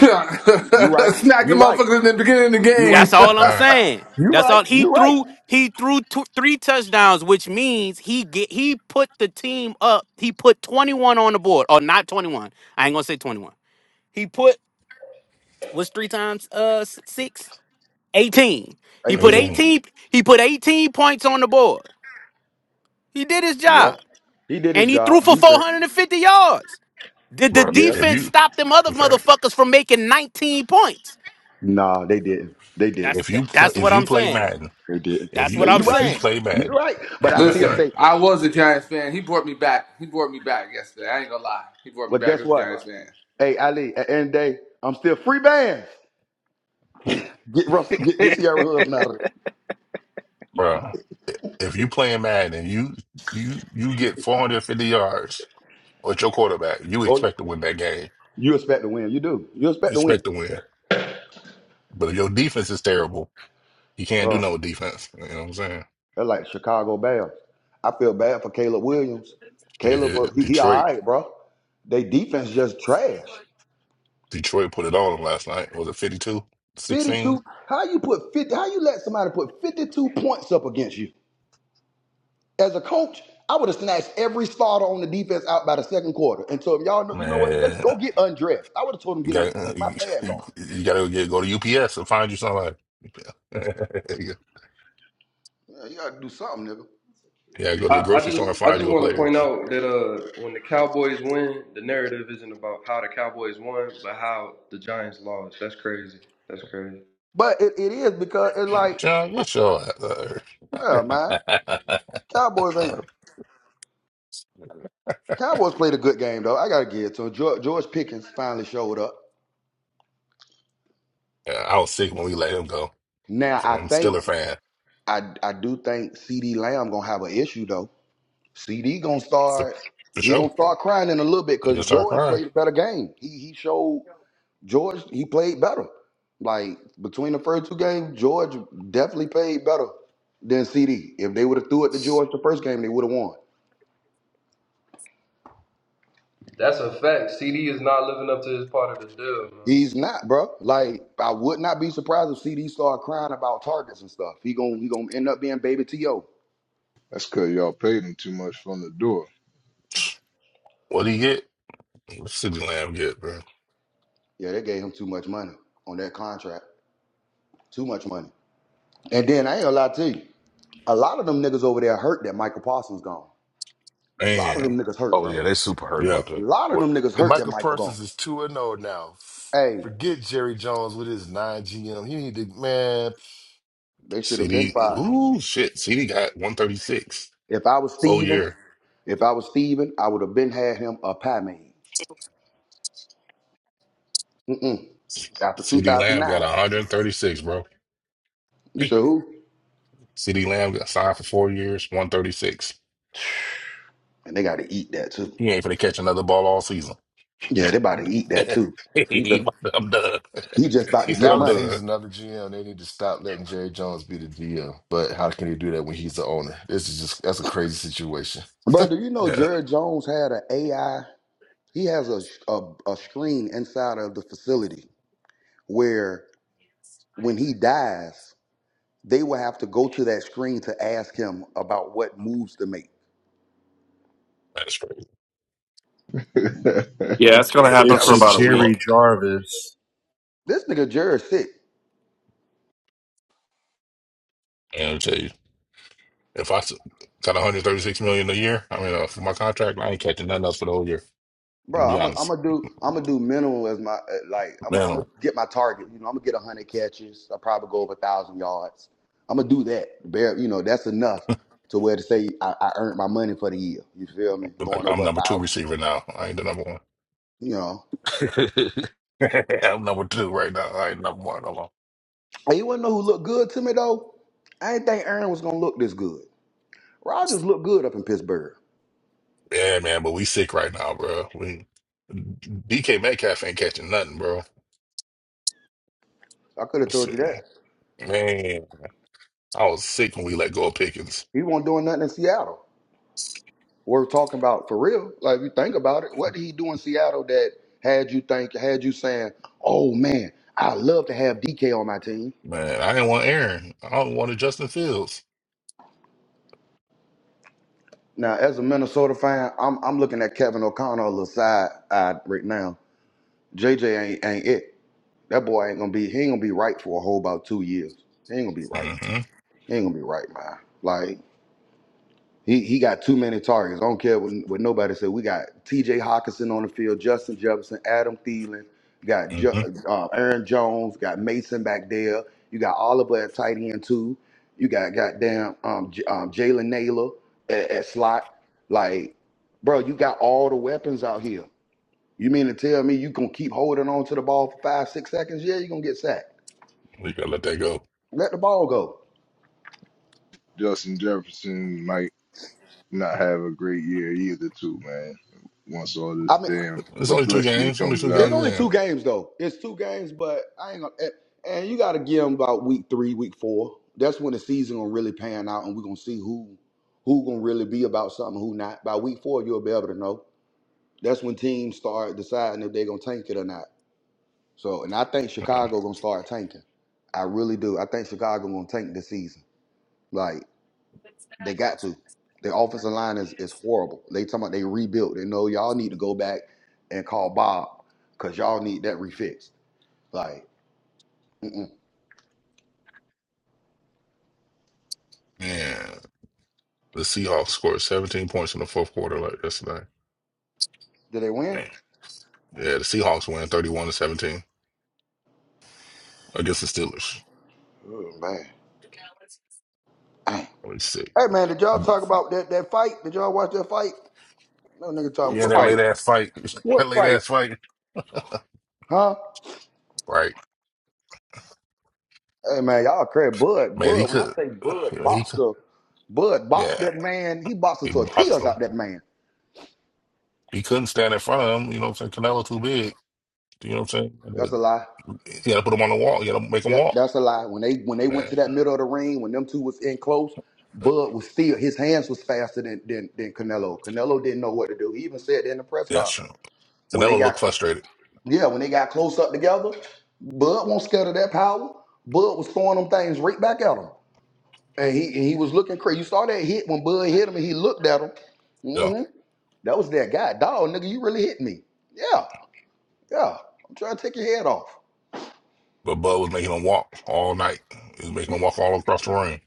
[SPEAKER 16] you right. You right.
[SPEAKER 19] motherfuckers in the beginning of the
[SPEAKER 16] You right.
[SPEAKER 10] That's
[SPEAKER 19] game.
[SPEAKER 10] all I'm
[SPEAKER 15] Not
[SPEAKER 10] saying.
[SPEAKER 16] You
[SPEAKER 10] That's
[SPEAKER 16] right.
[SPEAKER 10] all he
[SPEAKER 16] You right.
[SPEAKER 10] threw. He threw two, three touchdowns, which means he get he put the team up. He put 21 on the board, or not 21. I ain't gonna say 21. He put was three times uh s- six 18. He put
[SPEAKER 16] 18.
[SPEAKER 15] 18.
[SPEAKER 10] 18. He put 18 points on the board. He did his
[SPEAKER 16] Yeah,
[SPEAKER 10] job,
[SPEAKER 16] he did his
[SPEAKER 10] and he threw
[SPEAKER 16] job.
[SPEAKER 10] for
[SPEAKER 16] Defense.
[SPEAKER 10] 450 yards. Did the
[SPEAKER 15] Bro,
[SPEAKER 16] Yeah.
[SPEAKER 15] if
[SPEAKER 10] defense
[SPEAKER 15] you,
[SPEAKER 10] stop them other
[SPEAKER 15] in fact,
[SPEAKER 10] motherfuckers from making 19 points?
[SPEAKER 16] Nah, they didn't. They didn't.
[SPEAKER 10] That's
[SPEAKER 15] if you
[SPEAKER 10] that,
[SPEAKER 15] play,
[SPEAKER 10] that's
[SPEAKER 15] if
[SPEAKER 10] what
[SPEAKER 15] you
[SPEAKER 10] I'm
[SPEAKER 15] play
[SPEAKER 10] saying.
[SPEAKER 15] Madden,
[SPEAKER 16] They didn't.
[SPEAKER 15] if
[SPEAKER 10] That's
[SPEAKER 16] Hey,
[SPEAKER 10] what
[SPEAKER 15] you
[SPEAKER 16] You
[SPEAKER 10] I'm
[SPEAKER 15] if
[SPEAKER 16] right.
[SPEAKER 15] you
[SPEAKER 10] saying.
[SPEAKER 15] play
[SPEAKER 16] You
[SPEAKER 15] Madden,
[SPEAKER 16] right. But I
[SPEAKER 15] right,
[SPEAKER 16] still
[SPEAKER 19] Listen,
[SPEAKER 15] right,
[SPEAKER 16] say,
[SPEAKER 19] I was a Giants fan. He brought me back. He brought me back yesterday. I ain't gonna lie. He brought me
[SPEAKER 16] but
[SPEAKER 19] back
[SPEAKER 16] guess
[SPEAKER 19] as a
[SPEAKER 16] what?
[SPEAKER 19] Giants fan.
[SPEAKER 16] Hey, Ali, at the end of the day, I'm still free bands. Get Russell. Get, get Sierra Husband out of there.
[SPEAKER 15] bro. If you playing Madden and you you you get 450 yards with your quarterback, you
[SPEAKER 16] Oh,
[SPEAKER 15] expect to win that game.
[SPEAKER 16] you expect to win. You do. You expect
[SPEAKER 15] You
[SPEAKER 16] to win.
[SPEAKER 15] expect to win. But if your defense is terrible, you can't do
[SPEAKER 16] Oh.
[SPEAKER 15] no defense. You know what I'm saying?
[SPEAKER 16] They're like Chicago Bears. I feel bad for Caleb Williams. Caleb, uh,
[SPEAKER 15] Shit,
[SPEAKER 16] he, he all
[SPEAKER 15] Detroit,
[SPEAKER 16] right, bro. They defense just trash.
[SPEAKER 15] Detroit put it on them last night. Was it fifty two sixteen?
[SPEAKER 16] Fifty-two. How you put fifty? How you let somebody put fifty-two points up against you? As a coach, I would have snatched every starter on the defense out by the second quarter and told him, y'all know, you know what? Just
[SPEAKER 15] Man,
[SPEAKER 16] go get undressed. I would have told him
[SPEAKER 15] You
[SPEAKER 16] get undressed.
[SPEAKER 15] got
[SPEAKER 16] Take my
[SPEAKER 15] you,
[SPEAKER 16] pads off.
[SPEAKER 15] you gotta get go to UPS and find you somebody. yeah,
[SPEAKER 16] Yeah, you gotta do something, nigga.
[SPEAKER 15] go to the
[SPEAKER 14] I, I
[SPEAKER 15] grocery store
[SPEAKER 14] just
[SPEAKER 15] and
[SPEAKER 14] I
[SPEAKER 15] find
[SPEAKER 14] just
[SPEAKER 15] you a
[SPEAKER 14] want to
[SPEAKER 15] player.
[SPEAKER 14] point out that uh when the Cowboys win, the narrative isn't about how the Cowboys won, but how the Giants lost. That's crazy. That's crazy.
[SPEAKER 16] But it, it is because it's like,
[SPEAKER 15] John, get your ass out of here.
[SPEAKER 16] yeah, man. Cowboys ain't. Cowboys played a good game though. I gotta give it to 'em. George, George Pickens finally showed up.
[SPEAKER 15] yeah, I was sick when we let him go.
[SPEAKER 16] Now
[SPEAKER 15] So
[SPEAKER 16] I
[SPEAKER 15] I'm still
[SPEAKER 16] think
[SPEAKER 15] a fan.
[SPEAKER 16] I I do think CD Lamb gonna have an issue though. CD gonna
[SPEAKER 15] For,
[SPEAKER 16] start
[SPEAKER 15] for
[SPEAKER 16] he
[SPEAKER 15] sure.
[SPEAKER 16] gonna start crying in a little bit
[SPEAKER 15] He
[SPEAKER 16] because
[SPEAKER 15] just start
[SPEAKER 16] George
[SPEAKER 15] crying.
[SPEAKER 16] played a better game. He he showed George he played better. Like between the first two games, George definitely played better than CD. If they would have threw it to George the first game, they would have won.
[SPEAKER 14] That's a fact. CD is not living up to his part of the deal, man.
[SPEAKER 16] He's not, bro. Like I would not be surprised if CD started crying about targets and stuff. He gonna he gonna end up being baby to yo.
[SPEAKER 6] That's because y'all paid him too much from the door.
[SPEAKER 15] What do he get? What CD Lamb get, bro?
[SPEAKER 16] Yeah, they gave him too much money on that contract. Too much money. And then I ain't gonna lie to you. A lot of them niggas over there hurt that Michael Parsons gone. A lot of them
[SPEAKER 15] Man,
[SPEAKER 16] niggas hurt,
[SPEAKER 9] Oh
[SPEAKER 16] bro.
[SPEAKER 9] yeah, they
[SPEAKER 16] A
[SPEAKER 9] super hurt
[SPEAKER 15] yeah.
[SPEAKER 9] about that.
[SPEAKER 16] lot of
[SPEAKER 11] Well,
[SPEAKER 16] them niggas hurt that
[SPEAKER 11] Michael
[SPEAKER 16] Michael gone.
[SPEAKER 11] Parsons is 2 and 0 now. F-
[SPEAKER 16] Hey,
[SPEAKER 11] Forget Jerry Jones with his nine GM. He need to, man,
[SPEAKER 16] they should have been
[SPEAKER 15] CD.
[SPEAKER 16] fired.
[SPEAKER 15] Ooh, shit. CD got 136.
[SPEAKER 16] If I was
[SPEAKER 15] Full
[SPEAKER 16] Steven,
[SPEAKER 15] year.
[SPEAKER 16] if I was Steven, I would have been had him a pie made. Mm-mm. After
[SPEAKER 15] CD Lamb got
[SPEAKER 16] 2009.
[SPEAKER 15] 136, bro.
[SPEAKER 16] You said who?
[SPEAKER 15] CD Lamb got signed for four years, 136.
[SPEAKER 16] And they gotta eat that too.
[SPEAKER 15] He ain't finna catch another ball all season.
[SPEAKER 16] Yeah, they about to eat that too. He
[SPEAKER 15] He
[SPEAKER 16] just,
[SPEAKER 15] about I'm done.
[SPEAKER 16] he just about to
[SPEAKER 15] he said,
[SPEAKER 16] get
[SPEAKER 15] I'm
[SPEAKER 11] Dallas
[SPEAKER 16] money.
[SPEAKER 11] needs
[SPEAKER 15] done.
[SPEAKER 11] another GM. They need to stop letting Jerry Jones be the GM. But how can he do that when he's the owner? This is just, that's a crazy situation.
[SPEAKER 16] Bro, do you know
[SPEAKER 15] Yeah,
[SPEAKER 16] Jared Jones had an AI? He has a, a, a screen inside of the facility where when he dies, they will have to go to that screen to ask him about what moves to make.
[SPEAKER 15] that's crazy.
[SPEAKER 20] Yeah, it's going to happen
[SPEAKER 13] It's
[SPEAKER 20] for
[SPEAKER 13] a
[SPEAKER 9] Dallas
[SPEAKER 20] about
[SPEAKER 9] is
[SPEAKER 20] a week.
[SPEAKER 13] Jerry
[SPEAKER 9] fucked.
[SPEAKER 13] Jarvis.
[SPEAKER 16] This nigga Jared sick,
[SPEAKER 15] And I'll tell you, if I s- got 136 million a year, I mean, uh, for my contract, I ain't catching nothing else for the whole year.
[SPEAKER 16] bro.
[SPEAKER 15] To be
[SPEAKER 16] I'm
[SPEAKER 15] honest,
[SPEAKER 16] gonna do I'm gonna do minimal as my uh, like I'm i
[SPEAKER 15] man,
[SPEAKER 16] gonna
[SPEAKER 15] I'm-
[SPEAKER 16] get my target. You know, I'm gonna get a hundred catches. I will probably go over a thousand yards. I'm gonna do that. Bare, you know, that's enough to where to say I, I earned my money for the year. You feel me?
[SPEAKER 15] like
[SPEAKER 16] Going
[SPEAKER 15] I'm
[SPEAKER 16] over a
[SPEAKER 15] number two
[SPEAKER 16] thousand.
[SPEAKER 15] receiver now. I ain't the number one.
[SPEAKER 16] You know,
[SPEAKER 15] I'm number two right now. I ain't number one no more.
[SPEAKER 16] and you wanna know who looked good to me though? I didn't think Aaron was gonna look this good. Rodgers looked good up in Pittsburgh.
[SPEAKER 15] Yeah, man, but we sick right now, bro. We DK Metcalf ain't catching nothing, bro.
[SPEAKER 16] I could have told you
[SPEAKER 15] Shit.
[SPEAKER 16] that.
[SPEAKER 15] Man, I was sick when we let go of Pickens.
[SPEAKER 16] He wasn't doing nothing in Seattle. We're talking about for real. Like if you think about it, what did he do in Seattle that had you think had you saying, "Oh man, I love to have DK on my team."
[SPEAKER 15] Man, I didn't want Aaron. I wanted Justin Fields.
[SPEAKER 16] Now, as a Minnesota fan, I'm I'm looking at Kevin O'Connell a little side eyed right now. JJ ain't ain't it. That boy ain't gonna be. He ain't gonna be right for a whole about two years. He ain't gonna be right.
[SPEAKER 15] hmm
[SPEAKER 16] He ain't gonna be right, man. Like. He he got too many targets. I don't care what, what nobody said. We got T.J. Hawkinson on the field, Justin Jefferson, Adam Thielen, got Ju-
[SPEAKER 15] hmm
[SPEAKER 16] uh, Aaron Jones, got Mason back there. You got Oliver at tight end too. You got goddamn um, J- um, Jalen Naylor at, at slot. Like, bro, you got all the weapons out here. You mean to tell me you gonna keep holding on to the ball for five, six seconds? Yeah, you are gonna get sacked.
[SPEAKER 15] We gotta let that go.
[SPEAKER 16] Let the ball go.
[SPEAKER 6] Justin Jefferson might not have a great year either, too, man. Once all
[SPEAKER 16] I
[SPEAKER 6] this
[SPEAKER 16] mean.
[SPEAKER 6] damn
[SPEAKER 15] It's only two
[SPEAKER 6] publicity
[SPEAKER 15] games. Only
[SPEAKER 6] comes
[SPEAKER 15] two
[SPEAKER 6] out.
[SPEAKER 16] It's
[SPEAKER 15] games
[SPEAKER 16] only
[SPEAKER 15] in.
[SPEAKER 16] two games though. It's two games, but I ain't gonna. And and you gotta give them about week three, week four. That's when the season gonna really pan out, and we're gonna see who who gonna really be about something, who not. By week four, you'll be able to know. That's when teams start deciding if they're gonna tank it or not. So, and I think
[SPEAKER 15] Yeah.
[SPEAKER 16] Chicago gonna start tanking. I really do. I think Chicago gonna tank this season. Like they got to. Their offensive line is is horrible. They talking about they rebuilt. They know y'all need to go back and call Bob because y'all need that refixed. Like. Mm-mm.
[SPEAKER 15] Man, the Seahawks scored 17 points in the fourth quarter like yesterday.
[SPEAKER 16] Did they win?
[SPEAKER 15] Man. Yeah, the Seahawks win 31 to 17 against the Steelers.
[SPEAKER 16] Oh man. Dang.
[SPEAKER 15] Holy sick.
[SPEAKER 16] Hey man, did y'all talk about that that fight? Did y'all watch that fight? No nigga talking
[SPEAKER 9] what
[SPEAKER 15] Yeah, that
[SPEAKER 16] football.
[SPEAKER 15] late
[SPEAKER 9] fight?
[SPEAKER 15] ass fight.
[SPEAKER 9] What
[SPEAKER 15] That late
[SPEAKER 9] fight?
[SPEAKER 15] ass fight.
[SPEAKER 16] Huh?
[SPEAKER 15] Right.
[SPEAKER 16] Hey man, y'all crazy. Bud,
[SPEAKER 15] Man, he
[SPEAKER 16] Bud. When I
[SPEAKER 15] could.
[SPEAKER 16] say Bud
[SPEAKER 15] yeah, He
[SPEAKER 16] boxed
[SPEAKER 15] could.
[SPEAKER 16] the Bud boxed
[SPEAKER 15] Yeah,
[SPEAKER 16] that man, he boxed the
[SPEAKER 15] he boxed
[SPEAKER 16] tortillas
[SPEAKER 15] him.
[SPEAKER 16] out that man.
[SPEAKER 15] He couldn't stand in front of him. You know what I'm saying? Canelo too big. You know what I'm
[SPEAKER 16] That's
[SPEAKER 15] saying?
[SPEAKER 16] a lie.
[SPEAKER 15] You gotta put him on the wall. You gotta make him
[SPEAKER 16] That
[SPEAKER 15] walk.
[SPEAKER 16] that's a lie. When they when they went
[SPEAKER 15] Man,
[SPEAKER 16] to that middle of the ring, when them two was in close, Bud was still his hands was faster than than, than Canelo. Canelo didn't know what to do. He even said that in the press
[SPEAKER 15] yeah,
[SPEAKER 16] conference.
[SPEAKER 15] sure.
[SPEAKER 16] When they
[SPEAKER 15] Canelo
[SPEAKER 16] got
[SPEAKER 15] looked frustrated.
[SPEAKER 16] Yeah, when they got close up together, Bud won't scared of that power. Bud was throwing them things right back at him. And he and he was looking crazy. You saw that hit when Bud hit him and he looked at him.
[SPEAKER 15] Yeah,
[SPEAKER 16] hmm That was that guy. Dog, nigga, you really hit me. Yeah, yeah. I'm trying to take your head off.
[SPEAKER 15] but Bud was making him walk all night. He was making him walk all across the ring.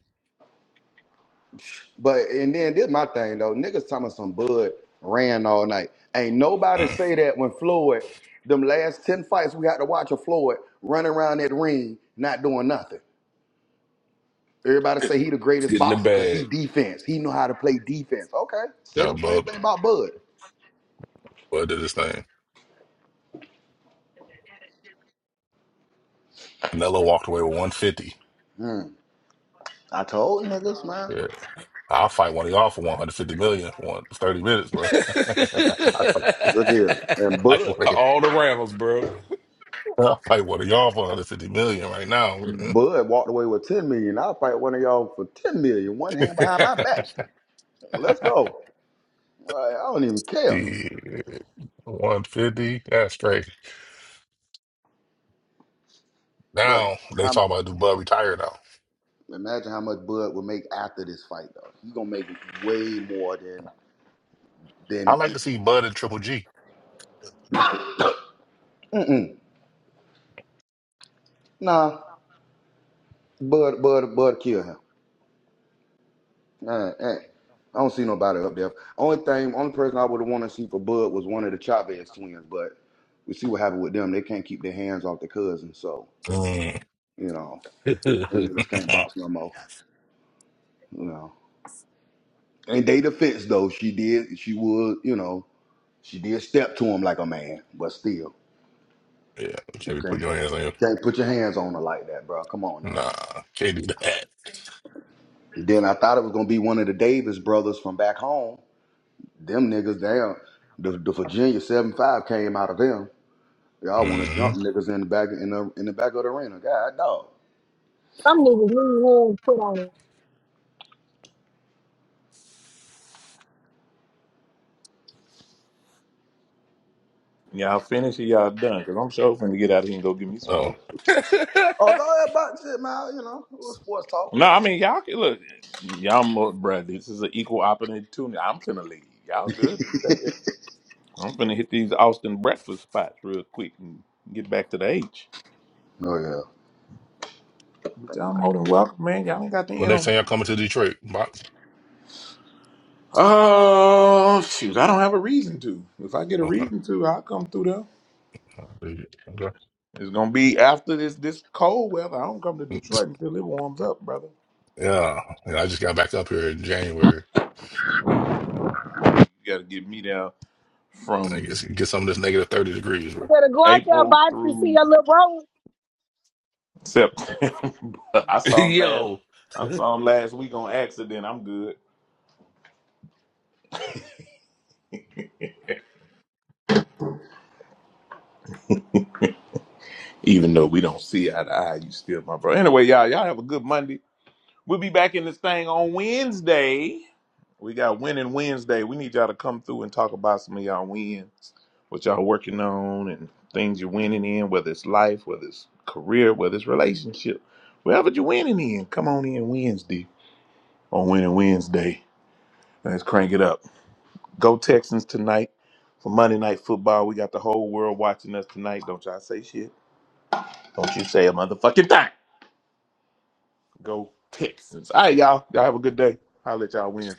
[SPEAKER 16] But and then this my thing though. Niggas talking about some Bud ran all night. Ain't nobody
[SPEAKER 15] Mm.
[SPEAKER 16] say that when Floyd, them last 10 fights we had to watch of Floyd running around that ring, not doing nothing. Everybody say he the greatest
[SPEAKER 9] Get in the
[SPEAKER 16] boxer because he
[SPEAKER 9] bag.
[SPEAKER 16] defense. He know how to play defense. Okay, say
[SPEAKER 15] No,
[SPEAKER 16] the same thing
[SPEAKER 15] Bud,
[SPEAKER 16] about Bud.
[SPEAKER 15] Bud did his thing. Canelo walked away with 150.
[SPEAKER 16] Hmm. I told niggas, man.
[SPEAKER 15] Yeah, I'll fight one of y'all for 150 million for one- thirty minutes, bro.
[SPEAKER 16] Look here, and
[SPEAKER 15] like,
[SPEAKER 16] Bud,
[SPEAKER 15] like,
[SPEAKER 9] All the rounds, bro.
[SPEAKER 15] I'll fight one of y'all for 150 million right now.
[SPEAKER 16] Bud walked away with ten million. I'll fight one of y'all for ten million, one hand behind my back. Let's go. All right, I don't even care.
[SPEAKER 15] Shit. 150, that's straight.
[SPEAKER 16] But
[SPEAKER 15] Now
[SPEAKER 16] imagine
[SPEAKER 15] they
[SPEAKER 16] how much,
[SPEAKER 15] talking about do Bud retire now.
[SPEAKER 16] imagine how much Bud would make after this fight, though. He gonna make way more than
[SPEAKER 15] I
[SPEAKER 16] than.
[SPEAKER 15] like to see Bud and Triple G.
[SPEAKER 16] Mm-mm. Nah, Bud, Bud, Bud, kill him. Nah, eh, I don't see nobody up there. Only thing, only person I would have wanted to see for Bud was one of the Chavez twins, but we see what happened with them. They can't keep their hands off their cousin, so
[SPEAKER 15] Mm.
[SPEAKER 16] you know them niggas can't box no more. You know, in their defense though, she did, she would, you know, she did step to him like a man, but still,
[SPEAKER 15] Yeah, you
[SPEAKER 16] you
[SPEAKER 15] can't be
[SPEAKER 16] can't
[SPEAKER 15] putting your hands on your.
[SPEAKER 16] can't put your hands on her like that, bro. Come on now.
[SPEAKER 15] Nah, can't do that.
[SPEAKER 16] Then I thought it was gonna be one of the Davis brothers from back home. Them niggas, damn, the, the Virginia seven five came out of them. Y'all want to
[SPEAKER 15] hmm
[SPEAKER 16] jump niggas in the back in the in the back of the arena. God dog.
[SPEAKER 5] Some niggas leave home put on it.
[SPEAKER 2] Y'all finish or y'all done? Cause I'm sure finna get out of here and go get me some
[SPEAKER 15] Oh,
[SPEAKER 2] breakfast.
[SPEAKER 16] Oh, go ahead, box shit, man. You know, a little sports talk.
[SPEAKER 2] No, I mean y'all can look. Y'all, mo- bruh, this is an equal opportunity. I'm finna leave. Y'all good? I'm finna hit these Austin breakfast spots real quick and get back to the H.
[SPEAKER 16] Oh yeah.
[SPEAKER 2] But y'all more than welcome, man. Y'all ain't got to
[SPEAKER 15] well,
[SPEAKER 2] end
[SPEAKER 15] next
[SPEAKER 2] on.
[SPEAKER 15] time y'all coming to Detroit, box.
[SPEAKER 2] Oh shoot, I don't have a reason to. If I get a
[SPEAKER 15] Okay.
[SPEAKER 2] reason to, I'll come through there.
[SPEAKER 15] Oh, dude. Okay.
[SPEAKER 2] It's gonna be after this this cold weather. I don't come to Detroit until it warms up, brother.
[SPEAKER 15] Yeah, and I just got back up here in January.
[SPEAKER 2] You gotta get me down.
[SPEAKER 15] I
[SPEAKER 2] from
[SPEAKER 15] guess you get some of this negative thirty degrees,
[SPEAKER 5] You
[SPEAKER 15] bro.
[SPEAKER 5] better go out there,
[SPEAKER 2] April
[SPEAKER 5] box, to see
[SPEAKER 2] through
[SPEAKER 5] your little bro.
[SPEAKER 2] September. I saw him last.
[SPEAKER 9] Yo.
[SPEAKER 2] I saw him last week on accident. I'm good. Even though we don't see eye to eye, you still my bro. Anyway, y'all, y'all have a good Monday. We'll be back in this thing on Wednesday. We got winning Wednesday. We need y'all to come through and talk about some of y'all wins, what y'all working on, and things you're winning in, whether it's life, whether it's career, whether it's relationship, wherever you're winning in. Come on in Wednesday on winning Wednesday. Let's crank it up. Go Texans tonight for Monday Night Football. We got the whole world watching us tonight. Don't y'all say shit. Don't you say a motherfucking thing. Go Texans. All right, y'all. Y'all have a good day. I'll let y'all win.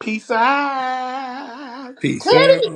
[SPEAKER 2] Peace out.
[SPEAKER 17] Peace out.